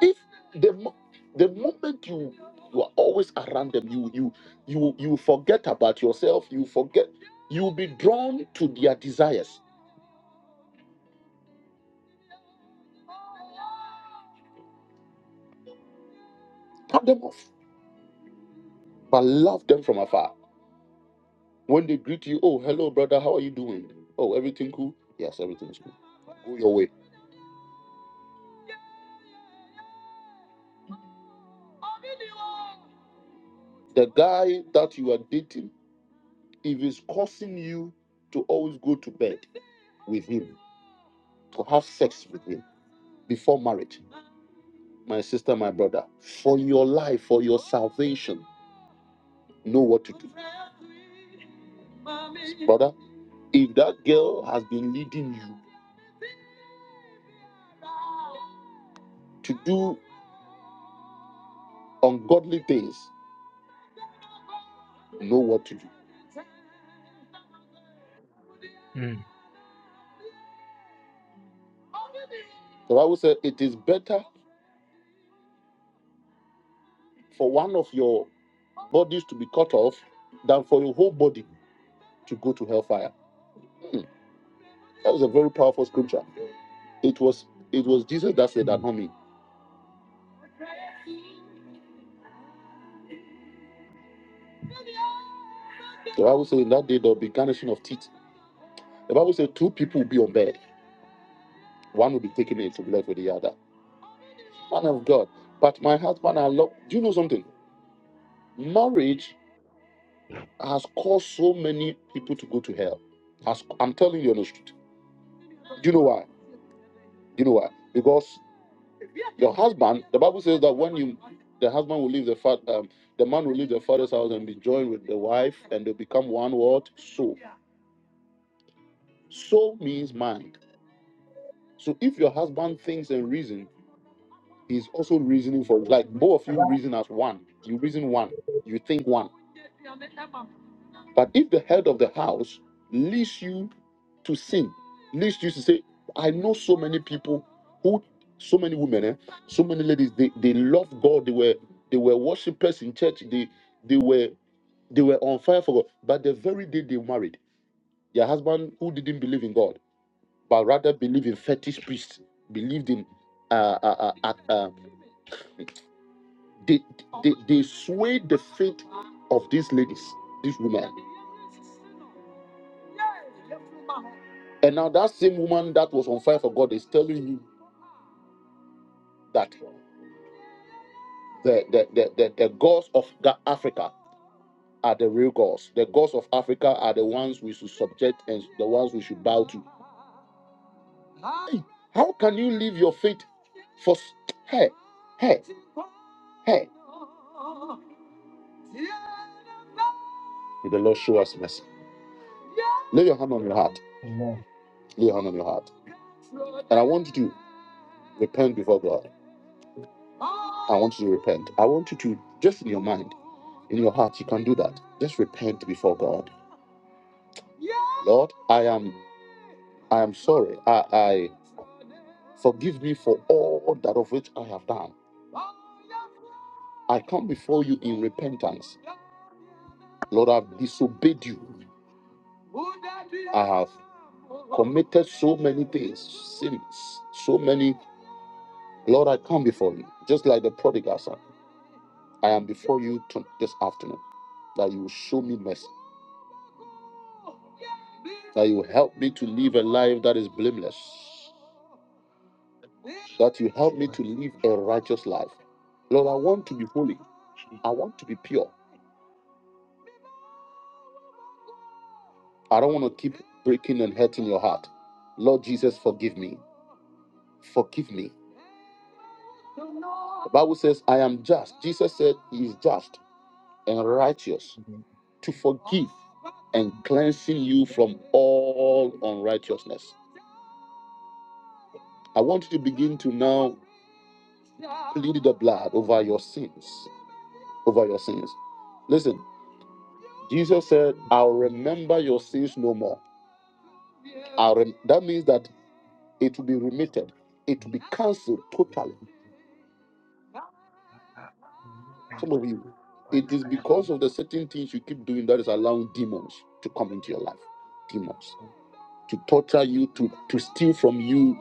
Speaker 1: if the mo- the moment you you are always around them you you you you forget about yourself you forget you'll be drawn to their desires cut them off but love them from afar when they greet you oh hello brother how are you doing oh everything cool yes everything is cool go your way the guy that you are dating if he's causing you to always go to bed with him to have sex with him before marriage my sister my brother for your life for your salvation know what to if that girl has been leading you to do ungodly things, know what to do. The Bible says it is better for one of your bodies to be cut off than for your whole body to go to hellfire. Hmm. That was a very powerful scripture. It was it was Jesus that said that, not me. The Bible says in that day there will be garnishing of teeth. The Bible says two people will be on bed. One will be taken into bed with the other. Man of God. But my husband, I love. Do you know something? Marriage has caused so many people to go to hell. Has, I'm telling you on the street. Do you know why? Do you know why? Because the husband will leave the fat, um, the man will leave, and they become one word soul. Soul means mind. So if your husband thinks and reason, he's also reasoning for it. like both of you reason as one. You reason one. You think one. But if the head of the house leads you to sin, leads you to say, I know so many people who, so many women, eh, so many ladies, they, they love God. They were they were worshipers in church. They they were they were on fire for God. But the very day they married, their husband who didn't believe in God, but rather believed in fetish priests, believed in uh, uh, uh they they swayed the faith of these ladies, these women. And now that same woman that was on fire for God is telling you that. the the, the, the, the gods of Ga- Africa are the real gods. The gods of Africa are the ones we should subject and the ones we should bow to. How can you leave your faith for s- hey, hey, hey? May the Lord show us mercy. Lay your hand on your heart. Lay your hand on your heart. And I want you to repent before God. I want you to repent. I want you to just in your mind, in your heart, you can do that. Just repent before God. Lord, I am I am sorry. I I forgive me for all that of which I have done. I come before you in repentance. Lord, I've disobeyed you. I have committed so many things, sins, so many. Lord, I come before you. Just like the prodigal son, I am before you to- this afternoon that you will show me mercy, that you will help me to live a life that is blameless, that you help me to live a righteous life. Lord, I want to be holy. I want to be pure. I don't want to keep breaking and hurting your heart. Lord Jesus, forgive me. Forgive me. The Bible says, I am just. Jesus said he is just and righteous to forgive and cleansing you from all unrighteousness. I want you to begin to now plead the blood over your sins. Over your sins. Listen, Jesus said, I'll remember your sins no more. I'll rem- that means that it will be remitted, it will be cancelled totally. Some of you, it is because of the certain things you keep doing that is allowing demons to come into your life. Demons. to torture you, to, to steal from you,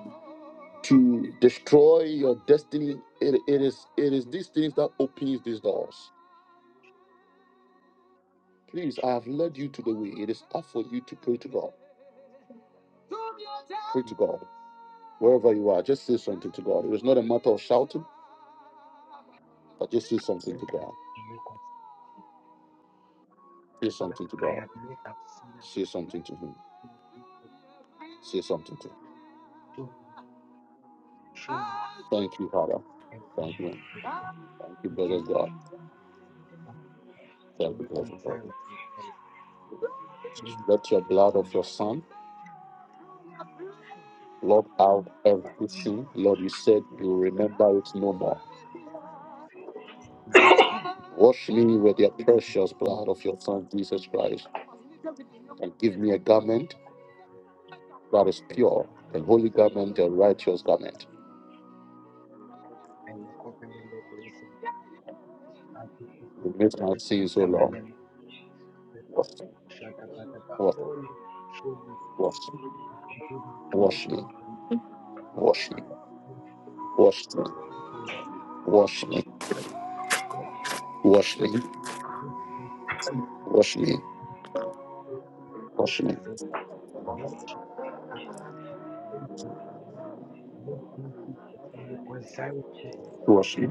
Speaker 1: to destroy your destiny. It, it is it is these things that opens these doors. Please, I have led you to the way. It is tough for you to pray to God. Pray to God. Wherever you are, just say something to God. It is not a matter of shouting, but just say something to God. Say something to God. Say something to Him. Say something to Him. Thank you, Father. Thank you. Thank you, brother God. Thank you, brother God. Let your blood of your Son Lord, out every sin. Lord, you said you remember it no more. Wash me with your precious blood of your Son, Jesus Christ, and give me a garment that is pure, a holy garment, a righteous garment. Remit my sins, O Lord. Wash me, wash, wash, wash me, wash me, wash me, wash me, wash me, wash me, wash me, wash me,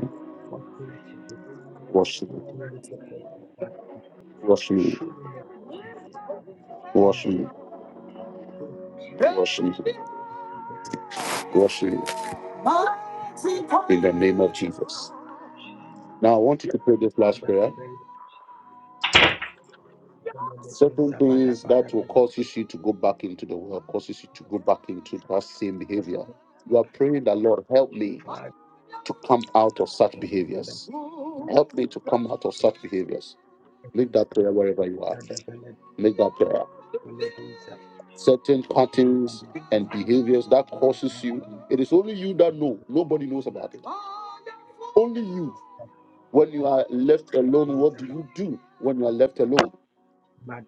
Speaker 8: Perfection of
Speaker 1: wash me,
Speaker 8: the kind of deity,
Speaker 1: wash me,
Speaker 8: Lord Jesus Christ,
Speaker 1: wash me, me, wash me, in the name of Jesus. Now, I want you to pray this last prayer Certain things that will cause you to go back into the world, causes you to go back into that same behavior. You are praying that Lord help me to come out of such behaviors. Help me to come out of such behaviors. Make that prayer wherever you are. Make that prayer. Certain patterns and behaviors that causes you. It is only you that know. Nobody knows about it. Only you. When you are left alone, what do you do when you are left alone?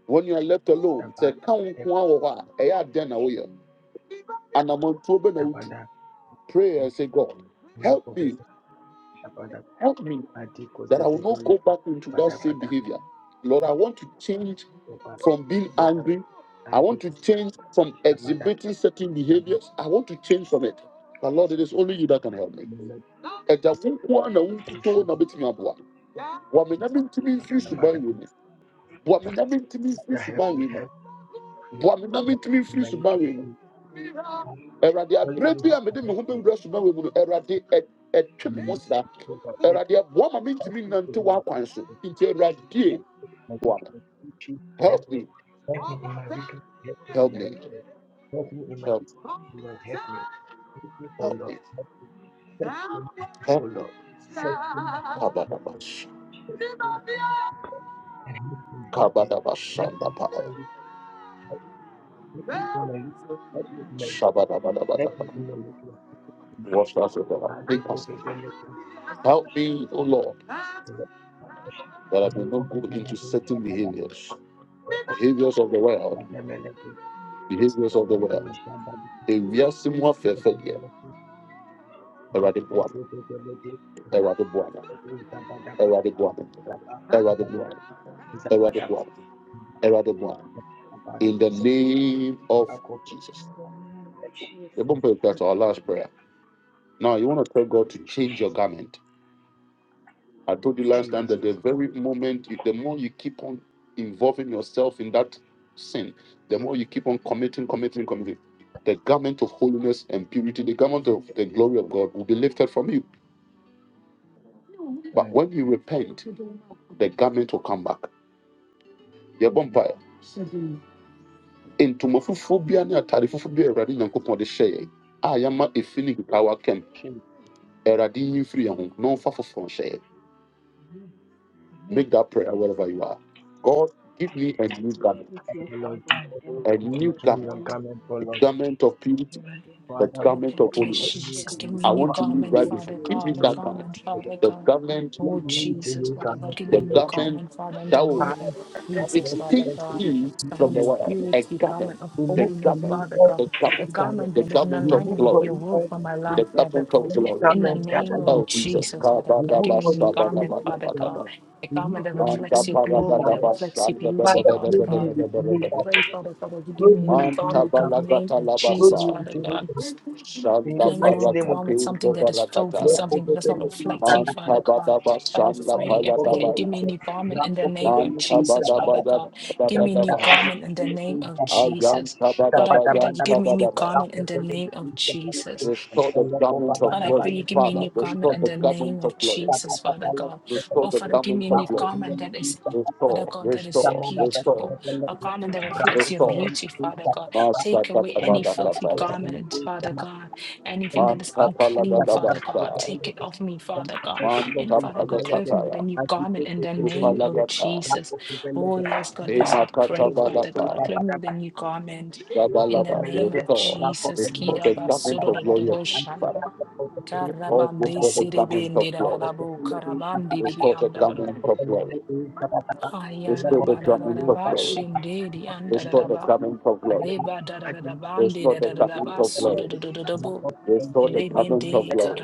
Speaker 1: When you are left alone, say, "Ka wo nko ara wɔ hɔ a, ɛyɛ adɛn na woyɛ?" And I'm on probe now to pray and say, God, help
Speaker 8: not the
Speaker 1: me,
Speaker 8: perfection,
Speaker 1: help me,
Speaker 8: you are the
Speaker 1: that I
Speaker 8: one,
Speaker 1: will not go back into
Speaker 8: the
Speaker 1: that same behavior.
Speaker 8: Papamio,
Speaker 1: Lord, I want to
Speaker 8: or
Speaker 1: change
Speaker 8: the Timothy
Speaker 1: from being angry. I want to change from exhibiting certain behaviors. I want to change from it. But Lord, it is only you that can help me. Ẹja wo nko ara na wo nkuto na obetumi aboa? Boa me na mentumi mfiri suban wei mu. Boa me na mentumi mfiri suban
Speaker 2: me,
Speaker 1: wei mu.
Speaker 2: help me,
Speaker 1: Boa me na mentumi mfiri
Speaker 2: my
Speaker 1: suban wei mu.
Speaker 2: weakness.
Speaker 1: Awurade
Speaker 2: Only
Speaker 1: abere
Speaker 2: you
Speaker 1: bi
Speaker 2: who can
Speaker 1: me
Speaker 2: help
Speaker 1: ho
Speaker 2: me.
Speaker 1: bɛwura soma wɔ mu no Awurade me ho
Speaker 2: You
Speaker 1: sra
Speaker 2: can help me,
Speaker 1: aboa ma mentumi
Speaker 2: people,
Speaker 1: nnante
Speaker 2: Lord.
Speaker 1: w'akwan so nti
Speaker 2: Help
Speaker 1: Awurade
Speaker 2: my
Speaker 1: boa
Speaker 2: weakness. You choose to Help
Speaker 1: help
Speaker 2: me.
Speaker 1: me
Speaker 2: Help me in my weakness. Help me in
Speaker 1: help
Speaker 2: my
Speaker 1: me
Speaker 2: weakness. Help me in my
Speaker 1: help
Speaker 2: weakness,
Speaker 8: Wamio,
Speaker 2: Lord. Help me. Help me, oh
Speaker 8: Wamio,
Speaker 1: help
Speaker 2: Lord.
Speaker 1: me
Speaker 8: the age
Speaker 2: Help
Speaker 8: of
Speaker 2: me,
Speaker 8: Wamio,
Speaker 2: oh
Speaker 1: help
Speaker 2: Lord.
Speaker 8: the
Speaker 2: Set
Speaker 8: age of
Speaker 2: me and help
Speaker 8: Wamio,
Speaker 2: me.
Speaker 1: kabadaba
Speaker 8: Lord Jesus Christ,
Speaker 2: And help me, help
Speaker 8: in the
Speaker 2: me.
Speaker 1: kabadaba
Speaker 8: mighty
Speaker 2: Help me
Speaker 8: name
Speaker 2: in
Speaker 8: of
Speaker 2: my
Speaker 1: shandaba
Speaker 2: weakness.
Speaker 8: Jesus,
Speaker 2: Help me
Speaker 8: Madina
Speaker 2: in my
Speaker 8: Ojo,
Speaker 2: weakness.
Speaker 8: the
Speaker 2: Help me in my
Speaker 8: Tumim,
Speaker 2: weakness. Let me be
Speaker 8: Madina,
Speaker 2: your
Speaker 1: shabadabadabadaba
Speaker 2: little.
Speaker 1: wash us with blood.
Speaker 8: Papa,
Speaker 2: I did
Speaker 1: Make
Speaker 8: the
Speaker 2: go
Speaker 1: us
Speaker 8: one,
Speaker 2: for
Speaker 8: the
Speaker 2: very
Speaker 8: English,
Speaker 2: little.
Speaker 8: Papa
Speaker 1: help me oh
Speaker 8: Shabbat,
Speaker 1: Lord
Speaker 2: But
Speaker 8: Papa Shabbat,
Speaker 1: that I may
Speaker 2: I'm
Speaker 1: not
Speaker 2: not
Speaker 1: go
Speaker 2: going to
Speaker 1: into
Speaker 8: you
Speaker 2: let
Speaker 8: are
Speaker 2: you
Speaker 8: the
Speaker 2: stand
Speaker 1: certain
Speaker 8: one,
Speaker 2: by the
Speaker 8: you
Speaker 1: behaviors
Speaker 8: are
Speaker 2: cup.
Speaker 8: the
Speaker 1: behaviors
Speaker 8: one,
Speaker 1: of the
Speaker 8: you
Speaker 2: My
Speaker 1: world
Speaker 2: damn
Speaker 8: In the
Speaker 2: little.
Speaker 8: name
Speaker 1: behaviors of
Speaker 2: Let
Speaker 1: the
Speaker 2: me
Speaker 8: of
Speaker 2: go
Speaker 1: world
Speaker 2: stand by
Speaker 8: Jesus
Speaker 2: the
Speaker 1: ewiase mu
Speaker 2: cup.
Speaker 1: afɛɛfɛ
Speaker 2: Let me
Speaker 1: deɛ
Speaker 2: let you
Speaker 1: Awurade
Speaker 2: go
Speaker 1: boa
Speaker 2: to the very little.
Speaker 1: me.
Speaker 2: Let me go stand by the cup.
Speaker 1: Erade Boab.
Speaker 2: Stand by the
Speaker 1: Erade
Speaker 2: cup.
Speaker 1: Boab.
Speaker 2: Stand by
Speaker 1: Erade
Speaker 2: the cup.
Speaker 1: Boab. Erade Boab.
Speaker 2: Stand by
Speaker 1: In the name of
Speaker 2: the cup.
Speaker 1: Jesus. The bumper
Speaker 8: Christ,
Speaker 1: that's our
Speaker 8: amen.
Speaker 2: It's
Speaker 1: last
Speaker 2: me.
Speaker 1: prayer. Now you want to tell God to change your
Speaker 2: Jesus,
Speaker 1: garment. I told you last time that the
Speaker 2: Jesus,
Speaker 1: very moment, you- the more you keep on involving yourself in that sin, the more you keep on committing, committing, committing. The garment of holiness and purity, the garment of the glory of God will be lifted from you. But when you repent, the garment will come back. ntoma fufuo biara ne atade fufuo biara a awurade nyankopɔn de hyɛ yɛn a yɛama efi ne nkekawa kɛm awurade nyi mfiri yɛn ho na ɔmfa foforɔ yɛ.
Speaker 8: Amen. Amen.
Speaker 1: make that prayer wherever you are god give me a new garment
Speaker 8: Integrity is
Speaker 2: my
Speaker 8: for them,
Speaker 2: Lord,
Speaker 8: and them is
Speaker 1: a
Speaker 8: not
Speaker 1: new
Speaker 8: so, so
Speaker 2: into
Speaker 8: I
Speaker 2: your
Speaker 8: will
Speaker 1: garment
Speaker 8: not
Speaker 2: garment, O
Speaker 8: know what
Speaker 1: a
Speaker 2: Lord,
Speaker 1: garment of
Speaker 8: You
Speaker 1: purity
Speaker 8: are the
Speaker 1: a
Speaker 2: Father,
Speaker 8: intimacy,
Speaker 2: we
Speaker 3: Father
Speaker 1: garment
Speaker 8: baby,
Speaker 3: God,
Speaker 2: come
Speaker 1: of
Speaker 8: I
Speaker 3: yes,
Speaker 8: will be
Speaker 2: to
Speaker 1: holiness
Speaker 2: you,
Speaker 3: Jesus,
Speaker 8: sharing
Speaker 3: give
Speaker 2: garment.
Speaker 3: me
Speaker 1: i
Speaker 3: a new
Speaker 8: it.
Speaker 1: want
Speaker 2: Father,
Speaker 1: to live
Speaker 3: garment,
Speaker 1: right
Speaker 2: we
Speaker 8: Thank
Speaker 1: before
Speaker 3: Father
Speaker 2: come
Speaker 1: give me
Speaker 2: to
Speaker 3: God, a
Speaker 2: you,
Speaker 1: that garment
Speaker 3: garment,
Speaker 2: garment. We
Speaker 3: Father
Speaker 1: the
Speaker 3: God.
Speaker 1: garment
Speaker 3: Oh,
Speaker 2: come to
Speaker 3: Jesus,
Speaker 2: you,
Speaker 3: Father God,
Speaker 2: garment,
Speaker 3: give
Speaker 2: O
Speaker 3: me
Speaker 1: the
Speaker 3: a
Speaker 2: Lord,
Speaker 3: new
Speaker 2: Jesus.
Speaker 1: garment
Speaker 3: garment, Father, in the
Speaker 1: that will
Speaker 3: name
Speaker 2: Father,
Speaker 3: of
Speaker 2: have
Speaker 3: Jesus,
Speaker 2: mercy
Speaker 3: Father
Speaker 2: on
Speaker 1: extinct
Speaker 3: God.
Speaker 1: me from
Speaker 3: Garment
Speaker 1: the
Speaker 3: of
Speaker 2: me,
Speaker 1: world a
Speaker 3: purity,
Speaker 1: garment
Speaker 3: garment of
Speaker 1: the
Speaker 2: Remove from
Speaker 3: holiness,
Speaker 1: garment
Speaker 2: me
Speaker 3: Father
Speaker 2: all
Speaker 3: God.
Speaker 1: the
Speaker 3: A
Speaker 1: garment
Speaker 2: security barrier.
Speaker 3: garment
Speaker 1: the
Speaker 3: that is in
Speaker 1: garment of
Speaker 2: Remove
Speaker 3: alignment with
Speaker 2: from
Speaker 1: glory
Speaker 3: your
Speaker 2: me
Speaker 3: will
Speaker 2: all
Speaker 3: for my
Speaker 2: security.
Speaker 1: the
Speaker 3: life, Father
Speaker 1: garment of
Speaker 3: God.
Speaker 2: Any
Speaker 1: glory
Speaker 2: time
Speaker 3: In
Speaker 2: I
Speaker 3: the name
Speaker 2: gather
Speaker 3: of
Speaker 1: Oh Jesus,
Speaker 3: Jesus, Father God,
Speaker 2: remove
Speaker 3: give me a
Speaker 2: from
Speaker 3: new
Speaker 2: me any
Speaker 3: garment,
Speaker 2: security
Speaker 3: Father God.
Speaker 2: barrier.
Speaker 3: A
Speaker 2: Remove
Speaker 3: garment that
Speaker 2: from me
Speaker 1: Manda
Speaker 3: reflects
Speaker 2: any
Speaker 3: your
Speaker 2: security
Speaker 3: glory,
Speaker 1: paragada
Speaker 3: that
Speaker 2: barrier.
Speaker 3: reflects your
Speaker 1: basanda bada
Speaker 3: beauty,
Speaker 2: Father,
Speaker 1: bada
Speaker 3: Father
Speaker 2: clothe
Speaker 1: bada
Speaker 2: me
Speaker 3: God.
Speaker 2: with
Speaker 1: bada bada
Speaker 2: no
Speaker 3: I
Speaker 1: bada.
Speaker 3: pray,
Speaker 2: barrier.
Speaker 3: Father God, that you give
Speaker 2: Clothe me
Speaker 3: me a new
Speaker 2: with
Speaker 1: Manta
Speaker 2: no
Speaker 3: garment in the
Speaker 2: barrier.
Speaker 3: name
Speaker 1: balagata
Speaker 3: of
Speaker 2: Clothe
Speaker 3: Jesus,
Speaker 2: me
Speaker 1: labasa.
Speaker 2: with
Speaker 3: Father
Speaker 2: no
Speaker 3: God.
Speaker 2: barrier. In
Speaker 3: I
Speaker 1: Shanda
Speaker 2: the
Speaker 3: don't want to
Speaker 2: mighty
Speaker 3: walk
Speaker 2: name of
Speaker 3: around with something
Speaker 1: paragapindo
Speaker 3: that is filthy,
Speaker 2: Lord,
Speaker 1: barakatara.
Speaker 2: over
Speaker 3: something that does
Speaker 2: the
Speaker 3: not
Speaker 2: Lord, is
Speaker 3: reflect
Speaker 2: that
Speaker 3: you,
Speaker 2: that is
Speaker 1: Manta
Speaker 3: Father
Speaker 2: that.
Speaker 8: you.
Speaker 3: God.
Speaker 1: bada
Speaker 3: But I
Speaker 8: In
Speaker 1: basanda
Speaker 2: Lord,
Speaker 3: pray,
Speaker 8: Jesus' mighty
Speaker 3: I
Speaker 2: over
Speaker 3: pray
Speaker 1: palada
Speaker 2: the
Speaker 3: that
Speaker 8: name,
Speaker 3: you
Speaker 2: Lord,
Speaker 3: give
Speaker 2: is
Speaker 3: me
Speaker 1: baya.
Speaker 3: a
Speaker 2: that.
Speaker 3: new garment
Speaker 2: Lord,
Speaker 3: in the
Speaker 2: over
Speaker 3: name
Speaker 2: the
Speaker 3: of
Speaker 2: Lord,
Speaker 8: in
Speaker 1: Manta
Speaker 2: is
Speaker 3: Jesus,
Speaker 8: the mighty
Speaker 2: that
Speaker 1: bada
Speaker 2: that
Speaker 3: Father
Speaker 1: baya
Speaker 2: that.
Speaker 3: God.
Speaker 2: Is
Speaker 1: bada
Speaker 3: Give
Speaker 8: name
Speaker 2: that
Speaker 3: me a
Speaker 1: bada
Speaker 3: new
Speaker 2: that that that.
Speaker 1: baya.
Speaker 3: garment in the
Speaker 2: Is that
Speaker 3: name of
Speaker 2: that that that.
Speaker 8: of
Speaker 3: Jesus.
Speaker 1: Ayanta
Speaker 2: Is that
Speaker 3: But
Speaker 1: bada
Speaker 8: Jesus,
Speaker 3: I
Speaker 2: that
Speaker 3: pray
Speaker 2: that
Speaker 3: that you
Speaker 2: that.
Speaker 3: give
Speaker 1: bayanta
Speaker 3: me a new
Speaker 1: bada baya.
Speaker 8: in
Speaker 3: garment in the
Speaker 2: Thank
Speaker 8: the
Speaker 3: name of Jesus.
Speaker 1: Restore the garment of
Speaker 3: Father, I pray
Speaker 1: glory,
Speaker 3: you give me a
Speaker 1: Father.
Speaker 3: new garment
Speaker 1: Restore
Speaker 3: in
Speaker 1: the
Speaker 3: the
Speaker 8: name
Speaker 3: name
Speaker 1: garment
Speaker 3: of
Speaker 1: of glory.
Speaker 3: Jesus, Father God.
Speaker 1: Restore
Speaker 3: Oh,
Speaker 1: the
Speaker 3: Father, give me
Speaker 1: garment
Speaker 3: a
Speaker 1: of
Speaker 3: new
Speaker 1: glory
Speaker 3: garment that is,
Speaker 8: of
Speaker 3: Father
Speaker 1: restore,
Speaker 3: God, that is
Speaker 8: Jesus, in
Speaker 1: restore,
Speaker 8: the
Speaker 1: restore,
Speaker 3: beautiful. A garment that reflects your
Speaker 1: restore.
Speaker 3: beauty, Father God. Take away any filthy
Speaker 1: Masakatabarakataya.
Speaker 3: garment, Father God. Anything that is unclean, Father God.
Speaker 1: Mantapalagadabasa.
Speaker 3: Take it off me, Father God. And Father God, clothe me with a
Speaker 1: Mantapalakataya.
Speaker 3: new garment in the name of
Speaker 1: Upalagata.
Speaker 3: Jesus. Oh, yes, God, this I pray, Father God.
Speaker 1: Imakatabalata.
Speaker 3: Clothe me
Speaker 2: you.
Speaker 3: with a new garment.
Speaker 2: Thank
Speaker 3: In the
Speaker 1: Sabalaba.
Speaker 3: name of
Speaker 1: Restore.
Speaker 3: Jesus,
Speaker 1: Restore
Speaker 3: Kira
Speaker 1: the garment of glory of
Speaker 3: basoro
Speaker 1: Father. Oh,
Speaker 3: karabandi
Speaker 1: restore the garment of
Speaker 3: sirebende
Speaker 1: glory.
Speaker 3: rarabo karabande ribi
Speaker 1: Restore the
Speaker 3: andarabo.
Speaker 1: garment of glory. Restore the
Speaker 3: Ayaraba
Speaker 8: name
Speaker 1: garment of
Speaker 3: raraba
Speaker 1: glory.
Speaker 3: shinde di
Speaker 1: Restore the
Speaker 3: andaraba.
Speaker 1: garment of glory.
Speaker 3: Reba dararabande
Speaker 1: Restore the garment
Speaker 3: raraba
Speaker 1: of glory.
Speaker 3: sudodododabo.
Speaker 1: Restore the garment of
Speaker 3: Rebende
Speaker 1: glory.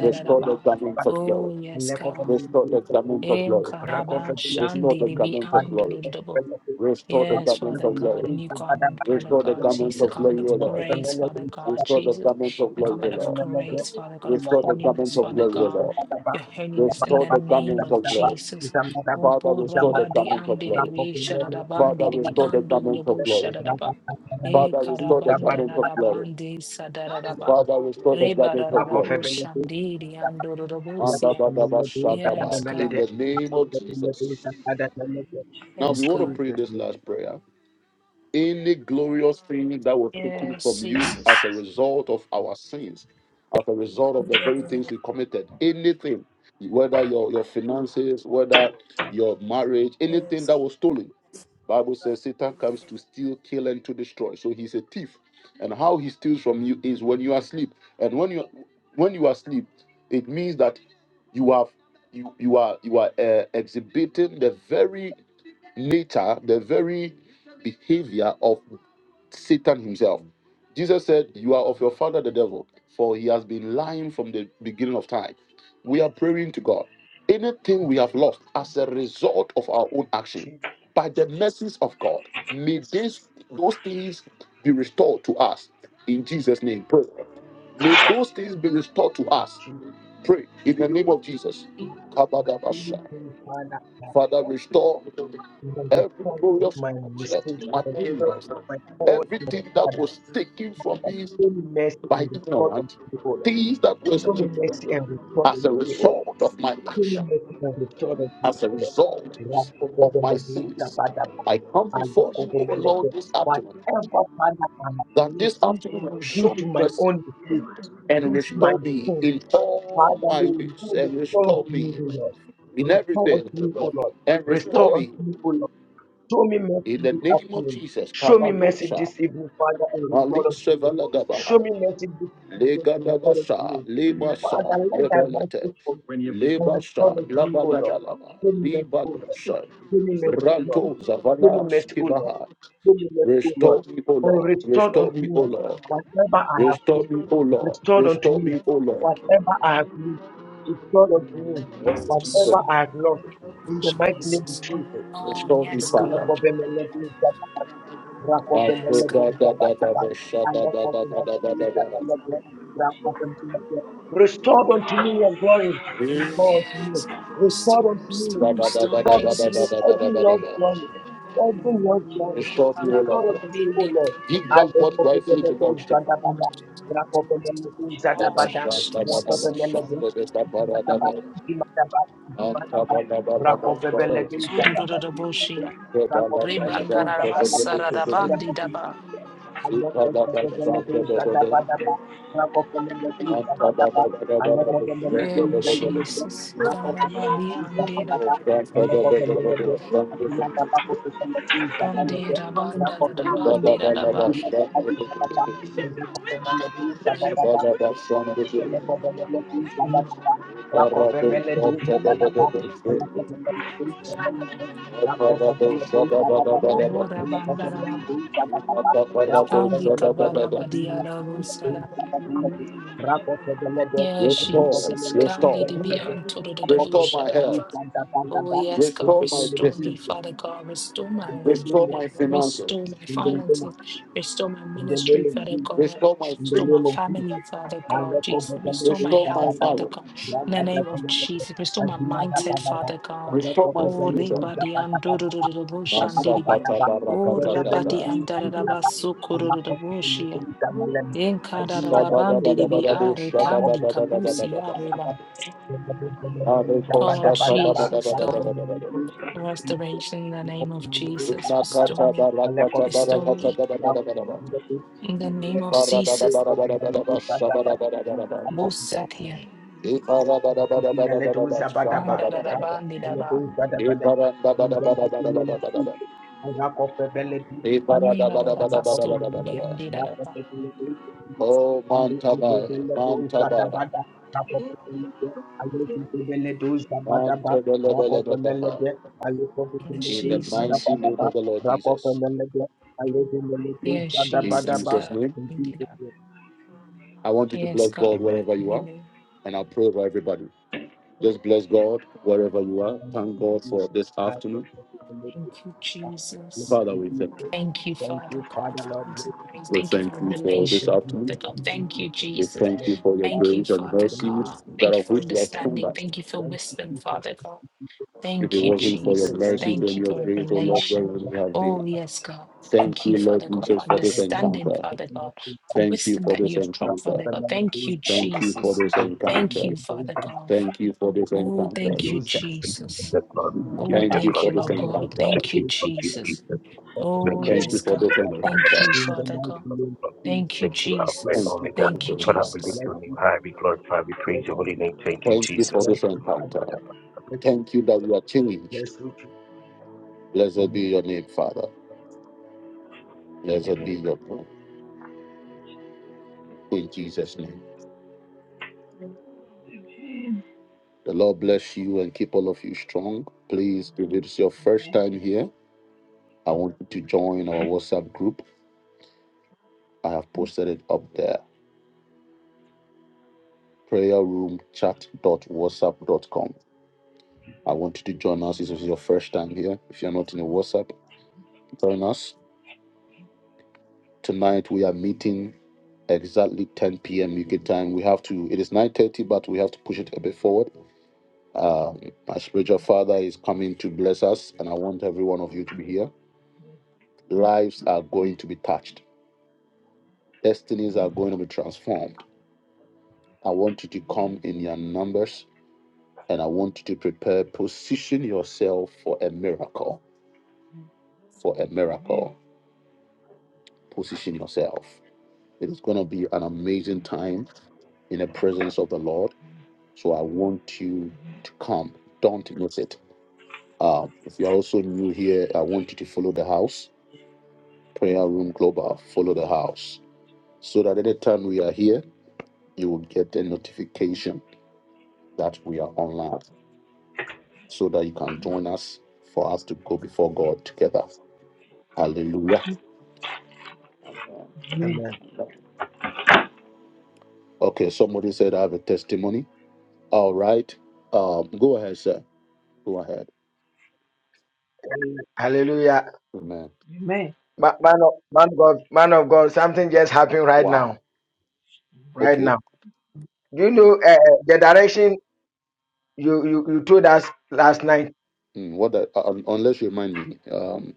Speaker 1: Restore the garment of glory.
Speaker 3: Oh yes, God.
Speaker 1: Restore the garment of
Speaker 3: En
Speaker 1: glory.
Speaker 3: karaba
Speaker 1: Restore
Speaker 3: shandi
Speaker 1: the
Speaker 3: ribi
Speaker 1: garment of glory.
Speaker 3: andodododabo.
Speaker 1: Restore the
Speaker 3: Yes,
Speaker 1: garment
Speaker 3: Father
Speaker 1: of
Speaker 8: of
Speaker 3: God,
Speaker 1: glory.
Speaker 3: a new
Speaker 8: Jesus.
Speaker 3: garment, Father
Speaker 1: Restore the
Speaker 3: God,
Speaker 2: you.
Speaker 8: He
Speaker 3: Jesus,
Speaker 1: garment
Speaker 3: a
Speaker 1: of
Speaker 8: fails,
Speaker 3: garment
Speaker 1: glory,
Speaker 3: of
Speaker 2: In
Speaker 1: O Lord.
Speaker 8: he
Speaker 3: grace, Father
Speaker 8: fails,
Speaker 3: God,
Speaker 1: Restore the
Speaker 3: Jesus,
Speaker 8: he's
Speaker 1: garment of
Speaker 8: making
Speaker 3: a
Speaker 8: my
Speaker 1: glory, O
Speaker 3: garment
Speaker 8: own.
Speaker 3: of
Speaker 1: Lord.
Speaker 3: grace, Father God, of
Speaker 8: He
Speaker 1: Restore the
Speaker 3: holiness,
Speaker 1: garment of
Speaker 3: Father
Speaker 8: fails,
Speaker 1: glory, O
Speaker 3: God,
Speaker 1: Lord.
Speaker 3: your
Speaker 8: he
Speaker 3: holiness in
Speaker 1: Restore
Speaker 3: the
Speaker 1: the
Speaker 8: fails,
Speaker 3: name
Speaker 1: garment
Speaker 3: of
Speaker 1: of
Speaker 8: he
Speaker 1: glory.
Speaker 3: Jesus.
Speaker 8: fails.
Speaker 3: O
Speaker 1: Father, restore the
Speaker 3: Buraba
Speaker 8: Already
Speaker 3: di
Speaker 1: garment of
Speaker 3: andi di
Speaker 1: glory.
Speaker 8: original,
Speaker 3: bi
Speaker 8: it's not
Speaker 3: shadadabandi
Speaker 1: Father,
Speaker 8: the
Speaker 3: di bi
Speaker 1: restore the
Speaker 8: original.
Speaker 3: andu di
Speaker 1: garment of
Speaker 3: bu
Speaker 1: glory.
Speaker 3: shadadaba.
Speaker 8: Already original,
Speaker 3: E
Speaker 1: Father, restore the
Speaker 3: karabanda
Speaker 1: garment
Speaker 8: already
Speaker 1: of glory.
Speaker 3: radabandi
Speaker 8: meaningful. So
Speaker 3: sadadadaba.
Speaker 1: Father,
Speaker 8: Jesus,
Speaker 1: restore the
Speaker 3: Reba
Speaker 8: my
Speaker 1: garment of
Speaker 8: opinion.
Speaker 1: glory.
Speaker 3: radadabu
Speaker 8: In
Speaker 3: shandi
Speaker 8: the
Speaker 3: di andu
Speaker 8: mighty name of
Speaker 3: rubusia.
Speaker 8: Jesus, in
Speaker 3: Yes,
Speaker 1: Andabadabashadaba.
Speaker 8: the
Speaker 1: In
Speaker 3: God.
Speaker 1: the name
Speaker 8: genuine
Speaker 1: of
Speaker 8: of poetry.
Speaker 1: Jesus.
Speaker 8: the name of
Speaker 1: Now
Speaker 8: Jesus,
Speaker 3: Yes,
Speaker 1: we want to
Speaker 3: God.
Speaker 8: Jesus,
Speaker 1: pray
Speaker 2: Jesus'
Speaker 1: this
Speaker 8: Jesus.
Speaker 1: last prayer. any glorious thing that was taken
Speaker 3: Yes,
Speaker 1: from you as
Speaker 3: Jesus.
Speaker 1: a result of our sins, as a result of the very things we committed, anything, whether your, your finances, whether your marriage, anything
Speaker 3: Yes.
Speaker 1: that was stolen. Bible says Satan comes to steal, kill, and to destroy. So he's a thief. And how he steals from you is when you are asleep. And when you when you are asleep, it means that you have you you are you are uh, exhibiting the very nature, the very behavior of Satan himself. Jesus said, You are of your father, the devil, for he has been lying from the beginning of time. We are praying to God. Anything we have lost as a result of our own action, by the mercies of God, may this, those things be restored to us. In Jesus' name, pray. May those things be restored to us.
Speaker 2: name,
Speaker 1: Pray in the name of Jesus. Kabadabasha.
Speaker 2: Jesus,
Speaker 1: Father,
Speaker 2: Father,
Speaker 1: restore
Speaker 2: in the
Speaker 1: every
Speaker 2: result of
Speaker 1: glorious
Speaker 2: my
Speaker 1: object,
Speaker 2: mistakes, my
Speaker 1: materials,
Speaker 2: purpose, my fault, my
Speaker 1: everything that
Speaker 2: father.
Speaker 1: was taken from
Speaker 2: Father,
Speaker 1: me
Speaker 2: show me mercy
Speaker 1: by
Speaker 2: and restore
Speaker 1: ignorance,
Speaker 2: unto the order.
Speaker 1: things that was
Speaker 2: Show me mercy
Speaker 1: taken
Speaker 2: and restore
Speaker 1: as
Speaker 2: unto
Speaker 1: a
Speaker 2: the order.
Speaker 1: result of my
Speaker 2: Show me
Speaker 1: action,
Speaker 2: mercy and restore unto the
Speaker 1: as a
Speaker 2: order.
Speaker 1: result of my
Speaker 2: Rakobobelebe,
Speaker 1: sins.
Speaker 2: zabadaba,
Speaker 1: I come before you, O Lord,
Speaker 2: alekobobelebe.
Speaker 1: this afternoon,
Speaker 2: Whatever, Father, I have
Speaker 1: that
Speaker 2: missed
Speaker 1: this afternoon you
Speaker 8: Jesus,
Speaker 2: due
Speaker 1: show
Speaker 2: to
Speaker 1: me
Speaker 2: my
Speaker 1: mercy
Speaker 2: own
Speaker 8: There
Speaker 2: mistakes,
Speaker 8: was this
Speaker 1: and
Speaker 2: due to my
Speaker 8: little
Speaker 1: restore me
Speaker 8: Jesus.
Speaker 2: sin,
Speaker 1: in
Speaker 8: Jesus,
Speaker 2: Father,
Speaker 1: all
Speaker 2: Lord,
Speaker 1: my
Speaker 2: you
Speaker 1: ways, and
Speaker 2: restore unto
Speaker 1: restore
Speaker 2: me,
Speaker 1: me
Speaker 2: O Lord.
Speaker 1: in
Speaker 2: Restore unto
Speaker 1: everything,
Speaker 2: me, O Lord.
Speaker 1: and restore
Speaker 2: Restore unto
Speaker 1: me
Speaker 2: me, O Lord. Show me mercy
Speaker 1: in the
Speaker 2: this
Speaker 1: name of
Speaker 2: afternoon.
Speaker 1: Jesus.
Speaker 2: Show me mercy
Speaker 1: Kabanosha,
Speaker 2: this evening, Father, and
Speaker 1: Ali
Speaker 2: restore unto me.
Speaker 1: Sevalagaba,
Speaker 2: Show me mercy this evening and restore unto
Speaker 1: Legadabasa,
Speaker 2: me. Father,
Speaker 1: Lebasa,
Speaker 2: let that
Speaker 1: Lebalete,
Speaker 2: mercy come and restore
Speaker 1: Lebasa,
Speaker 2: unto me, O Lord.
Speaker 1: Labalaba,
Speaker 2: Show me mercy, O Lord.
Speaker 1: Libadosa,
Speaker 2: Show me mercy, O Lord.
Speaker 1: Rato,
Speaker 2: Show me
Speaker 1: Zavala,
Speaker 2: mercy, O Lord.
Speaker 1: Skibaha.
Speaker 2: Show me mercy, O Lord.
Speaker 1: Restore me, O
Speaker 2: And
Speaker 1: Lord.
Speaker 2: restore
Speaker 1: Restore
Speaker 2: unto
Speaker 1: me, O
Speaker 2: me
Speaker 1: Lord.
Speaker 2: whatever I have
Speaker 1: Restore
Speaker 2: lost.
Speaker 1: me, O Lord.
Speaker 2: Restore unto
Speaker 1: Restore
Speaker 2: me
Speaker 1: me, O Lord.
Speaker 2: whatever I have lost. Restore unto me
Speaker 1: Oh, Jesus.
Speaker 2: whatever I have lost. In the mighty name of
Speaker 3: Jesus.
Speaker 2: Jesus.
Speaker 3: Oh,
Speaker 1: Restore me,
Speaker 3: yes, God.
Speaker 1: Father.
Speaker 2: Restore
Speaker 3: Yes,
Speaker 1: Restore
Speaker 3: God.
Speaker 2: unto me your glory. Restore unto me.
Speaker 3: Yes, God.
Speaker 2: Restore
Speaker 3: Restore,
Speaker 2: unto me.
Speaker 3: restore, restore,
Speaker 2: Restore unto me
Speaker 3: Jesus.
Speaker 2: every Lord's glory.
Speaker 8: in the
Speaker 2: Every
Speaker 8: name of
Speaker 2: Lord's glory.
Speaker 3: In
Speaker 8: Jesus.
Speaker 3: God,
Speaker 1: me, O
Speaker 2: Restore unto
Speaker 1: Lord.
Speaker 2: me,
Speaker 3: in
Speaker 2: O
Speaker 3: the
Speaker 2: Lord.
Speaker 1: Give
Speaker 2: And
Speaker 1: back
Speaker 8: In
Speaker 2: the
Speaker 1: what
Speaker 2: prophet of
Speaker 1: rightfully
Speaker 2: the Lord,
Speaker 1: belongs to me.
Speaker 2: Zadabada.
Speaker 8: the mighty
Speaker 2: Rakopemele,
Speaker 8: name of
Speaker 2: do
Speaker 1: Thank
Speaker 3: oh,
Speaker 8: Jesus.
Speaker 2: Zadabada.
Speaker 3: yes,
Speaker 8: Lord,
Speaker 3: Jesus.
Speaker 2: Rakopemele, do
Speaker 8: I
Speaker 2: Zadabada.
Speaker 8: pray your joy.
Speaker 2: Zadabada.
Speaker 8: I pray your
Speaker 2: Zadabada.
Speaker 8: joy.
Speaker 2: Rakopemele, do Zadabada.
Speaker 3: Sudodododoboshiya.
Speaker 2: Rakopemele, do Zadabada.
Speaker 3: Rebandarabasarabandidaba. Yes, Jesus. Karabadiandidada.
Speaker 8: In the mighty name of Jesus. In the
Speaker 3: Bandirabandaradabandidadaba.
Speaker 8: name of
Speaker 2: Thank
Speaker 8: Jesus. In
Speaker 2: in the name
Speaker 8: Jesus' name.
Speaker 2: of Jesus, in the
Speaker 8: In
Speaker 2: name
Speaker 8: the
Speaker 2: of Jesus, in the name of
Speaker 8: mighty name of Jesus.
Speaker 2: Jesus,
Speaker 8: You are the shepherd
Speaker 3: Borabandaraba.
Speaker 1: you.
Speaker 3: Andikabarabadiarabosaraba.
Speaker 8: In the name of Jesus.
Speaker 3: Yes,
Speaker 1: Restore,
Speaker 8: In
Speaker 3: Jesus.
Speaker 8: the
Speaker 3: Candidi
Speaker 8: mighty
Speaker 1: restore,
Speaker 3: be
Speaker 8: name of
Speaker 3: antoro the
Speaker 8: Jesus.
Speaker 3: double
Speaker 1: restore my
Speaker 3: shadadava.
Speaker 1: health,
Speaker 8: In the
Speaker 3: Oh, yes, God,
Speaker 1: restore my
Speaker 3: restore me,
Speaker 1: business,
Speaker 3: Father God, restore my life,
Speaker 1: restore
Speaker 3: Father
Speaker 1: my
Speaker 3: God,
Speaker 1: finances,
Speaker 3: restore my finances, restore my
Speaker 2: in the name
Speaker 3: ministry,
Speaker 2: of
Speaker 3: Father
Speaker 2: Jesus,
Speaker 3: God,
Speaker 1: restore my
Speaker 2: in the
Speaker 3: restore
Speaker 1: faith,
Speaker 3: my
Speaker 2: name of
Speaker 3: family,
Speaker 2: Jesus.
Speaker 3: Father God,
Speaker 2: Maleko
Speaker 3: Jesus,
Speaker 2: betende
Speaker 3: restore my
Speaker 1: restore
Speaker 2: uta
Speaker 3: health,
Speaker 1: my
Speaker 2: baba ba,
Speaker 3: Father
Speaker 1: marriage,
Speaker 3: God, in
Speaker 2: granda
Speaker 3: the name of
Speaker 2: betende leke,
Speaker 3: Jesus, restore my
Speaker 2: azima da
Speaker 3: mindset,
Speaker 2: baba ba,
Speaker 3: Father God.
Speaker 1: restore
Speaker 2: maleko
Speaker 1: my
Speaker 3: Oh,
Speaker 2: betende
Speaker 1: future.
Speaker 2: uta
Speaker 3: rebadi
Speaker 2: baba
Speaker 3: andoro
Speaker 2: baba ba,
Speaker 3: the double
Speaker 2: uta baba
Speaker 3: shandidibi.
Speaker 2: baba
Speaker 1: Masakata
Speaker 2: ba,
Speaker 3: Oh,
Speaker 1: barakata
Speaker 2: zete bele
Speaker 3: rabadi
Speaker 1: gata.
Speaker 2: uta mala ba,
Speaker 3: andarabasuko
Speaker 2: maleko betende
Speaker 3: the
Speaker 2: uta mala ni,
Speaker 3: in
Speaker 2: azima da betende
Speaker 3: Kadarabandiribi
Speaker 2: leke,
Speaker 1: Shabadabadabadabu,
Speaker 3: Are
Speaker 2: grako
Speaker 3: Kandi
Speaker 2: betende
Speaker 3: Kabusi
Speaker 2: uta baba baba.
Speaker 3: Areba.
Speaker 1: shabadabadabadabadabada.
Speaker 2: In the
Speaker 1: Areko
Speaker 3: Oh
Speaker 1: shata
Speaker 3: Jesus God,
Speaker 1: badabadabadabadabada.
Speaker 3: restoration in the name of Jesus. Restore
Speaker 1: Inakata
Speaker 3: me,
Speaker 1: barakata
Speaker 3: restore
Speaker 1: barakata
Speaker 3: me.
Speaker 1: badabadabadabada.
Speaker 3: In the name of Jesus.
Speaker 1: Ibaradabadabadabadabada, shabadabadabadabada.
Speaker 3: Both sat Bosatia.
Speaker 1: Oh, Mantabara,
Speaker 3: Andarabandidaba.
Speaker 2: mighty name of Jesus. Thank
Speaker 3: Ndarabasukudiandidaba.
Speaker 1: Mantabara, Mantabara,
Speaker 3: Yes,
Speaker 1: in the
Speaker 3: Jesus.
Speaker 1: mighty name of the Lord Jesus.
Speaker 8: mighty
Speaker 3: Yes,
Speaker 8: name of
Speaker 1: In
Speaker 3: Jesus
Speaker 1: Jesus'
Speaker 8: Jesus.
Speaker 3: God.
Speaker 1: name,
Speaker 3: Indida.
Speaker 8: In the mighty name
Speaker 1: I
Speaker 8: of
Speaker 1: want you to
Speaker 3: Yes,
Speaker 1: bless
Speaker 8: Jesus.
Speaker 3: God.
Speaker 1: God wherever you
Speaker 8: In
Speaker 1: are,
Speaker 8: the
Speaker 3: Amen.
Speaker 8: mighty
Speaker 1: and I'll pray for everybody. Just bless God wherever you are. Thank God for this afternoon.
Speaker 3: Thank you, Jesus.
Speaker 1: Father, we thank you.
Speaker 3: Thank you,
Speaker 2: you,
Speaker 3: Father God,
Speaker 2: Father
Speaker 3: for
Speaker 2: Lord.
Speaker 3: answering praise.
Speaker 1: We
Speaker 3: Thank you for
Speaker 1: thank
Speaker 3: your
Speaker 1: you for
Speaker 2: Thank
Speaker 1: this
Speaker 2: you,
Speaker 3: relation,
Speaker 1: afternoon.
Speaker 3: Father
Speaker 2: Jesus.
Speaker 3: God.
Speaker 2: Thank you,
Speaker 3: Thank you,
Speaker 1: We
Speaker 3: Jesus.
Speaker 1: thank you for your
Speaker 2: Jesus.
Speaker 3: Thank you,
Speaker 1: grace and
Speaker 3: Father
Speaker 2: Thank
Speaker 1: mercy,
Speaker 2: you,
Speaker 3: God.
Speaker 1: that
Speaker 3: Thank
Speaker 2: Jesus.
Speaker 3: you
Speaker 1: of
Speaker 3: for
Speaker 1: which you have told
Speaker 3: understanding.
Speaker 1: us.
Speaker 3: Thank you for
Speaker 2: Thank you,
Speaker 3: wisdom,
Speaker 2: Jesus.
Speaker 3: Father God.
Speaker 1: If it
Speaker 3: Thank you,
Speaker 2: Thank you,
Speaker 1: wasn't for your
Speaker 2: Jesus.
Speaker 3: Jesus.
Speaker 2: Thank
Speaker 1: mercy
Speaker 2: you,
Speaker 3: Thank
Speaker 1: and
Speaker 3: you
Speaker 1: your
Speaker 3: for
Speaker 2: Jesus.
Speaker 1: grace, oh Lord, where
Speaker 3: revelation.
Speaker 1: would we have been?
Speaker 3: Oh, yes, God.
Speaker 2: In
Speaker 1: Thank
Speaker 3: Thank you,
Speaker 1: you, Lord
Speaker 3: Father God, for
Speaker 1: Jesus, for this
Speaker 3: understanding,
Speaker 1: encounter.
Speaker 3: Father God, for
Speaker 1: Thank you
Speaker 3: wisdom
Speaker 1: for
Speaker 3: that
Speaker 1: this
Speaker 3: you have dropped,
Speaker 1: encounter.
Speaker 3: Father God. Thank you,
Speaker 1: Thank you for
Speaker 3: Jesus.
Speaker 1: this
Speaker 3: Thank
Speaker 1: encounter.
Speaker 3: you, Father God.
Speaker 1: Thank you for this
Speaker 3: Oh,
Speaker 1: encounter.
Speaker 3: thank
Speaker 5: Thank
Speaker 3: you,
Speaker 5: you for
Speaker 3: Jesus.
Speaker 5: The glory. We give
Speaker 3: Oh,
Speaker 5: you
Speaker 1: Thank
Speaker 5: the
Speaker 3: thank you,
Speaker 5: glory.
Speaker 3: Lord
Speaker 8: name
Speaker 5: We
Speaker 3: God.
Speaker 8: of
Speaker 5: worship
Speaker 1: God.
Speaker 3: Thank
Speaker 8: Jesus,
Speaker 3: you,
Speaker 5: you.
Speaker 8: In
Speaker 5: Thank you,
Speaker 3: Jesus.
Speaker 5: Jesus.
Speaker 3: Oh,
Speaker 5: Thank you,
Speaker 1: Thank
Speaker 3: yes,
Speaker 5: Jesus.
Speaker 8: the
Speaker 3: God.
Speaker 5: Thank
Speaker 1: you,
Speaker 5: you,
Speaker 8: mighty
Speaker 3: Thank
Speaker 1: Lord.
Speaker 8: name
Speaker 3: you,
Speaker 8: of
Speaker 5: Jesus.
Speaker 2: the
Speaker 3: Father
Speaker 5: Thank you,
Speaker 3: God.
Speaker 2: mighty
Speaker 5: Lord of
Speaker 2: name,
Speaker 5: Lords.
Speaker 2: please
Speaker 3: Thank
Speaker 8: Amen.
Speaker 3: you,
Speaker 5: Thank you, Alpha
Speaker 2: bless
Speaker 5: and
Speaker 1: And
Speaker 3: Jesus.
Speaker 2: you,
Speaker 5: Omega.
Speaker 3: Thank you,
Speaker 5: Father, we lift
Speaker 3: Jesus.
Speaker 2: bless
Speaker 5: your name
Speaker 2: you,
Speaker 5: high. We glorify. We
Speaker 2: bless
Speaker 5: praise your
Speaker 2: you,
Speaker 5: holy name. Thank you,
Speaker 1: thank you for
Speaker 5: Jesus.
Speaker 2: bless
Speaker 1: this
Speaker 2: you,
Speaker 1: encounter. Thank you.
Speaker 2: bless you, bless you.
Speaker 1: Blessed be
Speaker 2: Amen.
Speaker 1: your mother. Blessed be
Speaker 2: Amen.
Speaker 1: your God. In Jesus' name. The Lord bless you and keep all of you strong. Please, if it's your first time here, I want you to join our
Speaker 8: Amen.
Speaker 1: WhatsApp group. I have posted it up there. dot dot whatsapp dot com. I want you to join us. This is your first time here. If you're not in the WhatsApp, join us. Tonight we are meeting exactly 10 p.m. UK time. We have to. It is 9:30, but we have to push it a bit forward. Um, my spiritual father is coming to bless us, and I want every one of you to be here. Lives are going to be touched. Destinies are going to be transformed. I want you to come in your numbers and I want you to prepare, position yourself for a miracle. For a miracle, position yourself. It is going to be an amazing time in the presence of the Lord. So I want you to come. Don't miss it. Uh, if you're also new here, I want you to follow the house, Prayer Room Global. Follow the house so that any time we are here, you will get a notification that we are online so that you can join us for us to go before God together. Hallelujah.
Speaker 8: Amen.
Speaker 2: Amen.
Speaker 1: Okay, somebody said I have a testimony. All right. Um, go ahead, sir. Go ahead.
Speaker 2: Hallelujah.
Speaker 1: Amen.
Speaker 8: Amen. Amen.
Speaker 2: Ma- man of man of God, man of God, something just happened right now,
Speaker 1: Wow.
Speaker 8: Amen.
Speaker 2: right
Speaker 1: Okay.
Speaker 2: now. Do you know uh, the direction you, you you told us last night?
Speaker 1: Mm, what? The, uh, un- unless you remind me. Um.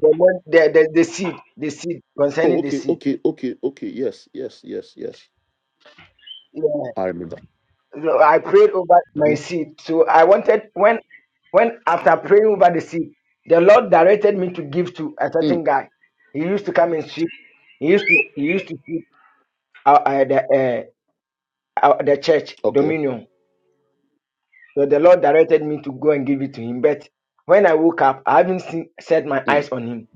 Speaker 2: The one, the, the the seed, the seed
Speaker 1: Oh,
Speaker 2: concerning the
Speaker 1: okay,
Speaker 2: seed.
Speaker 1: okay, okay, okay. Yes, yes, yes, yes.
Speaker 2: Yeah,
Speaker 1: I remember.
Speaker 2: So I prayed over my
Speaker 1: Mm-hmm.
Speaker 2: seed. So I wanted when when after praying over the seed, the Lord directed me to give to a
Speaker 1: hmm
Speaker 2: certain
Speaker 1: Mm,
Speaker 2: guy. He used to come and sweep. He used to he used to sweep uh, uh, the eh, uh,
Speaker 1: okay.
Speaker 2: So the Lord directed me to go and give it to him. But when I woke up, I haven't seen, set my
Speaker 1: Mm,
Speaker 2: eyes on him.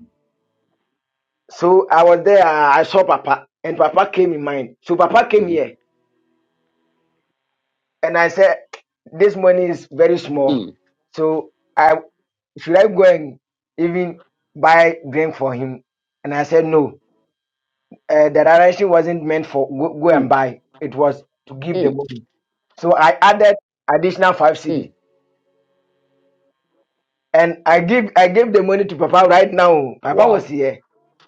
Speaker 1: hmm
Speaker 2: And I said,
Speaker 1: mm,
Speaker 2: I even, and I said, no, uh, the direction wasn't meant for go, go and
Speaker 1: mm,
Speaker 2: buy. It was to give the
Speaker 1: mm,
Speaker 2: money. So I added additional five
Speaker 1: mm.
Speaker 2: CD. And I give, I gave the money to Papa right now. Papa was
Speaker 1: Wow.
Speaker 2: here.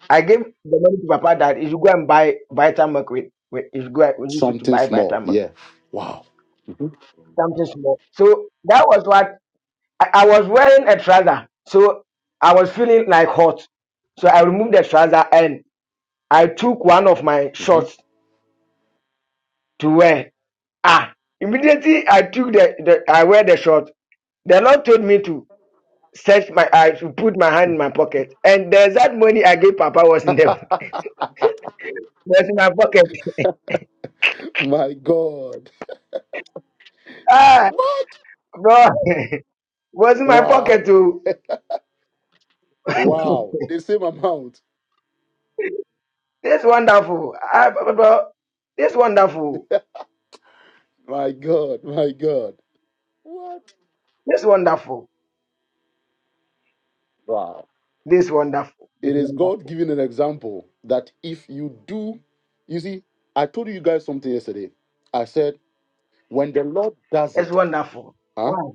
Speaker 2: I gave the money to Papa that he should go and buy Vitamilk with, with he should go and use it to
Speaker 1: Something
Speaker 2: buy
Speaker 1: small.
Speaker 2: Vitamilk,
Speaker 1: Yeah. Wow. hmm
Speaker 2: something small. So that was what I, I was wearing a trouser, so I was feeling like hot. So I removed the trouser and I took one of my
Speaker 1: hmm
Speaker 2: shorts to wear. Ah, immediately I took the, the I wear the shorts. The Lord told me to search my I to put my hand in my pocket. And the that money I gave Papa was in them was in my pocket.
Speaker 1: My God.
Speaker 2: Ah,
Speaker 1: What?
Speaker 2: bro, was in my
Speaker 1: Wow.
Speaker 2: pocket too.
Speaker 1: Wow. The same amount.
Speaker 2: This wonderful. Ah, bro, this wonderful.
Speaker 1: My God, my God.
Speaker 2: This wonderful.
Speaker 1: Wow.
Speaker 2: This wonderful. It's
Speaker 1: It is
Speaker 2: wonderful.
Speaker 1: God giving an example that if you do, you see, I told you guys something yesterday. I said, when the Lord does
Speaker 2: It's
Speaker 1: it,
Speaker 2: wonderful.
Speaker 1: huh?
Speaker 2: One,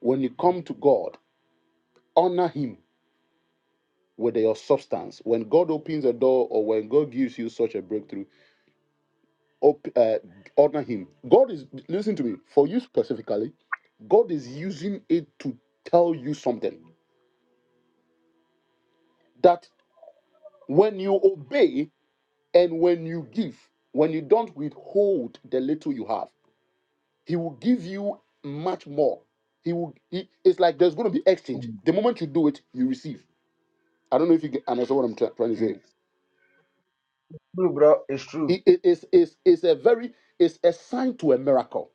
Speaker 1: When you come to God, honor Him with your substance. When God opens a door or when God gives you such a breakthrough, op- uh, honor Him. God is, listen to me, for you specifically, God is using it to tell you something that when you obey, And when you give, when you don't withhold the little you have, he will give you much more. He will. He, it's like there's going to be exchange.
Speaker 2: two,
Speaker 1: The moment you do it, you receive. I don't know if you get, understand what I'm try- trying to say.
Speaker 2: three, Blue, bro. blue.
Speaker 1: It, it- it's, it's, it's a very it's a sign to a miracle.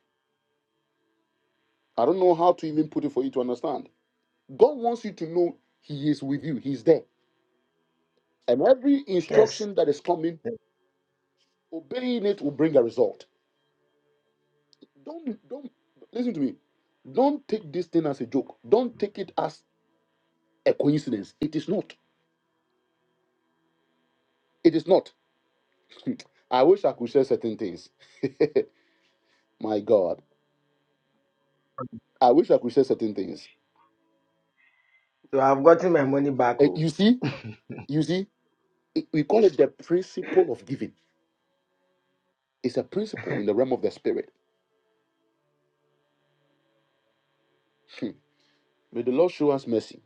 Speaker 1: I don't know how to even put it for you to understand. God wants you to know He is with you. He's there, and every
Speaker 2: Yes.
Speaker 1: instruction that is coming, obeying it will bring a result. Don't don't listen to me don't take this thing as a joke. Don't take it as a coincidence. It is not. It is not. I wish I could share certain things. My God. I wish I could share certain things.
Speaker 2: So I've gotten my money back.
Speaker 1: Eh,
Speaker 2: Oh,
Speaker 1: You see, you see, it- we call it the principle of giving. It's a principle in the realm of the spirit. Hmm. May the Lord show us mercy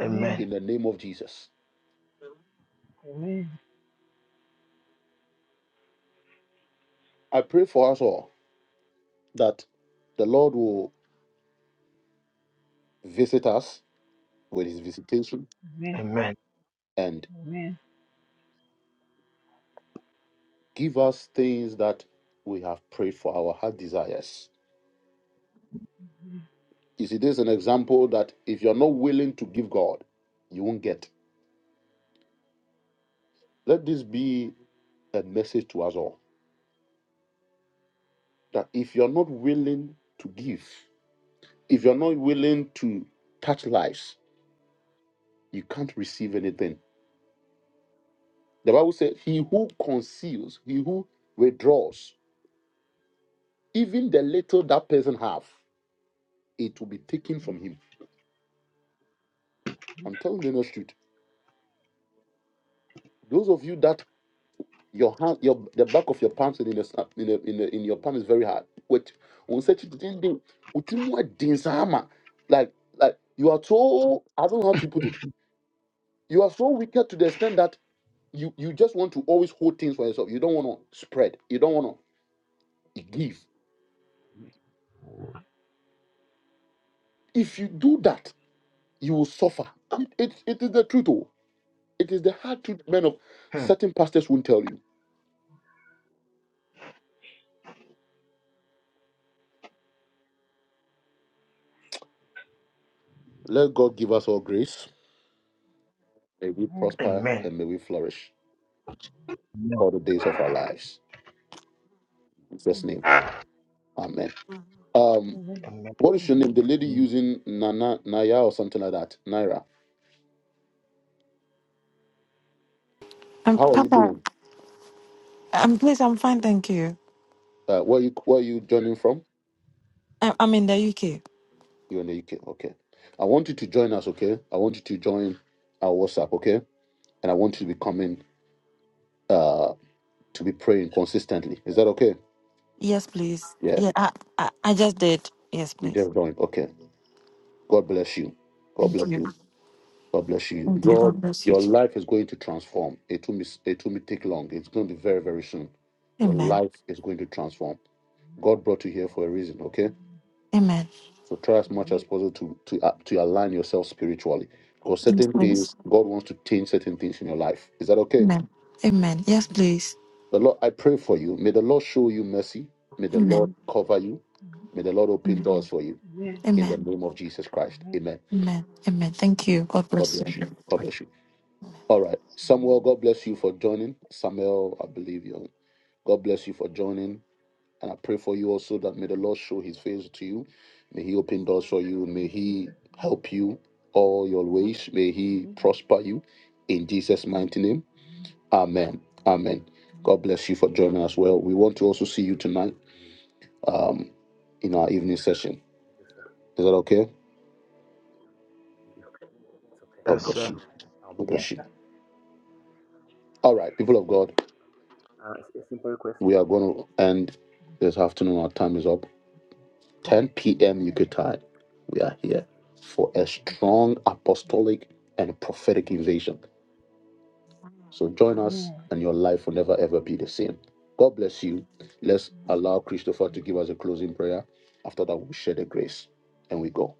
Speaker 8: Amen. Amen.
Speaker 1: in the name of Jesus.
Speaker 8: Amen.
Speaker 1: I pray for us all that the Lord will visit us with his visitation and
Speaker 8: Amen. Amen.
Speaker 1: give us things that we have prayed for our heart desires. You see, this is an example that if you're not willing to give God, you won't get. Let this be a message to us all that if you're not willing to give, if you're not willing to touch lives, you can't receive anything. The Bible says, He who conceals, he who withdraws, even the little that person have, it will be taken from him. I'm telling the honest truth. Those of you that Your hand, your the back of your palms and in your sa- in, your- in, your- in your palm is very hard. Which on such thing, like like you are so I don't know how to put it. You are so wicked to the extent that you you just want to always hold things for yourself. You don't want to spread. You don't want to give. If you do that, you will suffer. It, it, it is the truth. Oh. It is the hard truth men of certain pastors won't tell you. Let God give us all grace. May we prosper and may we flourish
Speaker 2: Yes.
Speaker 1: all the days of our lives. In Jesus' name. Amen. Um,
Speaker 8: Amen.
Speaker 1: what is your name? The lady using Nana Naya or something like that. Naira.
Speaker 9: Um,
Speaker 1: How are you
Speaker 9: Papa,
Speaker 1: doing?
Speaker 9: um, please, I'm fine, thank you.
Speaker 1: Uh, where you where are you joining from?
Speaker 9: I, I'm in the UK.
Speaker 1: You're in the UK. Okay. I want you to join us. Okay. I want you to join our WhatsApp. Okay. And I want you to be coming. Uh, to be praying consistently. Is that okay?
Speaker 9: Yes, please.
Speaker 1: Yeah.
Speaker 9: Yeah, I, I, I just did. Yes,
Speaker 1: We
Speaker 9: please.
Speaker 1: just joined. Okay. God bless you. God
Speaker 9: Thank
Speaker 1: bless
Speaker 9: you.
Speaker 1: you. God bless you.
Speaker 9: Thank you.
Speaker 1: God,
Speaker 9: God bless you.
Speaker 1: your life is going to transform. It will be, it will be take long. It's going to be very very soon. Your
Speaker 9: Amen.
Speaker 1: life is going to transform. God brought you here for a reason, okay?
Speaker 9: Amen.
Speaker 1: So try as much as possible to to uh, to align yourself spiritually, because
Speaker 9: Yes,
Speaker 1: certain
Speaker 9: please.
Speaker 1: things God wants to change certain things in your life. Is that okay?
Speaker 9: Amen. Amen. Yes, please.
Speaker 1: The Lord, I pray for you. May the Lord show you mercy. May the
Speaker 9: Amen.
Speaker 1: Lord cover you. May the Lord open
Speaker 9: Amen.
Speaker 1: doors for you
Speaker 8: Amen.
Speaker 1: in the
Speaker 9: Amen.
Speaker 1: name of Jesus Christ.
Speaker 8: Amen.
Speaker 1: Amen.
Speaker 9: Amen. Amen. Thank you. God
Speaker 1: God
Speaker 9: bless you.
Speaker 1: bless you. God bless you. All right,
Speaker 8: Amen.
Speaker 1: Samuel.
Speaker 8: Amen.
Speaker 1: God bless you for joining. Samuel, I believe you. God bless you for joining. And I pray for you also that may the Lord show his face to you. May he open doors for you. May he
Speaker 8: Jesus.
Speaker 1: help you all your ways. May he
Speaker 8: Amen.
Speaker 1: prosper you in Jesus' mighty name. Amen.
Speaker 10: Amen.
Speaker 1: Amen.
Speaker 8: Amen.
Speaker 1: God bless you for joining us. Well,
Speaker 10: Amen.
Speaker 1: we want to also see you tonight
Speaker 10: Amen.
Speaker 1: um, in our evening session.
Speaker 10: Thank you, sir.
Speaker 1: Is that okay?
Speaker 10: Thank you. It's okay.
Speaker 1: God
Speaker 2: that's
Speaker 1: bless
Speaker 8: Okay.
Speaker 2: all.
Speaker 1: you.
Speaker 10: I'll be
Speaker 1: God
Speaker 8: Yes,
Speaker 10: there.
Speaker 1: bless you.
Speaker 8: sir.
Speaker 10: Thank
Speaker 1: All
Speaker 10: you,
Speaker 1: right,
Speaker 10: sir.
Speaker 1: people of God,
Speaker 10: Uh, it's a simple request.
Speaker 1: we are going to end this afternoon. Our time is up. 10 p.m. UK
Speaker 8: Okay.
Speaker 1: we are here for a
Speaker 8: Okay.
Speaker 1: strong
Speaker 8: Okay.
Speaker 1: apostolic and prophetic invasion. So join us,
Speaker 8: Okay.
Speaker 1: and your
Speaker 10: Amen.
Speaker 1: life will never ever be the same. God bless you. Let's allow Christopher to give us a closing prayer. After that, we'll share the grace and we go.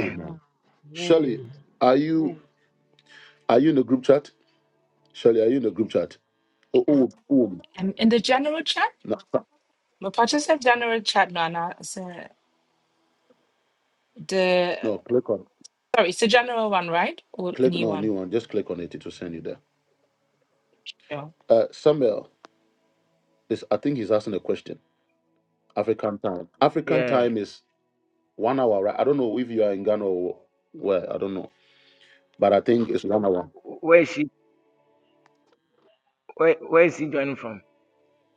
Speaker 1: Amen. Shirley, are you are you in the group chat? Shirley, are you in the group chat? Oh, oh, oh.
Speaker 3: Um, in the general chat,
Speaker 1: No,
Speaker 3: my participant general chat, Nana, so the
Speaker 1: no, click on
Speaker 3: sorry, it's the general one, right? Or
Speaker 1: click
Speaker 3: new
Speaker 1: no
Speaker 3: one?
Speaker 1: new one. Just click on it. It will send you there.
Speaker 3: Yeah.
Speaker 1: Uh, Samuel is. I think he's asking a question. African time. African time is one hour, right? I don't know if you are in Ghana or where. I don't know, but I think it's one hour.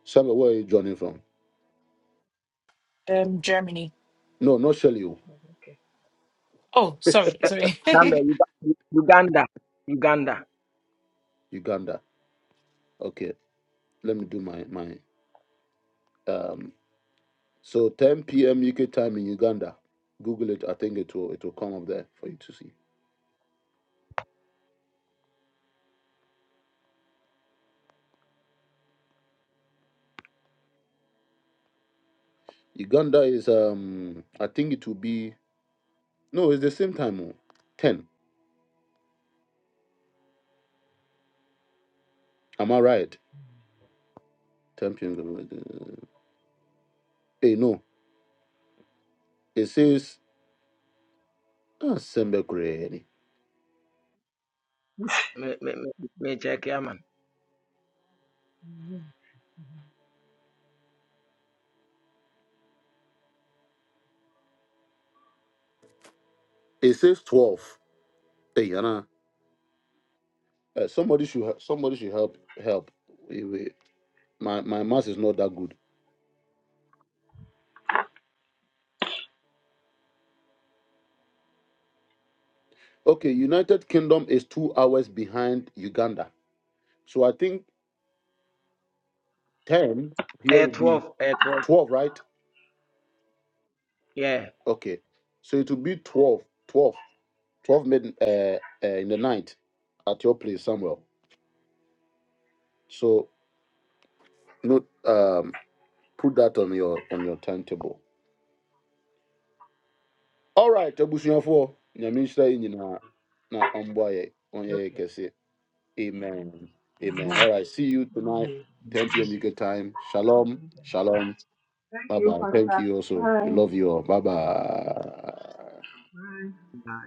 Speaker 1: Samuel, where are you joining from?
Speaker 3: Um, Germany.
Speaker 1: No, not Shelley, oh,
Speaker 3: Oh, sorry, sorry.
Speaker 2: Come here, you
Speaker 1: Uganda. Okay, let me do my my. Um, so 10 p.m. UK time in Uganda. Google it. I think it will it will come up there for you to see. Uganda is um. I think it will be no. It's the same time. oh, 10. Am I right? 10 p.m. Hey, no. It says ah, Sembekure. It says 12. Hey, Yana, uh, somebody should he- somebody should help help. Wait, wait. My my math is not that good. Okay, United Kingdom is two hours behind Uganda, so I think ten here will be twelve, right? Okay, so it will be twelve, twelve, twelve. 12, mid uh, uh, in the night at your place somewhere. So note um put that on your on your timetable. All right, Abusuafo, nyamisha inyina na omboye onye kese. Amen. Amen. All right. See you tonight, 10 p.m. UK time. Shalom. Shalom.
Speaker 8: Thank
Speaker 1: Bye
Speaker 8: you,
Speaker 1: bye. Thank
Speaker 8: Pastor.
Speaker 1: you also. We
Speaker 8: Bye.
Speaker 1: love you all. Bye bye.
Speaker 8: Bye.
Speaker 2: back.